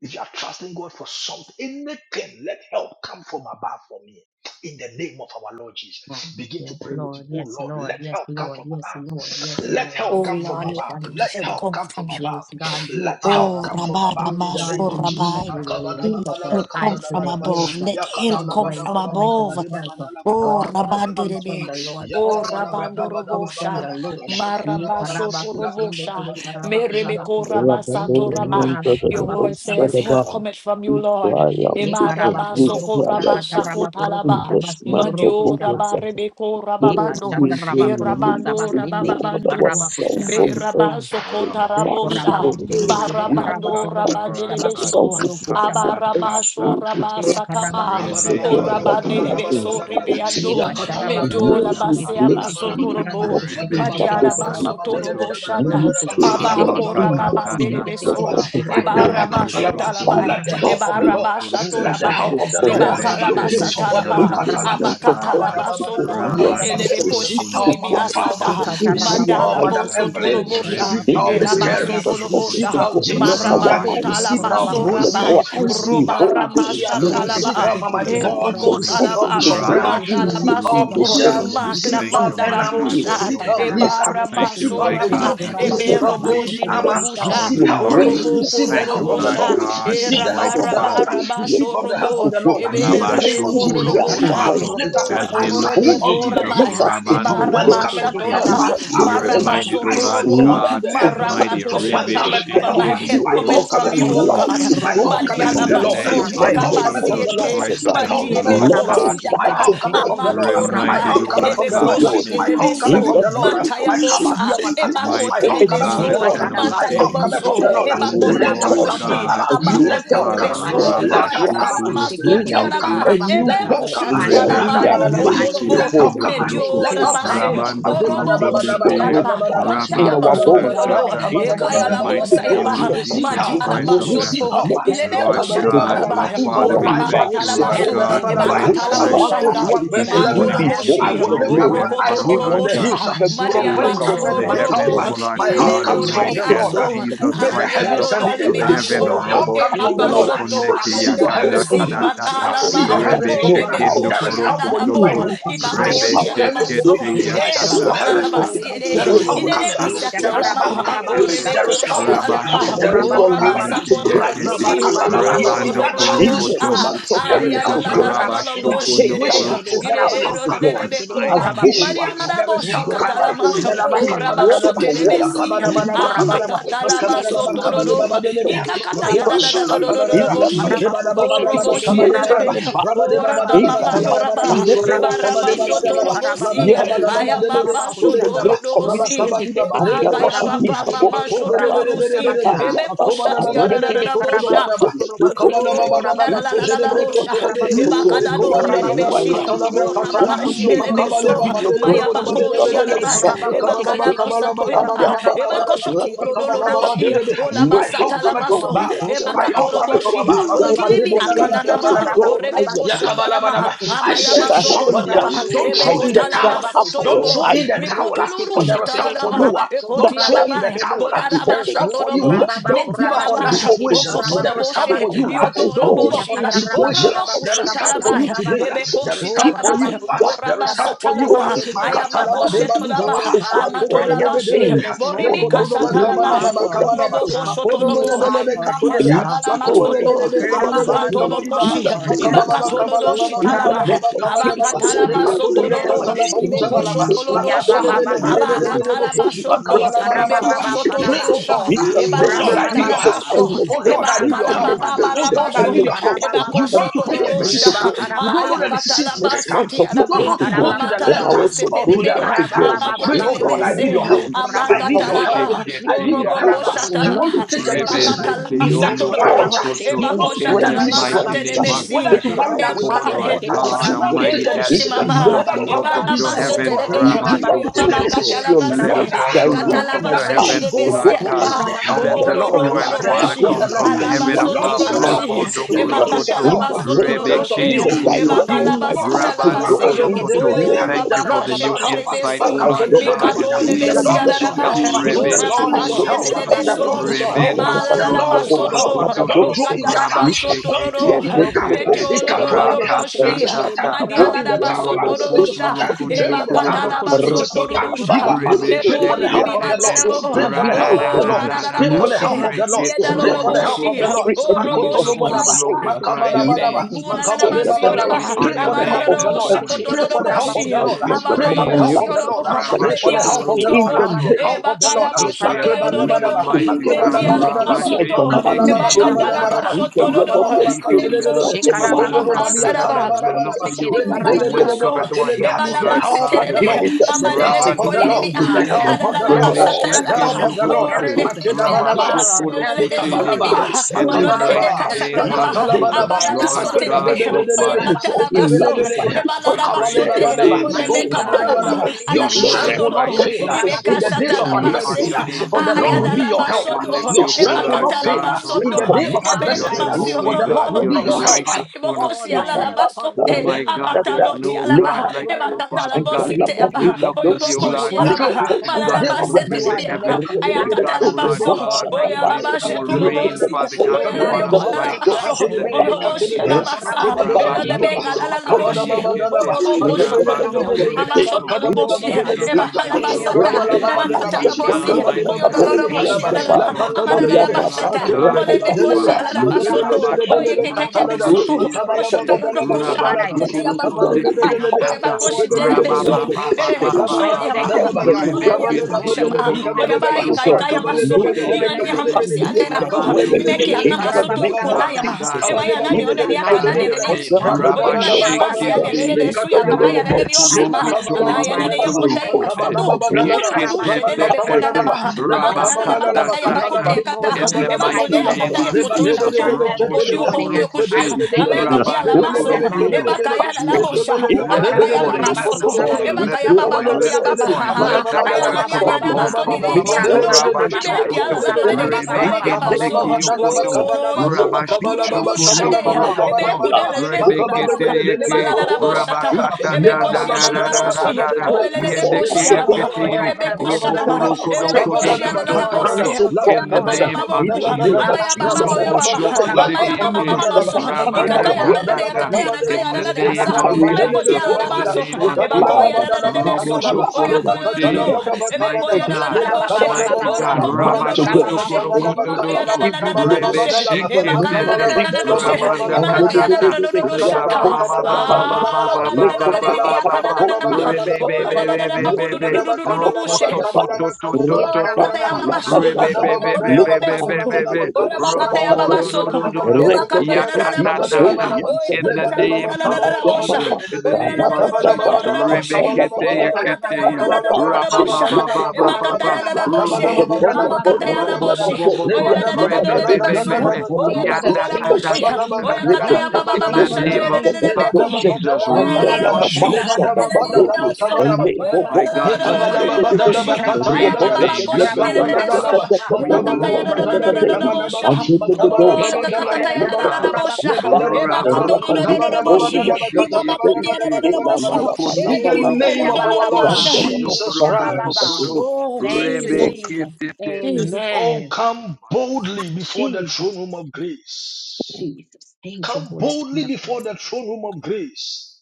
C: If you are trusting God for something, anything, let help come from above for me. In the name of our Lord Jesus,
A: God.
C: begin to
A: Yes,
C: pray with me.
A: Lord.
C: Oh
A: Yes,
C: Lord,
A: Lord.
C: let
A: Yes,
C: help come
A: Lord.
C: from
A: Yes,
C: above.
A: Lord. Yes,
C: Let
A: Lord.
E: Oh
C: help come from
E: Lord, let
C: above. Let
E: help
C: help
E: come
C: come
E: from
C: from
E: you.
C: above.
A: Yes, God, you
C: Let
A: are
C: help
E: Oh,
A: our
C: come from
A: help.
E: Rabbi,
C: above.
A: Oh,
C: In the
A: God,
C: name
E: Ramasho,
C: of Jesus.
A: indeed,
E: Rabbi,
A: we will lift
E: let
A: up our
E: help come
A: eyes to
E: from
A: the
E: above.
A: hills uh,
E: Let help
A: from
E: come
A: whence
E: from
A: cometh our
E: above.
A: help.
E: Oh,
A: Our help comes from
E: Rabandirebe.
A: the Lord.
E: Oh,
A: All our
E: Rabando
A: help comes from
E: Robosha.
A: the Lord. Ye
E: Marabaso
A: karaba kusende
E: Torobosha.
A: kiri karaba kuraba
E: Merebeko
A: kusaba sende
E: Rabasato
A: kiri
E: Rabba.
A: karaba
E: Your
A: kuraba
E: word
A: kusaba
E: says,
A: sa.
E: Help
F: Rabadoriandadoshadaba.
E: cometh from you,
F: We
E: Lord.
F: cry out
A: Ye
F: to God.
A: karaba
F: We
E: Emarabaso
A: kurobo
F: cry out
A: kusaka
F: to
E: Korabasha
A: taraba
F: God
A: kuro
F: in
E: Kotalaba.
F: this
A: kusaba so
F: month
A: kuro
F: of
E: Madio
A: kusaba
F: August.
A: kusa.
E: Rabarebeko
A: Ye
F: Lord,
E: Rababando.
A: kashanda
F: we
A: raba koro
F: release,
A: kusaba
E: Erabando
F: O
A: sende kiri
F: God,
E: Rababandu.
A: karaba
F: ourselves
A: kushaba
F: from
A: kusaba sa.
E: Merabaso
F: every
A: Ye
F: fight, O
A: koraba
E: Kotarabosha.
F: God.
A: kusende kiri
F: We
K: Rabashokorukotia
A: karaba
E: Barabando
A: koro
F: dispatch
A: kushtaba kusu
F: ourselves,
E: Rabandelebeso,
K: katarakanda
F: O
A: koro
F: God,
A: kusaba
F: from
A: sa.
K: katatata
F: every,
E: Abaramasho
A: Ye
F: O God,
A: kushede karaba
E: Rabasakama,
A: koro
F: fight,
C: Kabana,
F: O
E: O
C: bana
A: kusaba
F: God,
C: bana
A: koro
F: that
C: bana
F: we
A: koraba
C: kabana,
F: have
C: bana
F: been
E: Rabandelebeso
A: kushe.
C: bana bana bana
F: fighting.
A: Ye
E: Ribeando,
C: yakata la
A: kasharaba
F: And
C: bana
A: koro
C: bana
E: Medola
F: Lord,
C: bana
K: rebeshokorokotorokondekiana
A: kushi
C: bana
F: we
C: bana
A: kete
E: Basea
A: kete
F: place
K: katata
C: kabana,
A: kiri
F: you,
A: karaba
E: Basotorobo,
F: God,
A: kushi
C: Kabanabanabanabanaba,
F: in
A: kete
F: that
C: kabanabanabanaba,
A: kiri
C: yakatalabanabanabanabanaba, kabanabanabanaba,
E: Madiana
A: koraba
C: makabalabanabanaba,
F: position.
A: kusu.
E: Basotorobo
K: rebeshokorokototo
F: And
A: Koro
E: Shana,
F: we
C: delebedabanabanaba,
A: kushi
F: say,
A: kete
K: ramba
F: God,
A: kiri
E: Abako
F: in
A: koraba
F: this,
A: kushi
F: not
A: kete
F: just
C: yakatalabanabanabanabanaba.
E: Rababandelebeso,
K: katatatatata
F: want us
A: kiri
F: to
C: Right now,
F: go.
A: koraba kushi
E: Ebaramasho
C: makatalaba.
A: kete
F: Fight
A: kiri
E: Talabaya,
A: koraba kushi.
F: every
C: Lord.
E: Ebaramasha
A: Ye
F: battle
C: Let
F: for
C: the
K: rebeshokondokorokondokoto
A: kushi
E: Tolabaya,
C: help
A: kete
C: of
F: us,
C: the
A: kiri
C: Lord
F: for us to
A: koraba
F: go
C: locate
A: kushi
E: Lebakalabasa
A: kete
C: somebody.
A: kiri
K: rebeshendekianda
E: Talaba,
F: in this
A: koraba
C: Makataya.
F: month
A: kushi.
F: of
K: katatata
F: August, to God,
E: Abakatalabasoto,
F: rest
C: Makabadabadalamakabadaba. Receive
E: Elebekoshi
F: us to
C: help,
E: Tulibi
F: God.
C: Mama Falba.
E: Asata,
F: We
K: rabandokorokondekiyekendekiya
C: Receive
F: higher
C: help,
E: Madala
C: Madam
F: heights
E: boso
F: to
C: Evelyn.
E: toro
F: God.
E: bosha.
C: Receive
F: In
C: help, Miss
F: this month
E: Elabaso
C: Carey.
F: of
E: tolo
F: August,
C: Receive
F: to
K: Rebeshukidokurokoto,
E: bosha.
C: help,
F: God, let
C: JC.
F: our
E: Marabakota
F: eyes
C: Receive help,
E: labaso
F: see, let
C: Rosie.
F: our
E: rabai.
F: eyes
K: Rabashokurokondokurokoto.
C: Receive
E: Roba
C: help,
F: behold your
C: Akushia.
E: ramasha
K: Jesus,
F: glory.
K: we
C: Receive
E: talaba.
C: help,
K: thank
F: In
C: Mama
K: you
F: this
K: this
C: Yvonne.
F: month of
E: Hepokota
K: morning.
C: Receive help,
F: August,
E: laba.
F: to
C: Bishop
F: God,
C: Brown.
F: we
C: Receive
F: need
C: help,
E: Matalabaso
F: the
E: to.
C: Michelle.
F: God
K: Rabashokurokototo.
C: Receive
K: Thank
C: help,
F: to
K: you,
E: Maklabada
K: my
C: Enam.
K: God,
F: hear
K: for
E: rabosha.
C: Receive
K: your
C: help,
K: word.
F: and
C: Lisa.
F: to
K: Thank
F: touch
K: you,
C: Receive
E: Ebarabaso
C: help,
K: my
E: raba.
K: God,
C: Edu.
K: that
F: and
K: your
C: Receive
F: people
C: help,
K: word goes
C: Lady
E: Eberoboshi
K: forth with
C: Ama.
F: just speak
K: power
E: dulubusha.
K: and
C: Receive
F: your
C: help.
K: authority.
F: word
E: Orobo
A: Rokushekete
C: Receive the
F: in
K: Thank
C: help
K: you,
F: the name
C: of the
F: of
K: Lord
E: kororobosha.
C: Lord.
K: God,
C: Receive the help
K: Almighty
F: Jesus,
C: of the
K: Father.
C: Lord.
F: according to your
C: Receive
E: Erabarabarabaso
C: from the
F: purpose,
C: help of
E: robo.
F: O
C: the Lord
F: God,
C: in
F: make
C: the name
F: us
E: Eberebe
F: who
C: of Jesus.
F: we are in
C: For I
E: kororobosha.
C: will
F: Christ
K: Rabashokorokototo.
C: lift up
F: Jesus,
C: my
K: As we
E: O
C: eyes
K: look to
E: rebe
F: who
C: uh,
F: you
C: unto the
K: Jesus,
E: korama
F: purpose
C: hills uh,
F: us to be,
C: from
K: Rabando
F: O
E: ebara
C: whence cometh
F: God.
C: my help.
F: In
C: Uh,
K: Korokototo,
E: mashatolaba
F: the
C: I
K: we're
C: will
F: name of
C: lift
E: maraba
C: up
K: reminded, O
C: my eyes
F: Jesus,
K: Lord
C: uh,
E: sotorobo
F: let,
C: unto
K: God
C: the
F: O
C: heavens uh,
E: maraba
K: Almighty,
C: from whence
K: Rebe
E: koshata
C: cometh my
F: the
E: for
C: help.
E: my
C: Uh,
E: help
K: Shekendo
C: My
F: beginning
C: help
F: of
E: cometh from
F: our
C: cometh
E: you
C: from the
E: O
K: Korokototo,
C: Lord.
F: life,
E: God
F: to
C: My
A: Roku
C: help
F: God,
A: seke
C: cometh
K: in
C: from the
K: the
E: madialaba
A: tekere
F: begin
C: Lord.
K: name
E: so
F: in
A: karabu
F: the
C: My
K: of
C: help
A: seke
F: name
C: cometh
F: of
C: from
K: Jesus
C: the
A: tekere
C: Lord.
E: ekabasiete
A: basu.
K: Christ
F: Jesus.
K: of
C: My help
K: Nazareth,
C: cometh from
K: Lord
C: the
F: Let
E: madiebeko
A: Okuraba
C: Lord.
K: God,
F: us
K: O
A: kushike
C: My
F: start
E: sidaba
F: to
C: help
K: Father.
C: cometh
F: go
C: from the
A: tekere
K: We're
C: Lord.
E: amato
F: as you
C: My
A: kurabaku
C: help
K: reminded,
E: rabai
K: O
F: expect
C: cometh
K: Lord
C: from
A: sabaku.
F: us
C: the
F: to
E: ebeko
K: God,
C: Lord.
K: in the
F: go.
K: name
C: My
K: of
C: help cometh
F: In
E: shitelebeso
C: from
F: the
K: Jesus
C: the Lord.
F: name
K: Christ of
F: of
C: My
K: Nazareth,
E: matayabosa
C: kabadia
F: Jesus, we
C: matala.
F: ask
C: My
E: ebakoti
F: for
K: mighty
C: help
F: a
C: cometh
F: new
C: from the
K: God
E: lebeso
C: Lord.
K: and
F: turn,
K: our
C: My
F: a
C: help
K: Savior.
C: cometh
F: new
C: from
E: matayaboso
C: the Lord.
F: turn,
K: O
F: a
E: ebakoto
F: new
C: Let help
K: Lord
F: turn,
C: come from
E: yoboshi
A: Shekatadabakurukuseketekerikarabakustang.
K: God
C: above.
F: a
K: and
F: new
K: our
C: Let
A: Yes,
C: help
A: oh
F: turn
C: come.
K: Father,
A: God.
E: telebeso,
F: where the
C: Let
K: Rabba
C: help come.
F: grass
E: madiala
F: is
K: Shukuru
C: Let
F: greener,
C: help come.
K: Fundiki
E: masotialaba,
F: a new
C: Let
K: Kiti,
C: help
A: Akarabakusheketekerikurabakusang.
F: turn
C: come.
A: I
F: where
K: Rebe
C: ra
A: come
C: da
A: to
E: ebekushatialaba
F: we
C: da
F: are
C: da
A: you,
C: ba
F: made
A: Almighty
K: Shekendiki
C: Let
A: God.
E: yokotolobo,
F: able
C: help
K: Ofundo
C: come.
F: and
K: Kuroko,
C: Let
A: Lifted
C: help
A: up
F: purposeful
C: come.
A: my
E: mediorabase,
A: hands,
C: ma
K: Rabando
E: orobo
C: da ba ba da
A: lifted
C: ba
A: up
F: God
C: ka ta
K: Kurokondiki,
C: da
E: koshitialaba,
A: holy
C: da ba
A: hands.
F: resides in
K: Rabba
C: ya
E: matayaba
C: da
F: our
C: da da
A: Oh
F: bones.
C: da da
A: God,
E: sotoyoro,
A: and
K: Katatata,
C: ka
A: I
F: In
C: ba da
A: cry
C: da ba
F: this
K: in
A: out
K: the
C: ba
A: to
F: month
E: ekayalabo
C: da
K: mighty
C: ba
F: of
A: you,
F: God,
K: name
E: sayaba,
A: God,
K: of
C: ba
A: for
F: let
C: Receive
F: us
A: help
K: Jesus
F: see
C: help.
F: your
A: this
K: Christ
E: madialaba
K: of
F: glory.
A: morning.
C: Receive
K: Nazareth.
E: soto,
C: help.
F: Let us
A: Help,
C: ka
K: Lord
C: ba
F: practice
C: di
F: the
C: ba
A: Almighty
C: ba
K: God,
C: da
F: God
C: ba
K: our
A: God,
E: ilebekushatialaba,
F: in
A: in
C: For
F: our
C: the
K: Father, we
A: marriage.
C: Bible
K: thank
C: will
K: you,
F: lives,
C: say,
K: Lord
A: Help,
E: orabakatalabasu,
F: God.
K: God
C: ba-di-ba-da-ba-da-ba.
A: Almighty
K: Almighty,
F: With
A: God,
C: Psalm
K: tonight.
E: ebakatalabo
A: in
F: our
E: shanta,
C: 121,
A: finances.
F: eyes,
K: This
C: verse
F: would we
C: 11. uh,
K: morning we
A: Help,
K: give
C: I
K: you
E: ematoloboshi,
F: behold
C: will
F: the
C: lift
A: Almighty
K: glory
C: up
F: glory?
C: my
A: God,
K: and
A: on
C: eyes
A: the
K: honor, O
F: We
C: unto
A: job.
K: Lord
F: want
C: the
F: to
K: God.
C: hills,
E: orokotorolobosha,
F: see
C: uh,
F: the
K: We
C: from
F: glory
A: Help
K: look
C: whence
F: in
A: in
K: up
A: my
F: this
K: to
C: cometh
E: mariabaso
K: the
C: my
F: month of
C: help.
A: home.
K: heavens,
F: God.
C: uh,
K: O
E: rorobo,
K: Lord
C: My
F: In
C: help
A: Help
E: ilebe
K: God
A: of
C: comes
F: this
A: my
C: from
F: month
C: the
K: Almighty,
F: of
K: as
C: Lord, uh,
F: God,
A: family.
E: koribiaso,
C: who
K: Jesus
C: made the
F: we
A: Help,
K: Christ
E: ame
A: oh
C: heavens
K: look
C: and
F: are
E: aloda
K: up
C: the
A: God,
K: to
C: earth.
F: tired,
K: the
F: the
A: in
K: heaven.
C: Your
F: God,
E: libiaso,
F: of
C: help
A: ministry.
K: Robo
C: comes from the
F: covering
C: Lord.
K: shokoro
F: our
E: Ebakashoto,
K: konete
C: I
F: faces,
C: see
F: the
C: your
K: yakanda
F: God,
C: heavens
A: Ekeshandabrabakurabasa.
F: in
C: open.
E: Lebekosi,
F: goodness,
C: I
K: kadatata.
A: Help
E: Mandala
F: and
C: see
A: in
F: in
C: your
A: the
E: Mai,
K: Rebe
C: heavens
E: O
F: no
C: open.
A: spiritual
F: power.
K: shekendo
C: There
E: Rebekoshi
C: is
A: giftings.
C: help
K: koroko
C: for
F: Father,
C: you
F: we
C: right
E: Adarabo,
K: toto.
C: now.
A: Help
F: want to
A: in
F: see
C: I
A: my
F: your
K: Rebe
C: see
E: Ibakonti
C: your
F: power.
C: heavens
A: anointing.
C: open.
E: Alabaso,
K: shekete
F: Refresh
C: I
A: Let your
F: us
C: see
F: with
C: your
F: your
A: oil
C: heavens
K: yakatakata.
C: open.
F: power.
A: flow this
C: There
E: Ebakadalabasiere,
C: is
K: Robo
C: help
A: morning.
F: Refresh
E: Inene
C: coming.
F: us
K: nokoro
F: with
E: Christiati
F: your
C: There is
K: konete
C: help
F: power.
E: Alama,
C: coming.
E: O
K: yekete.
C: There
F: Refresh
C: is
F: us
C: help
E: Rebekoshi
A: Yokurabakurabakurabakusabasi.
F: with your
C: coming.
K: Rabba
F: power.
E: Adaraba,
C: There
F: With
C: is
E: O
K: shokoro
F: your
C: help coming
K: konete
F: light to God,
C: right
E: Rabasakote,
F: let
C: now.
K: yekete.
F: us
E: Si,
C: Makatalaba.
E: O
F: radiate
C: In
F: uh,
K: Rabando
C: that
A: Yokurabakurabakurabakusindikirikarabakurabakushabasa.
C: challenging
F: in this
K: korokoto.
C: situation,
E: Rodorobosha,
F: month of
C: there is
F: August
E: Ayana
K: Jesus
C: help
F: to
E: la la
F: God.
C: coming.
E: la la
K: Rabba
A: Nikaraba
E: la
C: In
F: We
C: that
A: kuroku
F: take
K: shokondo
F: that
C: situation,
A: sekete
E: Boshiere,
F: which
A: kere
K: koroko.
F: is
C: there is
A: karaba
E: Ire
C: help
F: ours to
C: coming.
F: God.
A: kusekete kere
C: In
K: My
F: As
C: that
K: God,
A: karaba
C: issue,
E: Rodebeko,
F: boldly
A: kusere.
F: as
C: there
F: we
C: is
A: O
C: help
F: know
C: coming.
A: kuraba
F: how to
E: Katalama,
F: walk,
A: kusekete
F: we
E: O
A: kere
F: walk
A: karaba
E: Rabaso
C: Dadabakatadadadaba.
F: your walk
A: kusa.
F: uh,
E: Telebesi,
A: O
F: in the
A: kuraba
C: Yakabadabadabakabadaba.
F: name of
A: kusekete
E: Amakatalaba
A: kere
F: Jesus. We
A: kuraba
E: Sotororo,
F: walk
A: kusekete
F: the
C: Makabadababakabadababadebe.
A: kere
F: walk
A: bo
F: of
E: Ikakataya
A: kuraba
C: Makeba
E: da da da
F: Christ
E: da
F: uh,
A: kusere.
E: da da
F: in
E: da
C: shakatarara.
F: the
A: Ye
F: name
E: Boshi,
A: karaba
C: Makeba da
F: of
C: baba
E: O
C: da
A: kusekete
C: laba
F: Jesus.
A: kere
E: Roboshi
C: kaba
F: No
C: de baba
A: kuraba
C: ba.
E: Elebe,
F: turning
C: Raba
A: kusekete
F: back.
C: de
E: O
C: baba da
A: karaba
F: In
C: laba
F: the
A: kusa.
E: Ramama
C: kaba da baba
F: mighty
C: ba.
A: O
E: Noraba,
F: name
C: Raba
A: kuraba
F: of
C: kaba de
E: Ebarama
A: kushende
C: baba da
F: Jesus.
A: kere
F: uh,
C: laba.
A: karaba
C: Laba
E: Sotorobosi,
F: Yeah,
C: kaba
A: kusere
C: da
A: de
F: we
C: baba
A: bo
C: de lebe
A: kuraba
E: Ayamama
C: kato
F: pursue
C: de
F: the
A: kusa.
C: be daba.
F: great
C: Raba
A: Oro
F: commission.
E: Sotolodosi,
C: kaba
F: uh,
C: di baba
A: kusekete
C: de
F: And
A: kere
C: lebe wa
E: Ebakaya
A: karaba
C: biha.
E: Baba
A: kusere de
E: Mama
C: Makobe de
A: karaba
C: bere
F: Andalababikaboshadabaya.
A: kusa
C: bere
E: Sotorusi,
C: bere be. de be,
A: basa.
E: Emekushatia
C: Makoba da
E: kushati
C: baba de
E: da da
C: lebe
A: Ushekere
E: da
C: koto do
E: Bosha,
A: karabako
C: baba ba.
A: sokoroko
C: Makaba da
A: shekere
F: Ayababarakazatelebeboshe.
C: baba da
E: Oh, la
A: korabako
C: laba
E: la la
F: In
E: la
C: koje
E: la
F: this
C: de
A: shekete
E: la
F: month
C: breke
A: kerebo
F: of
E: bosha.
C: te de bere
F: August,
A: korabako
C: be.
F: oh
A: so
F: God, make
E: Ebakadado
F: me
C: Ya
A: rabako
C: baba
F: who
C: ba
F: I
E: rebeshi.
C: kata
A: shekete
F: am,
C: la bra
A: kerebo
E: Oh,
C: kata
F: who
C: da.
A: korabako
F: you
E: rabashi
F: made me
A: sokoroko
F: to
A: sa
F: be,
E: rebeso.
C: My
F: O
E: Maya
F: God.
A: roko
F: In
E: bakoshi
A: shekete kere
E: alamaya.
A: korabako
E: Ebakala
A: shekete
E: basa
A: kerebo
E: toyaba.
A: kosaka tarabako
E: Ebakosho
F: Andalabasandalabade.
A: shekete kerebo
E: toyolodolo
A: korabako
E: boshi. Oh, la
A: shekete
E: basa
A: kerebo
C: help
A: kusha
C: cometh from
E: talamaso.
C: above.
A: to
C: My help
A: korabako
E: Ebakatolo
C: cometh from
E: boshi.
A: sokoto
F: Is
E: Oh,
F: there
A: korabako
E: tilibi
A: shekete
F: anything that
A: kere
F: uh,
C: above.
E: akananama. Oh,
F: God
A: korabako
F: I
E: rebeko
F: am
A: rabasa
F: supposed
E: shatalama.
F: to
A: roko
C: I
F: do
E: Amaya
F: that
C: say
A: shekete
F: I
C: to
E: baso
A: kere
F: haven't
C: somebody, ah,
E: tolobo.
F: done?
A: korabako
C: don't
F: I
C: throw
A: shekete
E: Ebeko
C: in the
F: take
A: kere
F: that
C: towel.
E: talamaso
A: korabako
F: up,
A: she
C: Don't
F: Lord.
E: toyobo.
C: throw
F: I
C: in the towel,
A: roko
C: ah,
E: Mikotolo
C: for
F: and
C: there
E: rusha
A: shekete
C: is help
A: kere
C: for
F: let
C: you.
E: talalama.
C: ah.
A: korabako
F: that
C: Don't
E: Ekoti
C: throw
F: door
A: korabako
C: in the
E: alamaya.
C: towel.
F: shall
C: ah,
F: be
A: shebo
E: Bodara
C: There is
E: baso
F: opened.
C: help for you. ah.
F: Let
A: Ukurababa
F: that
C: Don't
F: door
C: give up
A: kuraba
C: on
F: shall
C: that
F: be
A: shende
E: Yalama,
A: kiri
F: opened
C: situation.
F: for
A: karaba
F: me
C: There is help
F: to
E: Okotoloboshe,
C: for you. ah.
F: enter,
A: kusabasa.
F: oh
C: Don't
A: U
C: give
F: God,
C: up on
E: Yodoloboshi,
C: that
A: Chakata
F: in the
A: raba
C: situation.
F: name
A: kuraba
F: of
C: There
E: Oramokusha
C: is help
F: Jesus.
A: kusakata
C: for you
E: Talamaya,
F: In
C: today.
A: rababa.
F: the
C: ah.
F: name
C: There
F: of
C: is
E: Ebekoshi
A: Ukuraba
C: help for
F: Jesus,
A: kuraba
C: you.
F: that
E: Talamaya,
C: ah.
A: kuraba
F: God,
C: There is help
E: Oramasa
A: kusabase
C: for you.
A: kete
C: ah.
E: Talama,
A: kiri
F: that I have to,
A: karababa.
E: Ayamakoshe Tolama,
F: enter,
A: Oh
F: oh
A: God,
F: God,
A: we
F: for
A: cry
F: that
A: out to
E: Amatolabashe,
A: you
F: thing,
A: this
F: for
E: Borimika
F: that
A: morning.
G: In didn't
A: You
E: Satalama,
F: witness,
A: are
G: of
F: for
A: our
F: that.
E: Oroboko
A: helper. You
E: Sotolobo,
A: are our
E: Ibakasha
F: Let
A: helper.
F: it, oh
A: Holy
F: God,
E: Talamasoto,
A: Spirit
F: open
A: of
F: for
A: God,
F: me
A: you
F: in
A: are
E: Amakatoloboshi,
F: the
A: our
F: name of
C: Makababa
A: helper.
C: kabala
F: Jesus.
E: Ibakatolodoshi
C: baba
F: In the
C: kabala
A: Ukuraba
E: Talama,
F: name
C: baba
F: of
A: kushende
C: kabala
A: kiri
C: baba.
F: Jesus. So
A: busa.
E: Abakatalama
F: do I
C: Lekato de
F: pray for my
A: Help
C: brekata
E: Sotolobo,
C: la
A: this
C: babuza
F: children.
A: morning.
E: Ibekosho
C: balaba.
F: So do I pray
C: Lakato de
F: for
A: Yababa
E: Tolodosha,
F: my
C: bele
A: baba
C: bele
F: loved
C: bele
F: ones.
C: bele
A: kurababa.
E: Abakatalama
F: So do I pray
A: Ye
E: Shonto,
C: Makabala
F: for my
C: bala
E: Ibeko
C: bala.
F: family
A: karababa
E: soto
C: Pray,
F: members.
A: paraba.
F: In
C: oh
E: lodosha.
C: God.
A: Ye
F: the
E: Eba
C: Oh
F: name
C: Lord,
F: of
C: I need
E: kasata
C: your
E: la
A: kurabababa,
F: Jesus.
C: help.
E: maso.
C: Oh
A: ruta
C: Lord, I
E: Eba
C: need
A: taraba
F: Elevation,
C: your help.
E: kalababa
A: kurababa,
K: Rebbe
C: Oh
F: elevation,
C: Lord, I
E: rabaso,
A: ye
K: Shekin,
C: need
K: the
C: your help.
E: Eba
F: elevation,
C: You
A: karabababa,
C: want to
E: kosoto
C: take a
K: Rabbi
A: ye
F: empowerment
E: lobosha.
F: to
C: decision.
F: God
C: You don't know
E: Aya
C: the
A: bakarababa,
C: decision to
K: Shekin,
E: katalaba
C: take.
F: this month
E: seti
F: of
C: You don't
F: focus
E: araba.
C: know
F: to
C: to go
F: God.
C: to the
E: Amata
K: Ramando
F: And I
A: Lekarabababa,
C: left
E: labo
F: also
C: or to
F: pray
K: Korokunde,
C: the
E: setelebe.
F: that
C: right.
F: to God
C: Pray,
K: Remestu
F: in
C: oh
A: lekarababababa,
F: this
C: God, I
F: month
C: need
F: to
C: your
E: Amakotilebese.
C: help.
K: Kurukutu,
F: God, take
C: I need your
F: away
C: help.
E: Amakatalaba.
A: okurabakusheketekete,
F: every
C: I
K: Ramashekete
C: need your
E: Orobo
F: evil
C: help. You
K: Yakatata,
C: want to
F: personality
E: koshatalaba.
C: take a
F: to
E: Eba
F: God.
C: decision
A: karabakusabasukurabakuse,
K: Rebende
E: katalaba
C: in that
K: Keyono
F: Lord,
C: marriage,
E: sotorobo.
C: ah,
A: okurabakushende,
C: you
K: Korokoto,
E: Eba
C: know to take
K: in
C: a
K: the
F: unfriendly
E: koshatalaba
C: decision ah,
K: mighty
F: friends,
C: to
K: name
F: um,
A: karabakurabakuse,
K: of
C: whether
E: sotelebesi.
F: take
C: to
K: Jesus.
F: them
C: marry that
F: away
E: Eb
C: man
K: Oh
E: God
C: or
F: from my
K: Lord
C: not. ah.
A: rokusheketekete,
E: help
F: life,
E: us.
C: You
K: God
F: oh
C: want
F: God.
C: to take
K: Almighty,
C: a
E: Eko
A: karabakusekete,
K: as
F: In
C: decision
F: the
C: ah,
E: shimama,
F: name
K: Jesus
C: whether
F: of
C: to have
K: look
C: that
K: up to
A: karabakusabase,
E: ebalama
C: business
F: Jesus,
C: or
K: heaven,
C: not. ah.
E: seterebe,
C: You
F: let,
C: want to take
F: oh
C: a
E: oyamama
K: Ramashukunoko,
F: God,
C: decision ah,
A: kete
F: your
K: let
F: light
E: katalabase,
K: us
C: whether
K: also
C: to
F: direct
K: look
C: let
K: up
F: my
E: ekatalama
C: that
K: to
A: karabakusukurabakusabase,
C: issue
G: Jesus.
F: path
K: heaven,
C: go
K: O
E: seterebe
F: to
C: or not.
K: Lord
C: ah.
F: God.
K: God.
F: Um,
C: The
E: siyaraba,
C: help
K: Let
C: of
F: Let
E: O
C: the
K: the
E: ro
C: Lord,
F: your
E: ro
C: ah,
A: okurabakushekete,
E: ro
K: oil,
E: ro
C: the
F: light, oh
C: help
K: Father,
C: of
E: boshi
C: the
K: come
F: God, be
C: Lord,
K: from
C: ah,
A: karabakusabase,
F: the
E: alaba
K: heaven
C: the
F: light
E: soto
C: Lord
A: kete
K: above,
E: ro
C: is
F: at
C: your
E: ro
F: my
E: shi.
C: helper.
K: Robondo
C: The
F: footstool.
E: Ema
C: Lord is
A: karabakusukurabakushekete,
C: your
K: Korokoto,
F: In
E: katalama
F: the
C: helper
E: soto
C: in
F: name
E: ro
F: of
E: ro
C: times of
K: Rebeki
E: shi.
C: need,
F: Jesus,
C: ah,
E: Eba
C: for He
K: Yokotutu,
F: directed
C: will
E: kalaba
A: karabakusabase.
F: my
C: not.
F: path to
E: satalaba
K: Rabando
C: ah,
A: Roku
F: God
E: se.
F: into
A: shekete
K: Kurokoto.
A: kerebo
E: O
K: Thank you
F: glorious
C: the
A: kusaka
K: for
E: rababa
C: Lord
K: the
C: is
A: taraba
K: new
C: your
E: shetole
F: riches,
C: helper.
A: kusuko
K: insight, O
F: Lord
E: besi.
F: of
A: tukuraba
K: Lord
F: God.
K: God,
A: kushekete
K: in the
A: kere
E: Mikatole
F: In
C: The
K: name
F: the
E: besi
A: koraba
K: of
C: Lord is
F: name
C: your
A: kushi.
F: of
E: yaraba.
K: Jesus.
C: helper.
E: O
K: Rebe
C: The
A: Roku
F: Jesus,
C: Lord is your
A: shekete kere
C: helper.
K: Shokurokoto.
C: The
A: koraba
F: Adosadabayim,
C: Lord is
E: sotororoshi,
A: kusuko
C: your
F: and
C: helper.
K: Rebendo
F: the
A: tukuraba
C: The
E: emakatalama la la satalabase, orababa shetolebesi, mikatolebesi masoto ro ro
F: Badika
C: Lord
E: emalalama
K: Korondo
A: kushekete
C: is your
A: kerebo
C: helper.
E: soto,
A: koraba
C: Don't
K: Kurokoto.
C: throw
F: Boshadabadose,
A: kusa.
C: in the
E: okatayama
C: towel. Don't
K: Rabasheke
C: throw
F: Likataya,
C: in
F: and
C: the
K: Kete
A: Roku
F: the
C: towel.
A: shekete kere
E: sotororo,
F: Boshadabayim,
A: koraba
F: the
C: It
K: Rakata
E: boshi
A: kushekete
C: is not
A: kerebo
C: time
K: Tata.
C: to throw
A: koraba
C: in
E: Madialada
F: Rakatakabomi,
C: the
F: and
A: kushekete
C: towel.
A: kerebo
C: It
F: the
C: is
K: Romokoto
C: not
E: basotorosha.
C: time to throw
A: kusi.
K: Lokondo
C: in
E: Eba
C: the
F: Dadaba,
C: towel.
E: katala
A: Roku
K: Kurokoto.
C: It is
A: shekete
C: not
K: Toto.
A: kere
C: time to
F: Rakatakapa,
C: give
E: basotorusha.
A: koraba
C: up.
K: Rebe
C: Pray
A: kushekete
C: for
A: kere
C: the
E: Mekoli
K: Sheke
C: help
F: Yetetetetea.
E: libi
C: of
A: koraba
C: the Lord.
K: Tete.
A: kushekete
C: Pray
E: andalabo.
F: Strengthen
A: kere
C: for the
F: me,
C: help
F: O
A: koraba
C: of the
E: Oh,
F: God.
C: Lord.
A: kushekete
E: radada
C: Pray
K: Ra-ra-ra-ra-ra-ra-ra.
C: for
A: kerebo
F: Let
C: the help
F: me
E: boshe.
A: kusa.
C: of
F: be
C: the Lord.
F: stronger
C: Pray
E: Miedaloro
A: Roku
C: for
F: than
C: the
K: Reketurondo
C: help of the
E: boshi.
A: shekete
C: Lord the
K: Koto.
A: kere
C: Lord.
F: every
E: Oh,
A: koraba
F: enemy of
K: Jesus,
A: kusuko
E: roboshi
F: my
K: we
C: Makotolobodaba,
F: soul.
E: kalama.
A: kushekete
K: glorify
A: kere
K: your
F: Let
A: koraba
K: name.
E: Odilebe
C: makabadabadaba,
F: me
A: kusa.
F: be
E: kula la la
F: stronger than
E: basio
K: Jesus,
C: makabadebabadaba.
K: we
E: daba.
F: every
A: Sheketele
K: honor
C: Pray
K: your
C: for the
F: enemy
C: help
E: Amarada
A: korabako
K: name
F: of
C: of the
K: this
F: my
C: Lord.
E: boshi
A: shekete
K: morning.
C: Pray
A: kerebo
E: kotoro
C: for the help
F: of
C: of
A: korabako
E: boshi.
C: the
F: my,
K: Jesus,
C: Lord.
F: my,
A: sokoto
K: we
C: Pray
F: my,
C: for
E: Amadolo
F: my
C: the
A: korabako
K: praise
C: help
E: boshi
K: you.
C: of
F: life,
C: the
A: sokoto
C: Lord.
E: olobo.
F: my
A: korabako
K: Rabba
C: Pray for the
E: Media
A: shekete
C: help
K: Shokoro
C: of
F: destiny.
C: the
A: kere
F: In
C: Lord.
F: the
E: soko.
K: Kototo.
C: The
A: korabaso.
F: name
C: help
F: of
C: of
E: Eba
C: the Lord.
E: kalama
K: Jesus,
F: Jesus,
K: we
E: soto
A: Shekarabako
K: adore you,
C: Makebadabadaba,
A: shekete
E: yodorobo.
F: oh
K: mighty
A: kere
F: God,
K: God.
A: korabako
E: Media
F: may
E: lama
A: shekete
F: be
K: Rabba
C: makebadababadalaba,
A: kere
F: like an
E: soto.
A: korabako
F: army
E: Eba
K: Shendeke
F: general
E: katala
A: sokorababa.
K: Yokoro
C: makabalababakabadabadaba,
F: in the
E: basoto
K: Koto.
F: realm of
E: dodo.
F: the
K: Jesus,
F: spirit.
K: we look
C: makabalababakatelebedebe,
E: Mekoro
K: to you.
E: boku
K: We
F: Fortify
A: Shekarabako
K: look
F: my
K: up to
A: rabako
F: soul.
E: kakantaraba.
K: heavens. We
A: sokorabako
K: look
C: makoborobadiatalabadabadaba,
K: to
A: shekere
K: you.
F: Fortify
E: Oh,
F: me, oh
K: From
A: karabako
K: whence
F: God.
E: Dayamaso,
A: rabasa.
K: cometh our
F: Give
K: help,
C: lebadelebedobobatelebeha.
K: O
F: me the
C: The
K: Lord
C: help
F: power,
C: of
K: God
E: Ebalamasitere,
C: the
F: give me
C: Lord.
K: Almighty.
F: the
C: The
F: strength to
K: Rabba
C: help
E: Amadebe
C: of the
A: Yes,
K: Ndokoro
C: Lord.
F: stand,
E: Coribia,
F: oh
C: The
A: God,
F: God,
K: Kondeke.
C: help
A: help
C: of
A: us,
C: the
F: on
E: Adalaba
A: help
C: Lord.
K: Rebe
A: us,
F: all
C: The
A: help us,
F: storms
C: help
E: Satanaba,
F: of
C: of
A: help
K: Shekendo
C: the
A: us,
C: Lord.
E: or
F: life, oh
A: help
K: Koroko.
A: us.
F: God.
C: Makeda
A: You
K: Rabba
C: Badaba.
E: Rebecotialaba,
A: are
F: Embrace
A: our
K: Shokoro
A: help
E: Elebe
A: this
K: Koteye.
C: Mekabalaba,
E: Sonibia,
A: morning.
F: Empress
K: In
A: You
K: the
F: in
A: are our
E: Madolebe
F: faith
C: Makabalaba,
K: mighty
A: helper
K: name
F: in
A: this
K: of
F: the
E: Casatalama,
F: name of
A: morning.
K: Jesus,
C: Lakatalabanaba,
A: Help
K: Lord
F: Jesus.
E: Abalabaso
A: God.
K: God,
E: Telebe,
K: our
F: Empress
K: Father.
C: Makebadebebedebe,
F: only God in
E: Oyecatalabaso,
F: life. and
C: Mekebelebelebe,
F: Help
K: We
A: Ikurabakushindikidikurabasa.
F: us
K: praise your
A: Help
E: Ebalalabasote,
F: every
C: Makabalebabanaba,
K: name this
C: Oh,
A: Almighty
F: blessing. Help
K: morning.
A: God
F: us
A: in
E: Olebecatalama,
C: Kabanabanaba.
F: every
K: We
C: Your
A: ministry,
F: glory.
C: strength
A: God.
C: will
K: glorify
C: not
K: your
E: Alamasotolobo,
F: Help
C: fail uh,
K: name
F: us, oh
K: this
C: in
E: Ibeca
C: the
F: God,
K: morning.
C: days
F: your
C: of
K: We honor
F: life,
E: Satalamase,
C: adversity,
K: your
C: uh,
F: oh
K: name
A: Ikurabakushindikidididibosa.
F: God,
C: for
K: this
C: the
F: for
C: Lord will
K: morning.
A: Holy
C: be
F: me.
C: your
A: Spirit
K: We
C: helper.
A: of
K: lift
E: Ayadalabasoto,
A: God,
F: So
C: Your
K: you up,
A: I
F: God,
K: O
C: strength
A: look
C: will
A: to
K: Lord
C: not fail
K: God,
A: you.
C: uh,
K: our
F: great
C: in the
K: Father.
E: Ebacatalabasoto,
A: Abba,
C: day of
A: Father,
F: commission
K: You're
A: I
C: adversity,
K: the
C: uh,
A: look
F: in
E: Ebelabasio,
A: to
F: the
C: for
K: holy
A: you,
C: the
K: God.
C: Lord
F: name
A: all
C: will
F: of
C: be
K: You're the
A: my
C: your helper
F: Jesus.
A: helper.
K: righteous
E: Loboshi,
K: one of
E: Iboko
A: All
E: si
A: my
E: ala la
K: Israel.
A: help comes
K: Oh
E: masote.
A: from
F: Rakatata,
K: my
A: you,
K: God,
E: Amata
A: God.
K: there's
E: lo di
K: no
E: ala
K: God
E: ba.
K: like you,
F: Likataya,
K: O
E: Ebata tala
K: Father God.
E: bosete
K: We
E: aba.
F: Antalapatita
A: Ikurabakurabakustinikidikurabasa.
K: look to thee, O
F: dosa,
E: Oyoboko
A: You
K: Lord
E: si ala
K: God,
E: ma.
K: the
C: in the
K: God
E: Malala
C: day
K: who
A: Kurabakusabasa,
E: basete
A: you
K: opened
F: Likotopatayante,
K: the
A: are
C: of
E: libia.
A: the
K: heaven,
C: the
K: the
E: Ayakata
K: God,
A: supplier
F: Repeteto,
E: la
K: O Lord
E: baso.
A: of all
K: God,
F: Robosa
A: my
E: Oya la
K: Almighty,
F: Tapaya,
A: needs
E: bashe
A: this
K: for
E: tu lo
K: rain,
A: morning.
E: bosi.
C: Rabatadabadaba,
K: Father
F: Yeketapo,
K: God,
A: Oh
E: Oya
A: God,
E: lebe
K: upon us,
E: kola
F: Yantata
E: la
C: Lekabadibabadaba,
K: my God,
A: multiply
E: basho.
F: dosa
K: in the name
F: Tapaya,
A: greatly.
K: of
E: Oroboshi
C: Madelebedebekatelebe,
K: Jesus.
E: ala
A: Oh
E: masa.
F: Rakatapa,
K: Rabba
E: Elo lebe
C: Makobadebabadaba,
E: kala
K: Shokuro
E: la la
F: Yeketapo,
A: Kurabakushindikidedebusa.
E: boshi.
A: Oh
C: Makabadababadaba,
K: Kuteyekete,
E: amasho
A: Kurabase, open up
K: Rabando
E: shotolomo.
A: the
C: Makebelebebelebe,
A: windows of heaven, oh
E: Amashotoloboshi.
A: God.
K: Jesus, we
E: Ebaka
K: give
C: Makabalebabadebekataya,
E: la
A: Favor,
K: glory
E: basata.
A: oh
K: and
A: God,
K: honor to
A: with
C: Makabalababadaba,
E: Emakata
K: you
E: la
A: men this
K: now,
E: bosi.
A: morning.
K: mighty
E: Oyo lo lo
K: God.
E: bosi
C: Makabadebabadelebehalaba,
A: Favor
K: We
E: ala
A: in
E: la.
A: the
K: exalt
A: place
K: your
A: of
E: Amada la la
C: Lakatadodebe,
K: name, O
A: marriage
F: Ayababa,
K: Lord
A: this
E: basata.
K: God,
A: morning.
E: Olebe
K: your
A: Ye
E: si
F: Rakatapa,
C: Makebelebebadelebeha,
K: Father.
E: ala la soto
K: Rabba
F: Yeketapo,
E: oye
A: Kurabakurabashindikide
C: Makebelebebedebe
K: shukuru
E: kekeke
C: katalada,
K: kunde
E: besutu
F: Greatest
A: Kurabakurabakisabase.
E: oshoto
K: ke
F: performance to
A: Oh
F: God.
E: yodokusha
A: God, I
C: Makabalababadalabakabalaba,
K: Rabando
F: my
E: eti
A: thank
K: kuru nukuru
A: you.
F: spiritual
E: abaso
K: kunde
F: will be
E: yaba
K: ke
A: I
C: Makabalebebedelebeha,
E: oye
A: thank
F: perfect,
A: you,
K: yakata,
A: Lord God,
E: bakoshitele
A: for
F: Secured
K: Rabba
A: your
F: and
K: ba
E: beso
C: Makebelebebedelebeha,
K: ba ba
A: favor.
E: eh
F: protected.
K: ba ba
E: kasho
A: I
K: ba
E: yama
K: ba,
A: thank you
F: Tell
C: Makabadababadalaba,
A: for
F: that
A: your
F: the
A: help
F: word
E: oya
A: this
F: of
K: Rebekete
F: wisdom
A: morning.
E: kashama
K: yukuru
A: I
E: oya
F: inside
C: Makabalebabadelebehabadebaba,
F: you,
A: thank
E: bai
A: you
K: nukuru
F: O
E: kai
F: God.
A: for
E: kai
K: kuturu
E: yamaso
F: No
A: greasing
K: kute
A: oil
F: enemy
A: and
E: ingani
F: will
K: yekete,
F: come
E: hamosi
C: Makabalebebedelebehadelebedebe,
A: anointing
F: near
E: ane
A: this
F: their
E: nakuha
A: morning.
K: Rabando
F: dwelling
E: imeki
K: kuru
E: ana
F: in the
K: kunde.
E: masutu
F: name of
E: yukuna
C: Makabalebebedelebehabadebabadalaba,
K: Father
A: Yekarabakurabasa.
E: yama
K: God,
F: Jesus.
A: I
E: ema
K: we
E: ya
A: thank
E: nani
A: you
F: Even
E: ona
A: that
E: ni
F: if you
A: my
K: glorify
E: akana ne
F: look
A: help
E: ne
K: your
C: Makabalebabadelebehatolebedeba,
F: for
A: has
K: name.
E: nezi
F: them, let
A: come.
E: oye
K: Rabba
F: them
E: kani
F: not
K: shekete
F: find
E: amase
C: Radadadadabakabadaba,
E: ane
F: them.
E: ne
K: ye.
F: In
E: besu
F: the
E: ya kama ya
F: name
A: Ukurabashendekerekurabasa.
E: ne
F: of
C: Lekatelebedebe,
E: ni
A: I
E: osama
F: Jesus,
A: thank you
E: ama
A: that
E: ya
F: total
A: my
E: ne
C: Lebakabalababadalaba,
A: help
E: yokota
F: covering,
A: has
F: total
K: Romokurugotorugotorugote.
E: sutu
A: come.
F: covering,
E: ukunu
C: Makabalababadalaba,
E: ne be
F: covering
E: kunana
K: Yeketetetete.
C: Rabakatanadaba,
E: ma
A: Yekarabashendekerekurabasa.
F: my
E: ama
A: I
E: kana la
F: household.
A: feel the
E: makata ya
F: In the
A: strength
C: Lebakabalabakatanaba,
A: this
K: Rabakatatata.
E: bakute
F: name of
A: morning.
K: In the
E: kata Eba
F: Jesus,
A: I
K: mighty
E: kune
F: over
C: Makabalababadalaba,
A: feel
K: name
A: the
E: akataya
K: of
F: every,
E: kotoyo
A: strength of
F: over
K: Jesus.
A: your
E: kutu
F: every
A: help this
E: okotiyo
C: Lebadedededebeketedede,
A: morning.
E: kotoyo kusha
A: I
K: Romoshukurukote.
F: in
C: Bekebedebedede,
A: thank
E: ame
A: you,
F: Dwayne
E: katia la
A: Lord
F: over
A: God,
F: my
E: maso
A: that my
K: Rabandokurukoto.
E: eba
F: life,
A: help
C: Lebelebebekebedebedebe,
E: kaya
A: has
F: Christ
E: na la
F: reign.
A: come.
K: Jesus.
E: bosha
F: In the
K: Let
E: aba
K: the
F: name
E: kaya
F: of
C: Bekebelebebadededede,
K: oil,
E: mama
K: let the
F: Jesus,
E: soto
F: uh,
C: Bekotododododo,
A: Ukurabakurabakusabasa.
K: oil,
E: eba
F: we
K: let
E: kaya
K: the
F: pray
E: baba
K: oil, let
E: kotia
K: the
F: ourselves,
C: Bekabalebebedebe,
F: oh
K: oil, let
F: God,
A: Ye
E: baba
K: the
A: kara
F: out
E: aya
A: ba
F: of
C: Kabalababadalaba,
K: oil
A: ba
E: ngani
A: ba
K: come
E: ani
A: ba
E: ani
A: ba ba,
E: maso
F: problems,
K: above
E: so
K: from
A: ru
E: diri mi
C: Lebadababadalaba,
A: kura
K: above.
E: adodo
A: ba ba
E: do
A: ba
F: misfortune,
A: ba
F: and
A: ba
C: Delebedebedebe,
E: ibe
A: ba,
E: kia la
K: Rabashukoto.
F: trials,
E: la
F: oh
A: kura
E: lo
A: ba
E: de
C: Bekebelebedebe,
A: ba
E: de
F: God.
E: bi
A: ba
E: ko
A: ba ba
F: In
E: ari
A: ba,
F: the
E: ama
F: name of
E: maso
A: kura ba se
C: Rabakabalababadalaba,
F: Jesus, uh,
A: ke-
K: Remekinekiyokondo.
E: o
C: Kabalaba,
E: yo koko
F: Lord,
E: kotu
F: be
E: du du
F: our
C: Makabalababa,
E: du
K: Rabashukondo
A: Yes,
F: shield
E: shane
F: and
C: Kabalababa,
F: our
A: God,
E: ebe
A: yes,
K: korokoto.
F: buckler.
C: Kabalabalaba,
E: kudele
A: God,
E: ebe
F: Go
A: yes,
E: kura la
F: before
E: ba
A: God,
K: Rebekete
A: yes,
F: us,
C: Makabadebededelebe,
E: eba
F: oh
K: yeke,
E: la la
A: God,
E: la
F: God. uh,
A: yes,
E: bosha ta
F: In
A: God,
C: Kotorobadebalaba,
F: the
K: Rabakata
A: yes,
E: ebe
K: da
F: name of
K: da
A: God.
E: koshia
K: da
E: la la
A: Ye
K: da da
E: la
K: da
C: Lebadababadalaba,
A: kara
F: Jesus, uh,
A: ba
E: boshi
A: ku
K: da da.
E: o
A: ba
F: go
E: le le le
A: sa.
E: be
F: before
K: Yendeke
F: us,
E: koshia
F: oh
E: la
A: Thank
F: God.
E: ma
A: you
C: Kabadebabadalaba, Makabala Kabala Kabala Kabala Kabala Kabala
A: for
E: o
A: your
K: yaketeo.
E: le be
A: help
F: Make
A: this
E: koshia
F: our
E: na ma
K: Robokoro
A: morning.
F: path
E: ele
K: kodo
E: be
F: straight. uh,
K: kodo
A: Thank
E: koshia
K: to
E: na
A: you
K: to
F: We
E: la
A: for
K: to
A: your
E: bose
K: to.
F: cancel
A: help this
K: In the
F: problems.
E: oyabakaya
F: uh,
A: morning.
K: name of
F: in
E: maboku
F: the
A: Ye
F: name
K: Jesus.
A: kura
F: of
A: ba
E: abaya
A: ku
E: baba
F: Jesus,
E: boyo
A: ne
K: Robo
A: ke
E: baba
A: de
F: orchestrated
A: kara
F: by
A: ba
F: the
E: amaya
A: sa.
K: shokundeke
E: mama
K: yake.
E: mama
A: I
F: enemies that
E: maso
F: are
A: receive
F: coming
A: your
K: Rabana
F: our
E: ikakaya
A: help
F: way,
E: kanade
A: this
K: katata.
E: yakatea
F: we
E: na
A: morning.
K: In
E: kaya
K: the
A: Ye
E: dadade
A: kara
K: name
E: asa
A: ba
K: of
A: kura
F: Caesarea
A: ba ku
F: to
E: imekotia
K: Jesus.
E: la
F: God
K: In
A: ne
K: the
F: with
A: ke
F: the,
E: nabaso
A: de
K: name
A: kara
F: with
K: of
F: the
A: ba sa.
K: Jesus.
F: blood,
E: dada de
F: by
E: besu
K: Robo
F: the
E: oya
F: blood.
K: shokoro
E: koyo
K: konteye.
F: Let
E: yododo
F: us have
K: Mighty
E: ebekoya
A: She
K: God.
E: dadade boshe
K: Mighty
F: perfect
K: God.
E: oroko
A: karabababababa, ro
F: man to
E: kududududu
F: God.
K: Rabashundo
E: she
A: karababado
K: koro
A: bo
F: And
K: koto do
F: let
E: imakaya
A: sekiri
E: na
F: us
E: na
K: to.
F: give
E: na na
F: you
E: na na na
F: glory
K: Rebe
E: she
F: in the
A: karabor si
F: name
E: ebakaya na
F: of
E: na
K: shekete.
E: na na na no
F: Jesus.
E: she
A: bo
K: Ramanda
F: And the the
E: imakaya
F: the
E: na na
F: the
A: karabababa
E: na
K: katata,
F: the
E: na na
F: the
E: no
A: sekiri
K: liba ba
A: karababa.
E: shata
K: ba ba
F: Yapatosa
K: ba
F: the
K: ba ba
F: Bay.
K: ba
E: ah
K: ba ba
A: She
K: ba ba
E: balada na na
A: karababa,
F: Alekoto
K: ba ba
E: na na na na
K: ba.
C: Kabala
F: Katakabori
E: ma
F: and the
K: Rebe
C: Kabala
E: oh
K: be
E: la
F: Bay.
E: na
K: be
E: na na
K: be
E: na
K: be
C: Kabala
K: be be.
F: Yekate
C: Badaba
E: makududududu
C: kabala
K: Roko
C: baba
F: Katosa
K: to
F: the
E: bushe
K: to
C: kabala baba
K: to to
F: Bay.
C: kabala
K: to
A: she
C: baba
E: Oh,
K: to to
F: Rabba
C: kabala
E: yakataya
K: to.
A: karababa,
C: baba.
E: baba so.
A: karababa,
K: Rebe
C: Libada
F: Alabadaba.
K: be
C: baba
K: be be
C: dada
A: karababa,
E: Imekotelele
C: baba
K: be
A: karababa, karababa, she
K: be
C: kabala
F: Lekapan
C: baba
F: the
E: besoto.
F: the
C: baba
F: the
E: Ora
C: kabala
F: Dosa the
C: baba
E: bakataya
K: Robo
C: baba.
E: baba
K: no no
F: Badosa.
K: no
E: soto.
A: karababa,
K: no
C: Makabala
K: no.
C: baba
A: karababa, karababa.
E: Ebakato
F: Rebe the
E: ya
C: kabala
E: la la
F: the
C: baba
E: la
K: Yakata
C: kabala
E: moshe.
C: baba
K: tata.
F: Dibadori
C: baba.
F: and
E: Oh,
K: In the
F: the
C: Libada
E: yakataya ya
F: Bay.
E: la
C: baba
E: la
K: name
E: la la
K: of
E: la
C: kabala
E: la
F: Aya
C: baba
E: mosha.
C: dada
K: Jesus,
F: baba,
K: in
C: dada.
E: Oh,
K: the
E: ya la la
F: dala
K: name
E: la
K: of
E: la
F: baba
C: Makabala
E: la la
C: baba
E: la
F: baba,
K: Jesus,
E: la
C: dada baba
E: moshe.
F: dala
C: kabala
K: Rebekete
C: baba
F: baba
A: She
C: dada
E: Oh,
F: ya,
C: baba.
E: kataya la
K: yakete ya,
E: la
A: karababababa,
F: aya
E: la la
C: Makabala
E: la la
F: baba
C: baba
E: la
K: Rama
A: karabababa,
F: she
C: kabala
E: mosha.
K: ba
C: baba
K: ba
F: lipo
C: baba
K: ba ba
F: to
C: kabala
K: ba
C: baba.
F: kata
K: ba,
E: Ebakataya la
F: ya,
E: la
A: karabababa, karababa,
E: moshe.
C: Makabala
A: robo
K: Robo
C: baba
F: lipo
C: dada baba
K: huku,
F: lipo
A: karabababa.
C: kuda baba
E: Amakataya
F: lipo
C: baba
K: Robo
F: lipo
K: bo
C: baba.
E: Raboshi,
K: bo
F: to
K: bo
E: Oya
K: bo,
F: ya
E: da
C: Libada
E: da da
C: baba
E: da da
K: Rebe
E: da
C: dada
E: de
K: be be
C: dada
E: Besu,
C: dada baba
A: Jesus,
E: Oya
C: kabala
A: Jesus,
C: baba.
E: Katara Raboshi,
A: Jesus,
K: Yandakatata.
C: Makabala baba
E: Oya
A: Jesus,
C: dada baba
E: Kataya
A: Jesus,
E: Baba
C: kabala
K: In
E: Baba
K: the
C: baba
E: Shato,
A: Jesus,
C: dada
E: Oya
K: name
C: baba.
E: da
K: of
E: da da da
A: Jesus,
C: Libada
E: Beko,
A: Jesus,
C: baba
K: Jesus,
C: dada baba
E: Oya da da
C: kabala
E: da
A: Eka
C: baba.
E: Boshi,
C: Libada
A: shandaraba
C: baba
E: Eleni de
K: Romoshokodokodo.
C: dada
A: korobo
C: baba
E: Beso,
C: kabala baba.
A: kusharaba
E: Oya da
K: my
A: kurabasta.
C: In
K: God,
E: da da
K: we
E: da da
C: the
E: da da
K: praise
E: da
K: your
E: Boshi,
K: name. We
A: Sekaraba
E: Aya
K: praise your
A: korobo
E: Baba
K: name. We
E: Bakoshi,
A: shikaraba
E: Tele de
A: kuraba
E: Beso,
K: glorify.
A: baba ba
E: Eba
K: We
A: arubo
E: Kataya da da
A: kuraba
E: da da da da
A: sende
E: da
K: roll,
F: and
A: kiriku.
E: Bosha,
F: the
E: Oya
A: Dere dere
K: mighty
A: dada
E: Kakataya da da
A: daba
E: da da
K: God.
A: kuraba
E: Bosha,
A: kusaba
E: Eba
A: sende
E: Kato da
A: kiri
E: da da
K: Ramakodokodokote
E: da da
A: karaba baba.
E: Boshi, Imama Kotia da da
K: yekete.
E: da da Bosha, Eleni
A: Ye
E: Bioko,
C: name
A: ya
C: of our
E: Lodo
A: baba
E: da
C: Lord
A: ba
E: Bosha,
A: ye
C: Jesus
A: ya baba ba.
C: Christ,
K: Rokodokodokodokodokodokodokodo.
E: Oh,
A: Thank
F: Yes,
A: you
F: Lord.
E: Jesus.
K: Rebekete
A: Jesus.
E: Jesus.
K: tete.
C: oh,
A: Amen.
C: come boldly before the throne
A: Jesus.
C: room of grace.
A: Jesus. Thank you
C: Come
A: Holy
C: boldly
A: Spirit of God.
C: before the throne room of grace,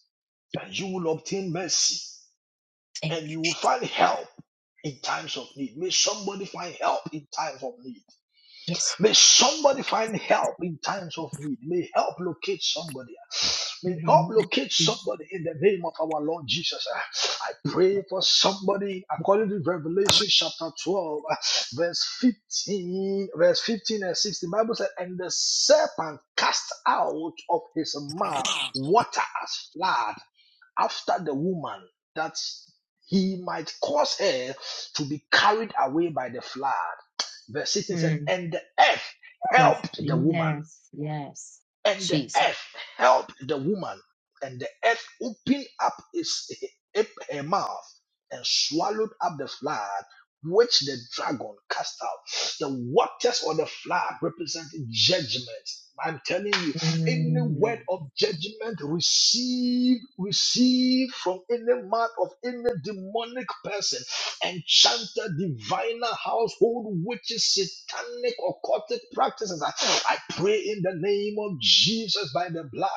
C: and you will obtain mercy
A: Thank
C: and
A: you
C: you will
A: Jesus.
C: find help in times of need. May somebody find help in times of need.
A: Yes. Lord.
C: May somebody find help in times of need. May help locate somebody. May
A: In the
C: help
A: name
C: locate
A: of
C: somebody in the name of our Lord Jesus. I pray for somebody according to Revelation chapter 12, verse 15, verse 15 and 16. The Bible said, And the serpent cast out of his mouth water as flood after the woman that he might cause her to be carried away by the flood. Verse 16
A: Jesus.
C: said, And the earth
A: First,
C: helped the woman
A: yes, yes,
C: and the
A: Jesus.
C: earth helped the woman, and the earth opened up its her mouth and swallowed up the flood which the dragon cast out. The waters or the flood represent judgment. I'm telling you, any
A: Mm,
C: word of judgment received, received from any mouth of any demonic person enchanted, diviner, household witches, satanic, occultic practices. I pray in the name of Jesus by the blood.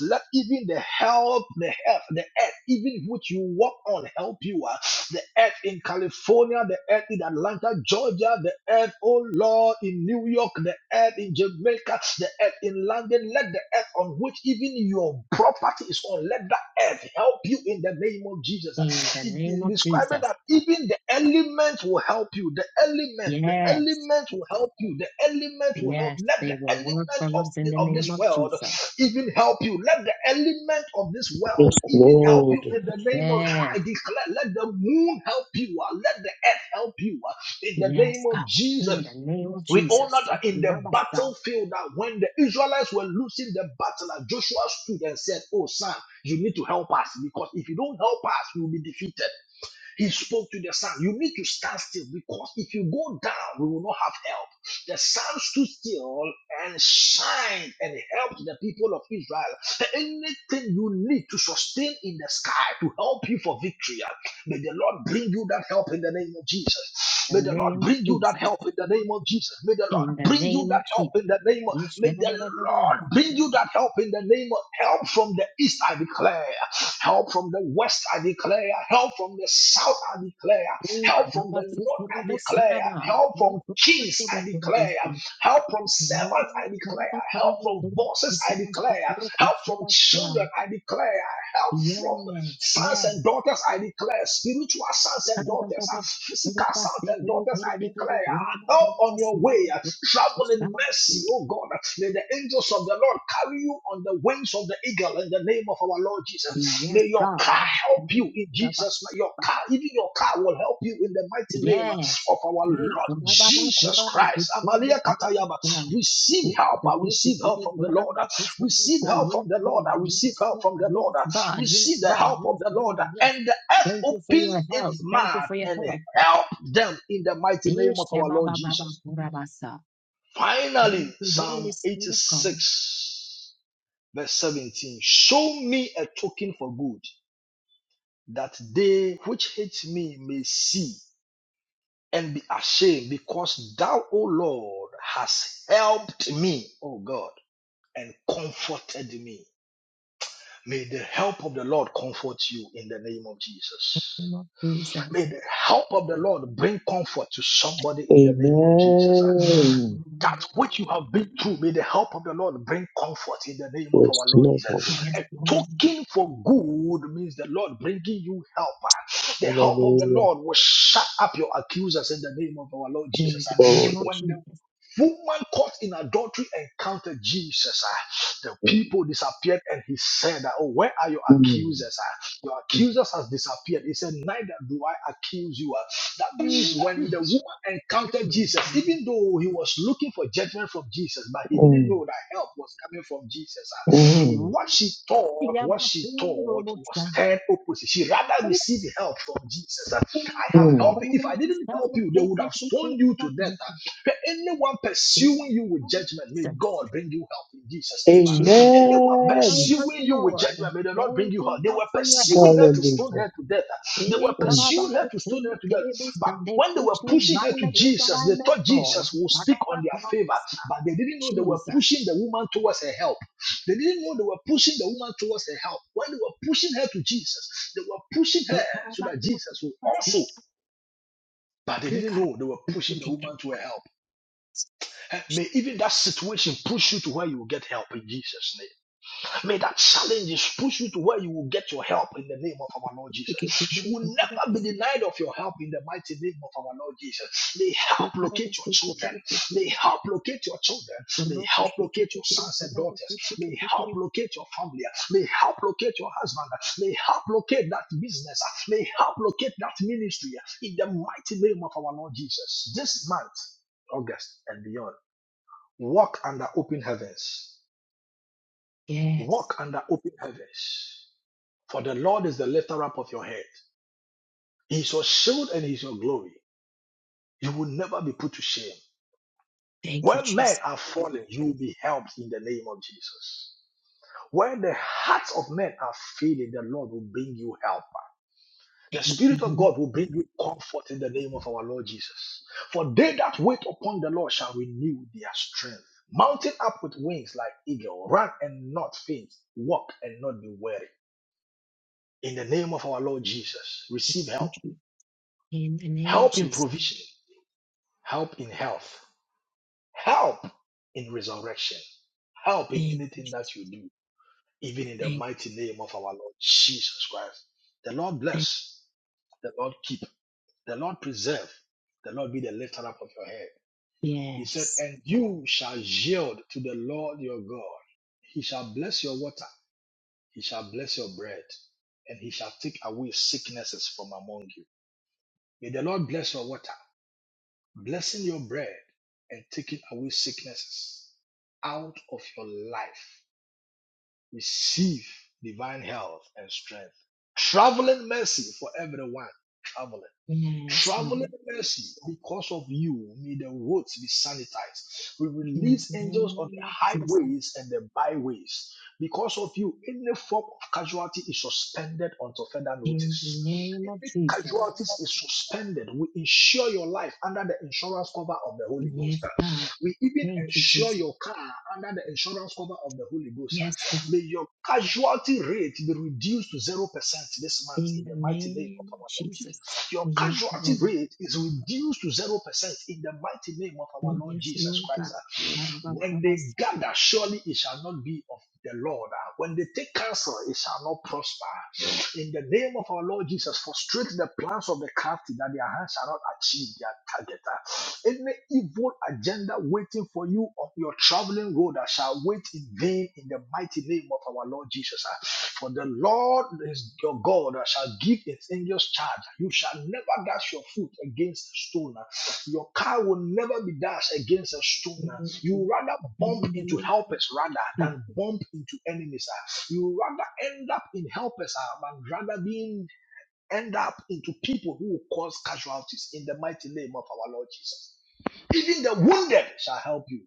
C: Let even the help, the earth, the earth, even which you walk on, help you. uh, The earth in California, the earth in Atlanta, Georgia, the earth, oh Lord, in New York, the earth in Jamaica, the earth in London. Let the earth on which even your property is on, let that earth help you in the name of Jesus
A: In the name
C: de-
A: of
C: describing
A: Jesus.
C: that even the elements will help you. The elements, the
A: Yes,
C: elements will help you. The elements will help.
A: yes,
C: Let the
A: they will
C: element
A: work for
C: of,
A: us in
C: the,
A: the
C: of this
A: name of
C: world
A: Jesus.
C: even help you. Let the element of this world
F: Yes,
C: even help you
F: Lord.
C: in the name of,
A: Yes,
C: I declare, let the moon help you. uh, Let the earth help you uh, in the name
A: yes,
C: of
A: God.
C: Jesus.
A: In the name of
C: We all know
A: Jesus.
C: that in the
A: Rabasa,
C: battlefield that when the Israelites were losing the battle, that Joshua stood and said, Oh, son, you need to help us because if you don't help us, we will be defeated. He spoke to the sun. You need to stand still because if you go down, we will not have help. The sun stood still and shined and helped the people of Israel. Anything you need to sustain in the sky to help you for victory, ah, may the Lord bring you that help in the name of Jesus.
A: The
C: May the Lord
A: name of
C: bring you that
A: Jesus.
C: help in the name of Jesus. May the
A: In
C: Lord
A: the
C: bring you
A: name
C: that
A: of
C: help
A: Jesus.
C: in the name of. May the
A: Yeshedadadadadadaba.
C: Lord bring you that help in the name of help from the east. I declare. Help from the west, I declare. Help from the south, I declare. Help from the north, I declare.
A: Ikorabasukurubusaraba.
C: Help from kings, I declare. Help from
A: Yes,
C: servants, I declare. Help from bosses,
A: yes.
C: I declare. Help from children, I declare. Help from sons and daughters, I declare. Spiritual sons and daughters, physical sons and daughters, I declare help on your way. Travel in mercy, oh God. May the angels of the Lord carry you on the wings of the eagle in the name of our Lord Jesus.
A: Yes,
C: May your car help you in Jesus. May
A: God.
C: your car, even your car will help you in the mighty name
A: Yes.
C: of our
A: Yes.
C: Lord
A: Rababa
C: Jesus
A: Kuraba
C: Christ.
A: Kuchindi
C: Amalia Katayaba.
A: Karabasa.
C: Receive help. I receive help
A: Kushindi,
C: from the Lord.
A: kuraba,
C: Receive
A: kusabasa.
C: help from
A: Yes,
C: the Lord. I receive help from
A: God.
C: the Lord.
A: Yes, God. Yes,
C: Receive the
A: God.
C: help of
A: Yes,
C: the
A: God. Yes,
C: Lord.
A: God. Yes.
C: And the earth
A: Thank you for
C: opened
A: your
C: its
A: help. Thank you
C: mouth
A: for your
C: and
A: help.
C: Help them in the mighty name of our Lord
A: Ishabababa
C: Jesus.
A: Kurabasa. Thank
C: Finally,
A: you,
C: Psalm
A: Holy Spirit of God.
C: 86, verse 17. Show me a token for good, that they which hate me may see and be ashamed, because thou, O Lord, hast helped me, O God, and comforted me. May the help of the Lord comfort you in the name of
A: In the
C: Jesus.
A: name of
C: May
A: Jesus.
C: the help of the Lord bring comfort to somebody in the name of Jesus.
F: Amen.
C: that
A: Amen.
C: which you have been through, may the help of the Lord bring comfort in the name of
F: Yes,
C: our Lord
F: Lord.
C: Jesus.
A: Yes,
C: A
A: Lord.
C: token for good means the Lord bringing you help. The help of the
F: Hallelujah.
C: Lord will shut up your accusers in the name of our Lord
A: In
C: Jesus.
A: the name
F: Lord.
A: of
C: When the
A: Jesus.
C: woman caught in adultery encountered Jesus, ah, the people disappeared and he said, ah, Oh, where are your
F: Mm,
C: accusers? Your
F: mm,
C: accusers has disappeared. He said, Neither do I accuse you. That means when the woman encountered
A: Amen.
C: Jesus, even though he was looking for judgment from Jesus, but he didn't
F: mm,
C: know that help was coming from Jesus. ah,
A: Hey,
C: What she thought, what she thought
A: Yabafuru
C: was turned opposite. She rather received help from Jesus. ah. I have helped
F: mm.
C: you. If I
A: Jesus,
C: didn't help you, they would have stoned you to death. Anyone pursuing you with judgment, may God bring you help in Jesus' name. ah."
A: Jesus,
C: Anyone
A: help
F: Amen.
A: us,
C: pursuing you with
A: Lord.
C: judgment, may the Lord bring
A: Thank
C: you home.
A: you,
C: They
A: Lord,
C: were
A: for your
C: pursuing
A: help.
C: her to stone
F: Hallelujah.
C: her to death. They were
A: Eh,
F: Mm.
C: pursuing her to stone
A: karabakushunde
C: her to death. But
A: kerebusa, They
C: when they were
A: push me
C: pushing her to
A: violently, but
C: Jesus,
A: I
C: they
A: may
C: thought
A: fall.
C: Jesus would speak on their favor.
A: Karabakurabasa,
C: But they didn't know they were
A: Jesus.
C: pushing the woman towards her help. They didn't know they were pushing the woman towards her help. When they were pushing her to Jesus, they were pushing
A: Eh,
C: her so that Jesus would
A: karabakurabasa,
C: also. But they
A: eh,
C: didn't know they were pushing the
A: karabakete.
C: woman to her help. Eh, May even that situation push you to where you will get help in Jesus' name. May that challenges push you to where you will get your help in the name of our Lord Jesus. You will never be
A: Shiketekerekorerakusi,
C: denied of your help in the mighty name of our Lord Jesus. May
A: eh,
C: help locate your
A: karabakusi,
C: children.
A: karabakusi,
C: May help locate your children. May help
A: karabakusi,
C: locate your
A: karabakusi,
C: sons and daughters.
A: karabakusi,
C: May help
A: karabakusi.
C: locate your family. May help locate your husband. May help locate that business. May help locate that ministry in the mighty name of our Lord Jesus. This month, August and beyond, walk under open heavens.
A: Yes.
C: Walk under open heavens. For the Lord is the lifter up of your head. He is your shield and he is your glory. You will never be put to shame.
A: Thank you,
C: When men
A: Jesus.
C: are fallen, you will be helped in the name of Jesus. When the hearts of men are failing, the Lord will bring you help. The
A: Thank you,
C: Spirit of
A: Lord.
C: God will
A: Thank
C: bring you comfort in the name of our Lord Jesus. For they that wait upon the Lord shall renew their strength. Mounting up with wings like eagle, run and not faint, walk and not be weary. In the name of our Lord Jesus, receive
A: you,
C: help.
A: Jesus. In the name of
C: Help in
A: Jesus.
C: provision. help in health, help in resurrection, help in
A: Thank you,
C: anything
A: Jesus.
C: that you do, even in the
A: Thank,
C: mighty name of our Lord Jesus Christ. The Lord
A: thank.
C: bless, the Lord keep, the Lord preserve, the Lord be the lifter up of your head. He said,
A: Yes.
C: And you shall yield to the Lord your God. He shall bless your water, he shall bless your bread, and he shall take away sicknesses from among you. May the Lord bless your water. blessing your bread and taking away sicknesses out of your life. Receive divine health and strength. Traveling mercy for everyone traveling.
A: Yes,
C: Traveling
A: Lord.
C: mercy, because of you, may the roads be sanitized. We
A: In
C: release
A: the
C: angels on the
A: name of Jesus.
C: highways and the byways. Because of you, any form of casualty is suspended until further
A: In the
C: notice.
A: name of
C: Any
A: Jesus.
C: casualties is suspended. We insure your life under the insurance cover of the Holy
A: Yes,
C: Ghost.
A: God.
C: We even
A: Thank you,
C: insure
A: Jesus.
C: your car under the insurance cover of the Holy Ghost.
A: Yes, God.
C: May your casualty rate be reduced to 0% this month
A: In
C: in
A: the
C: the mighty name of
A: name
C: our
A: of
C: our Lord
A: Jesus.
C: Jesus. Your
A: Yes,
C: casualty
A: Lord.
C: rate is reduced to 0% in the mighty name of our Lord
A: Yes,
C: Jesus
A: Lord God.
C: Christ. When they
A: Ba-da-ba-ba-ba-s-
C: gather, surely it shall not be of the Lord. Ah, When they take counsel, it shall not prosper. In the name of our Lord Jesus, frustrate the plans of the crafty that their hands shall not achieve their target. uh. Any evil agenda waiting for you on your traveling road uh, shall wait in vain in the mighty name of our Lord Jesus. uh. For the Lord is your God uh, shall give his angels charge. You shall never dash your foot against a stone. uh. Your car will never be dashed against a stone.
A: In
C: uh. You rather bump
A: the
C: into
A: name of
C: helpers rather
A: Jesus.
C: than bump into enemies. uh. You rather end up in helpers uh, than rather being end up into people who will cause casualties in the mighty name of our Lord Jesus. Even the wounded shall help you.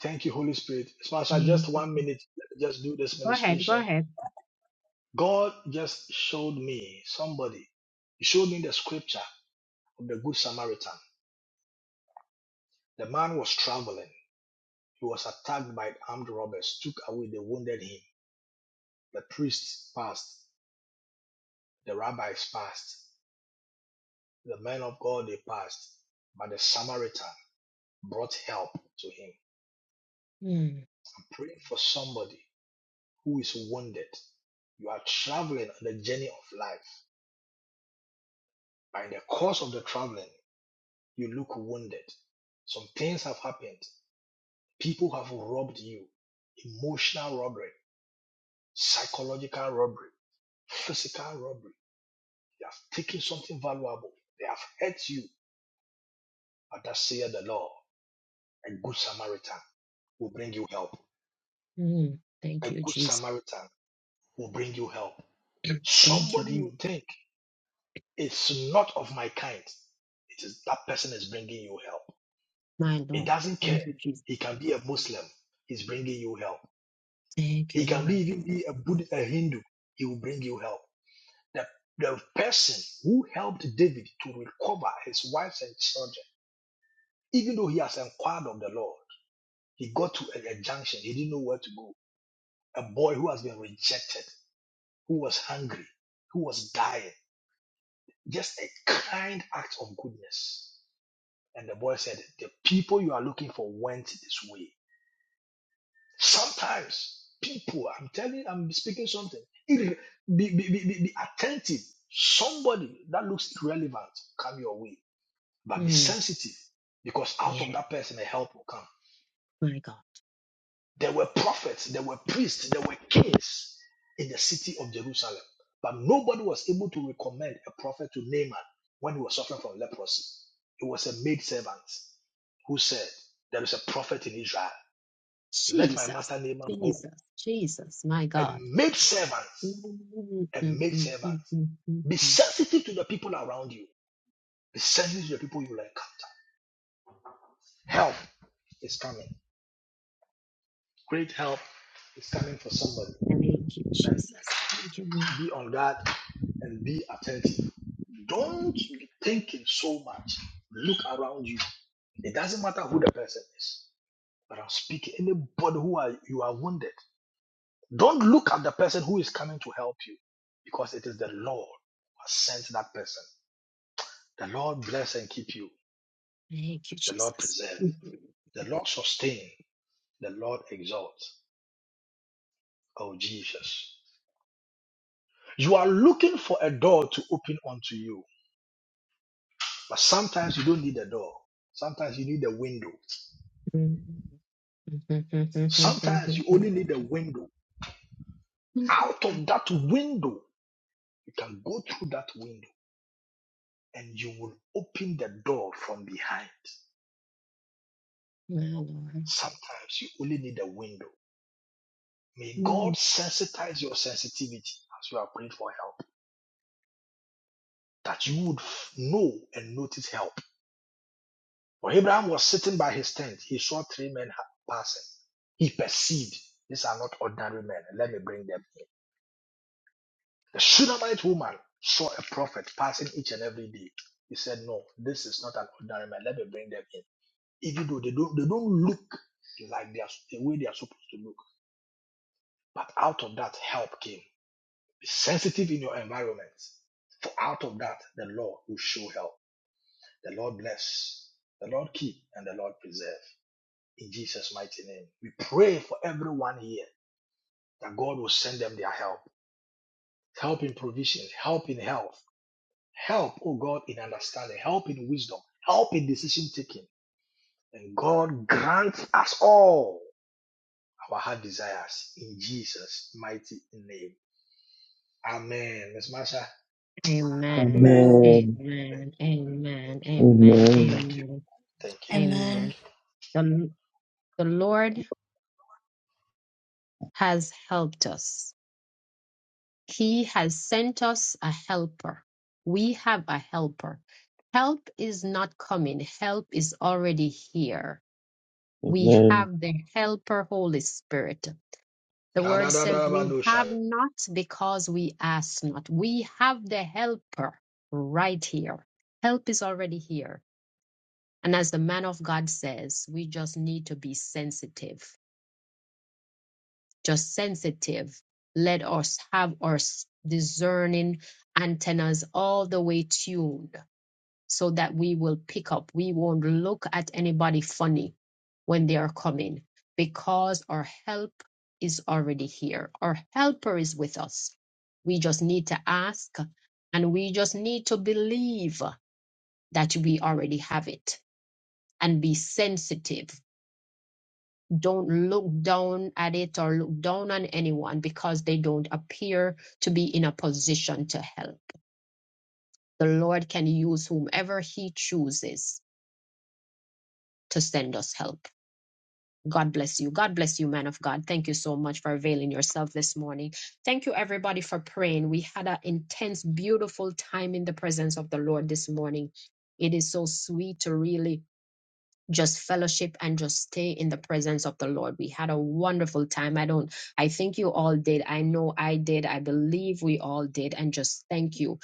C: Thank you, Holy Spirit. Sponsor,
A: Thank
C: just one
A: you.
C: minute, just do this
A: Go ahead. Go
C: ministration.
A: ahead.
C: God just showed me somebody. He showed me the scripture of the Good Samaritan. The man was traveling. He was attacked by armed robbers, took away, they wounded him. The priests passed, the rabbis passed, the men of God they passed, but the Samaritan brought help to him.
A: Mm,
C: Pray for somebody who is wounded. You are traveling on the journey of life. By the course of the traveling, you look wounded. Some things have happened. People have robbed you. Emotional robbery, psychological robbery, physical robbery. They have taken something valuable. They have hurt you. But that saith the Lord. A good Samaritan will bring you help.
A: mm. Thank
C: A
A: you,
C: good
A: Jesus.
C: Samaritan will bring you help.
A: Thank you,
C: Somebody
A: Lord.
C: you think It's not of my kind. It is that person is bringing you help.
A: My
C: It
A: Lord.
C: doesn't care.
A: Thank you, Jesus.
C: He can be a Muslim. He's bringing you help.
A: Thank
C: He
A: you,
C: can be
A: Lord.
C: even be a Buddhist, a Hindu. He will bring you help. The, the person who helped David to recover his wives and children, even though he has inquired of the Lord, he got to a, a junction. He didn't know where to go. A boy who has been rejected, who was hungry, who was dying. Just a kind act of goodness. And the boy said, The people you are looking for went this way. Sometimes people, I'm telling, I'm speaking something. Irre- Be, be, be, be be attentive. Somebody that looks irrelevant come your way, but be
A: Mm,
C: sensitive because out of
A: yeah,
C: that person, a help will come.
A: my God.
C: There were prophets, there were priests, there were kings in the city of Jerusalem, but nobody was able to recommend a prophet to Naaman when he was suffering from leprosy. It was a maidservant who said, There is a prophet in Israel. Let my master
A: Jesus,
C: Naaman go
A: Jesus, Jesus, my
C: and
A: God.
C: make
A: Mm,
C: servants
A: mm,
C: and
A: mm,
C: make
A: mm,
C: servants.
A: mm, mm,
C: Be
A: mm.
C: sensitive to the people around you. Be sensitive to the people you will encounter. Help is coming. Great help is coming for somebody.
A: Thank you, Jesus. Thank you, Lord.
C: Be on guard and be attentive. Don't be thinking so much. Look around you. It doesn't matter who the person is, but I'm speaking anybody who are, you are wounded. Don't look at the person who is coming to help you because it is the Lord who has sent that person. The Lord bless and keep you.
A: Thank you,
C: The Lord
A: Jesus.
C: preserve.
A: Mhm.
C: The Lord sustain. The Lord exalt. Oh, Jesus. You are looking for a door to open unto you, but sometimes you don't need a door. Sometimes you need a window.
A: Mm. mm, mm, mm, mm, mm,
C: Sometimes
A: mm,
C: you
A: mm,
C: only need a window.
A: mm.
C: Out of that window, you can go through that window and you will open the door from behind.
A: My Lord.
C: Sometimes you only need a window May
A: Mm.
C: God sensitize your sensitivity as you are praying for help, that you would know and notice help. When Abraham was sitting by his tent, he saw three men passing. He perceived these are not ordinary men. Let me bring them in. The Shunammite woman saw a prophet passing each and every day. He said, No, this is not an ordinary man. Let me bring them in. Even though they don't, they don't look like they are, the way they are supposed to look. But out of that, help came. Be sensitive in your environment. For out of that, the Lord will show help. The Lord bless. The Lord keep and the Lord preserve. In Jesus' mighty name. We pray for everyone here that God will send them their help. Help in provision, help in health, help, oh God, in understanding, help in wisdom, help in decision taking. And God grant us all our heart desires in Jesus' mighty name. Amen. Miss Masha, I'm
A: Amen.
C: very
J: Amen.
F: Amen.
A: Amen. Amen. Amen.
F: Amen.
A: Amen.
E: Amen.
A: Amen. The, the Lord has helped us. He has sent us a helper. We have a helper. Help is not coming. Help is already here. We
F: Amen.
A: have the helper, Holy Spirit. The word says we have not because we ask not. We have the helper right here. Help is already here And as the man of God says, we just need to be sensitive, just sensitive. Let us have our discerning antennas all the way tuned so that we will pick up. We won't look at anybody funny when they are coming because our help is already here. Our helper is with us. We just need to ask and we just need to believe that we already have it and be sensitive don't look down at it or look down on anyone because they don't appear to be in a position to help. The Lord can use whomever He chooses to send us help. God bless you. God bless you, man of God. Thank you so much for availing yourself this morning. Thank you, everybody, for praying. We had an intense, beautiful time in the presence of the Lord this morning. It is so sweet to really just fellowship and just stay in the presence of the Lord. We had a wonderful time. I don't, I think you all did. I know I did. I believe we all did. And just thank you.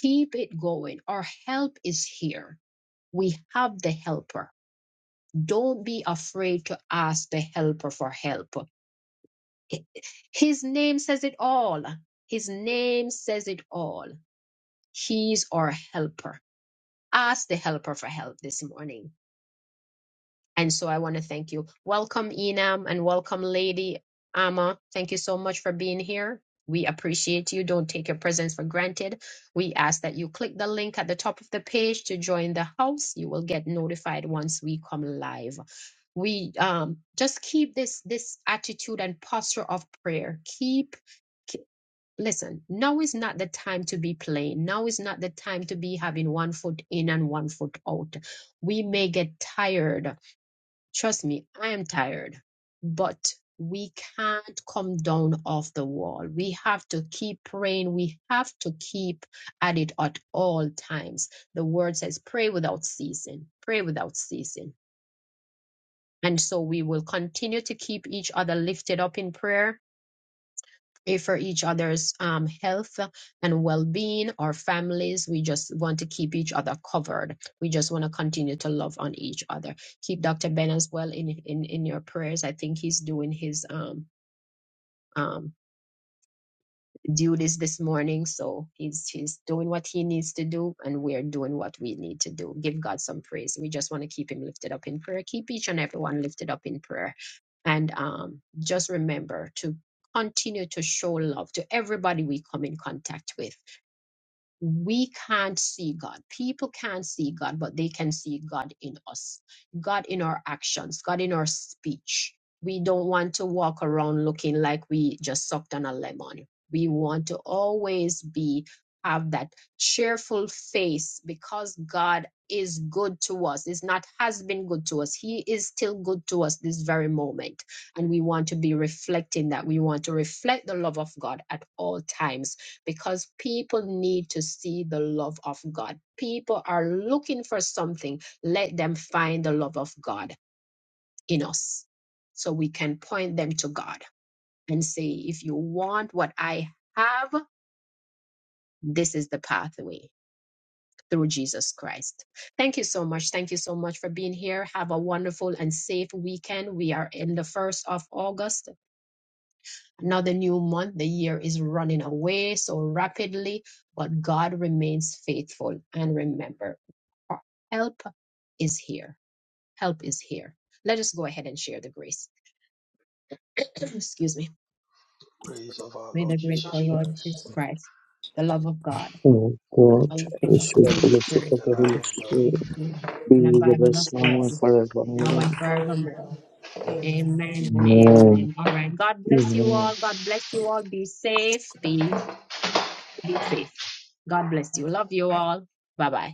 A: Keep it going. Our help is here. We have the helper. Don't be afraid to ask the helper for help. His name says it all. His name says it all. He's our helper. Ask the helper for help this morning And so I want to thank you. Welcome, Enam, and welcome, Lady Amma. Thank you so much for being here. We appreciate you. Don't take your presence for granted. We ask that you click the link at the top of the page to join the house. You will get notified once we come live. We um, just keep this this attitude and posture of prayer. Keep ke- listen. Now is not the time to be playing. Now is not the time to be having one foot in and one foot out. We may get tired Trust me, I am tired, but we can't come down off the wall. We have to keep praying. We have to keep at it at all times. The word says, pray without ceasing, pray without ceasing. And so we will continue to keep each other lifted up in prayer eh, for each other's um, health and well-being our families we just want to keep each other covered we just want to continue to love on each other keep dr ben as well in in in your prayers i think he's doing his um um duties this this morning. So he's he's doing what he needs to do, and we're doing what we need to do. Give God some praise. We just want to keep him lifted up in prayer. Keep each and everyone lifted up in prayer, and um, just remember to continue to show love to everybody we come in contact with we can't see God. People can't see God, but they can see God in us, God in our actions, God in our speech. We don't want to walk around looking like we just sucked on a lemon. We want to always be have that cheerful face because God is good to us. It's not has been good to us. He is still good to us this very moment. And we want to be reflecting that. We want to reflect the love of God at all times because people need to see the love of God. People are looking for something. Let them find the love of God in us so we can point them to God and say, if you want what I have, this is the pathway through Jesus Christ. Thank you so much. Thank you so much for being here. Have a wonderful and safe weekend. We are in the 1st of August Another new month, the year is running away so rapidly, but God remains faithful. And remember, help is here. Help is here. Let us go ahead and share the grace. Excuse me.
C: praise of our
A: May
C: Lord
A: the grace of
C: Jesus
A: our Lord
C: Christ.
A: Jesus Christ, the love of God,
F: Oh
A: the
F: God,
A: fellowship of the
F: worship
A: Holy
F: full of
A: Spirit,
F: the
C: the love
F: Holy
C: of God.
F: Spirit,
A: be with you
F: be
A: and
F: with
A: abide with
F: us
A: us
F: now
A: all,
F: and
A: now
F: forevermore.
A: and forevermore. Amen and
F: Amen.
A: amen. All right. God bless you
F: Amen.
A: all. God bless you all. Be safe. Be Be safe. God bless you. Love you all. Bye bye.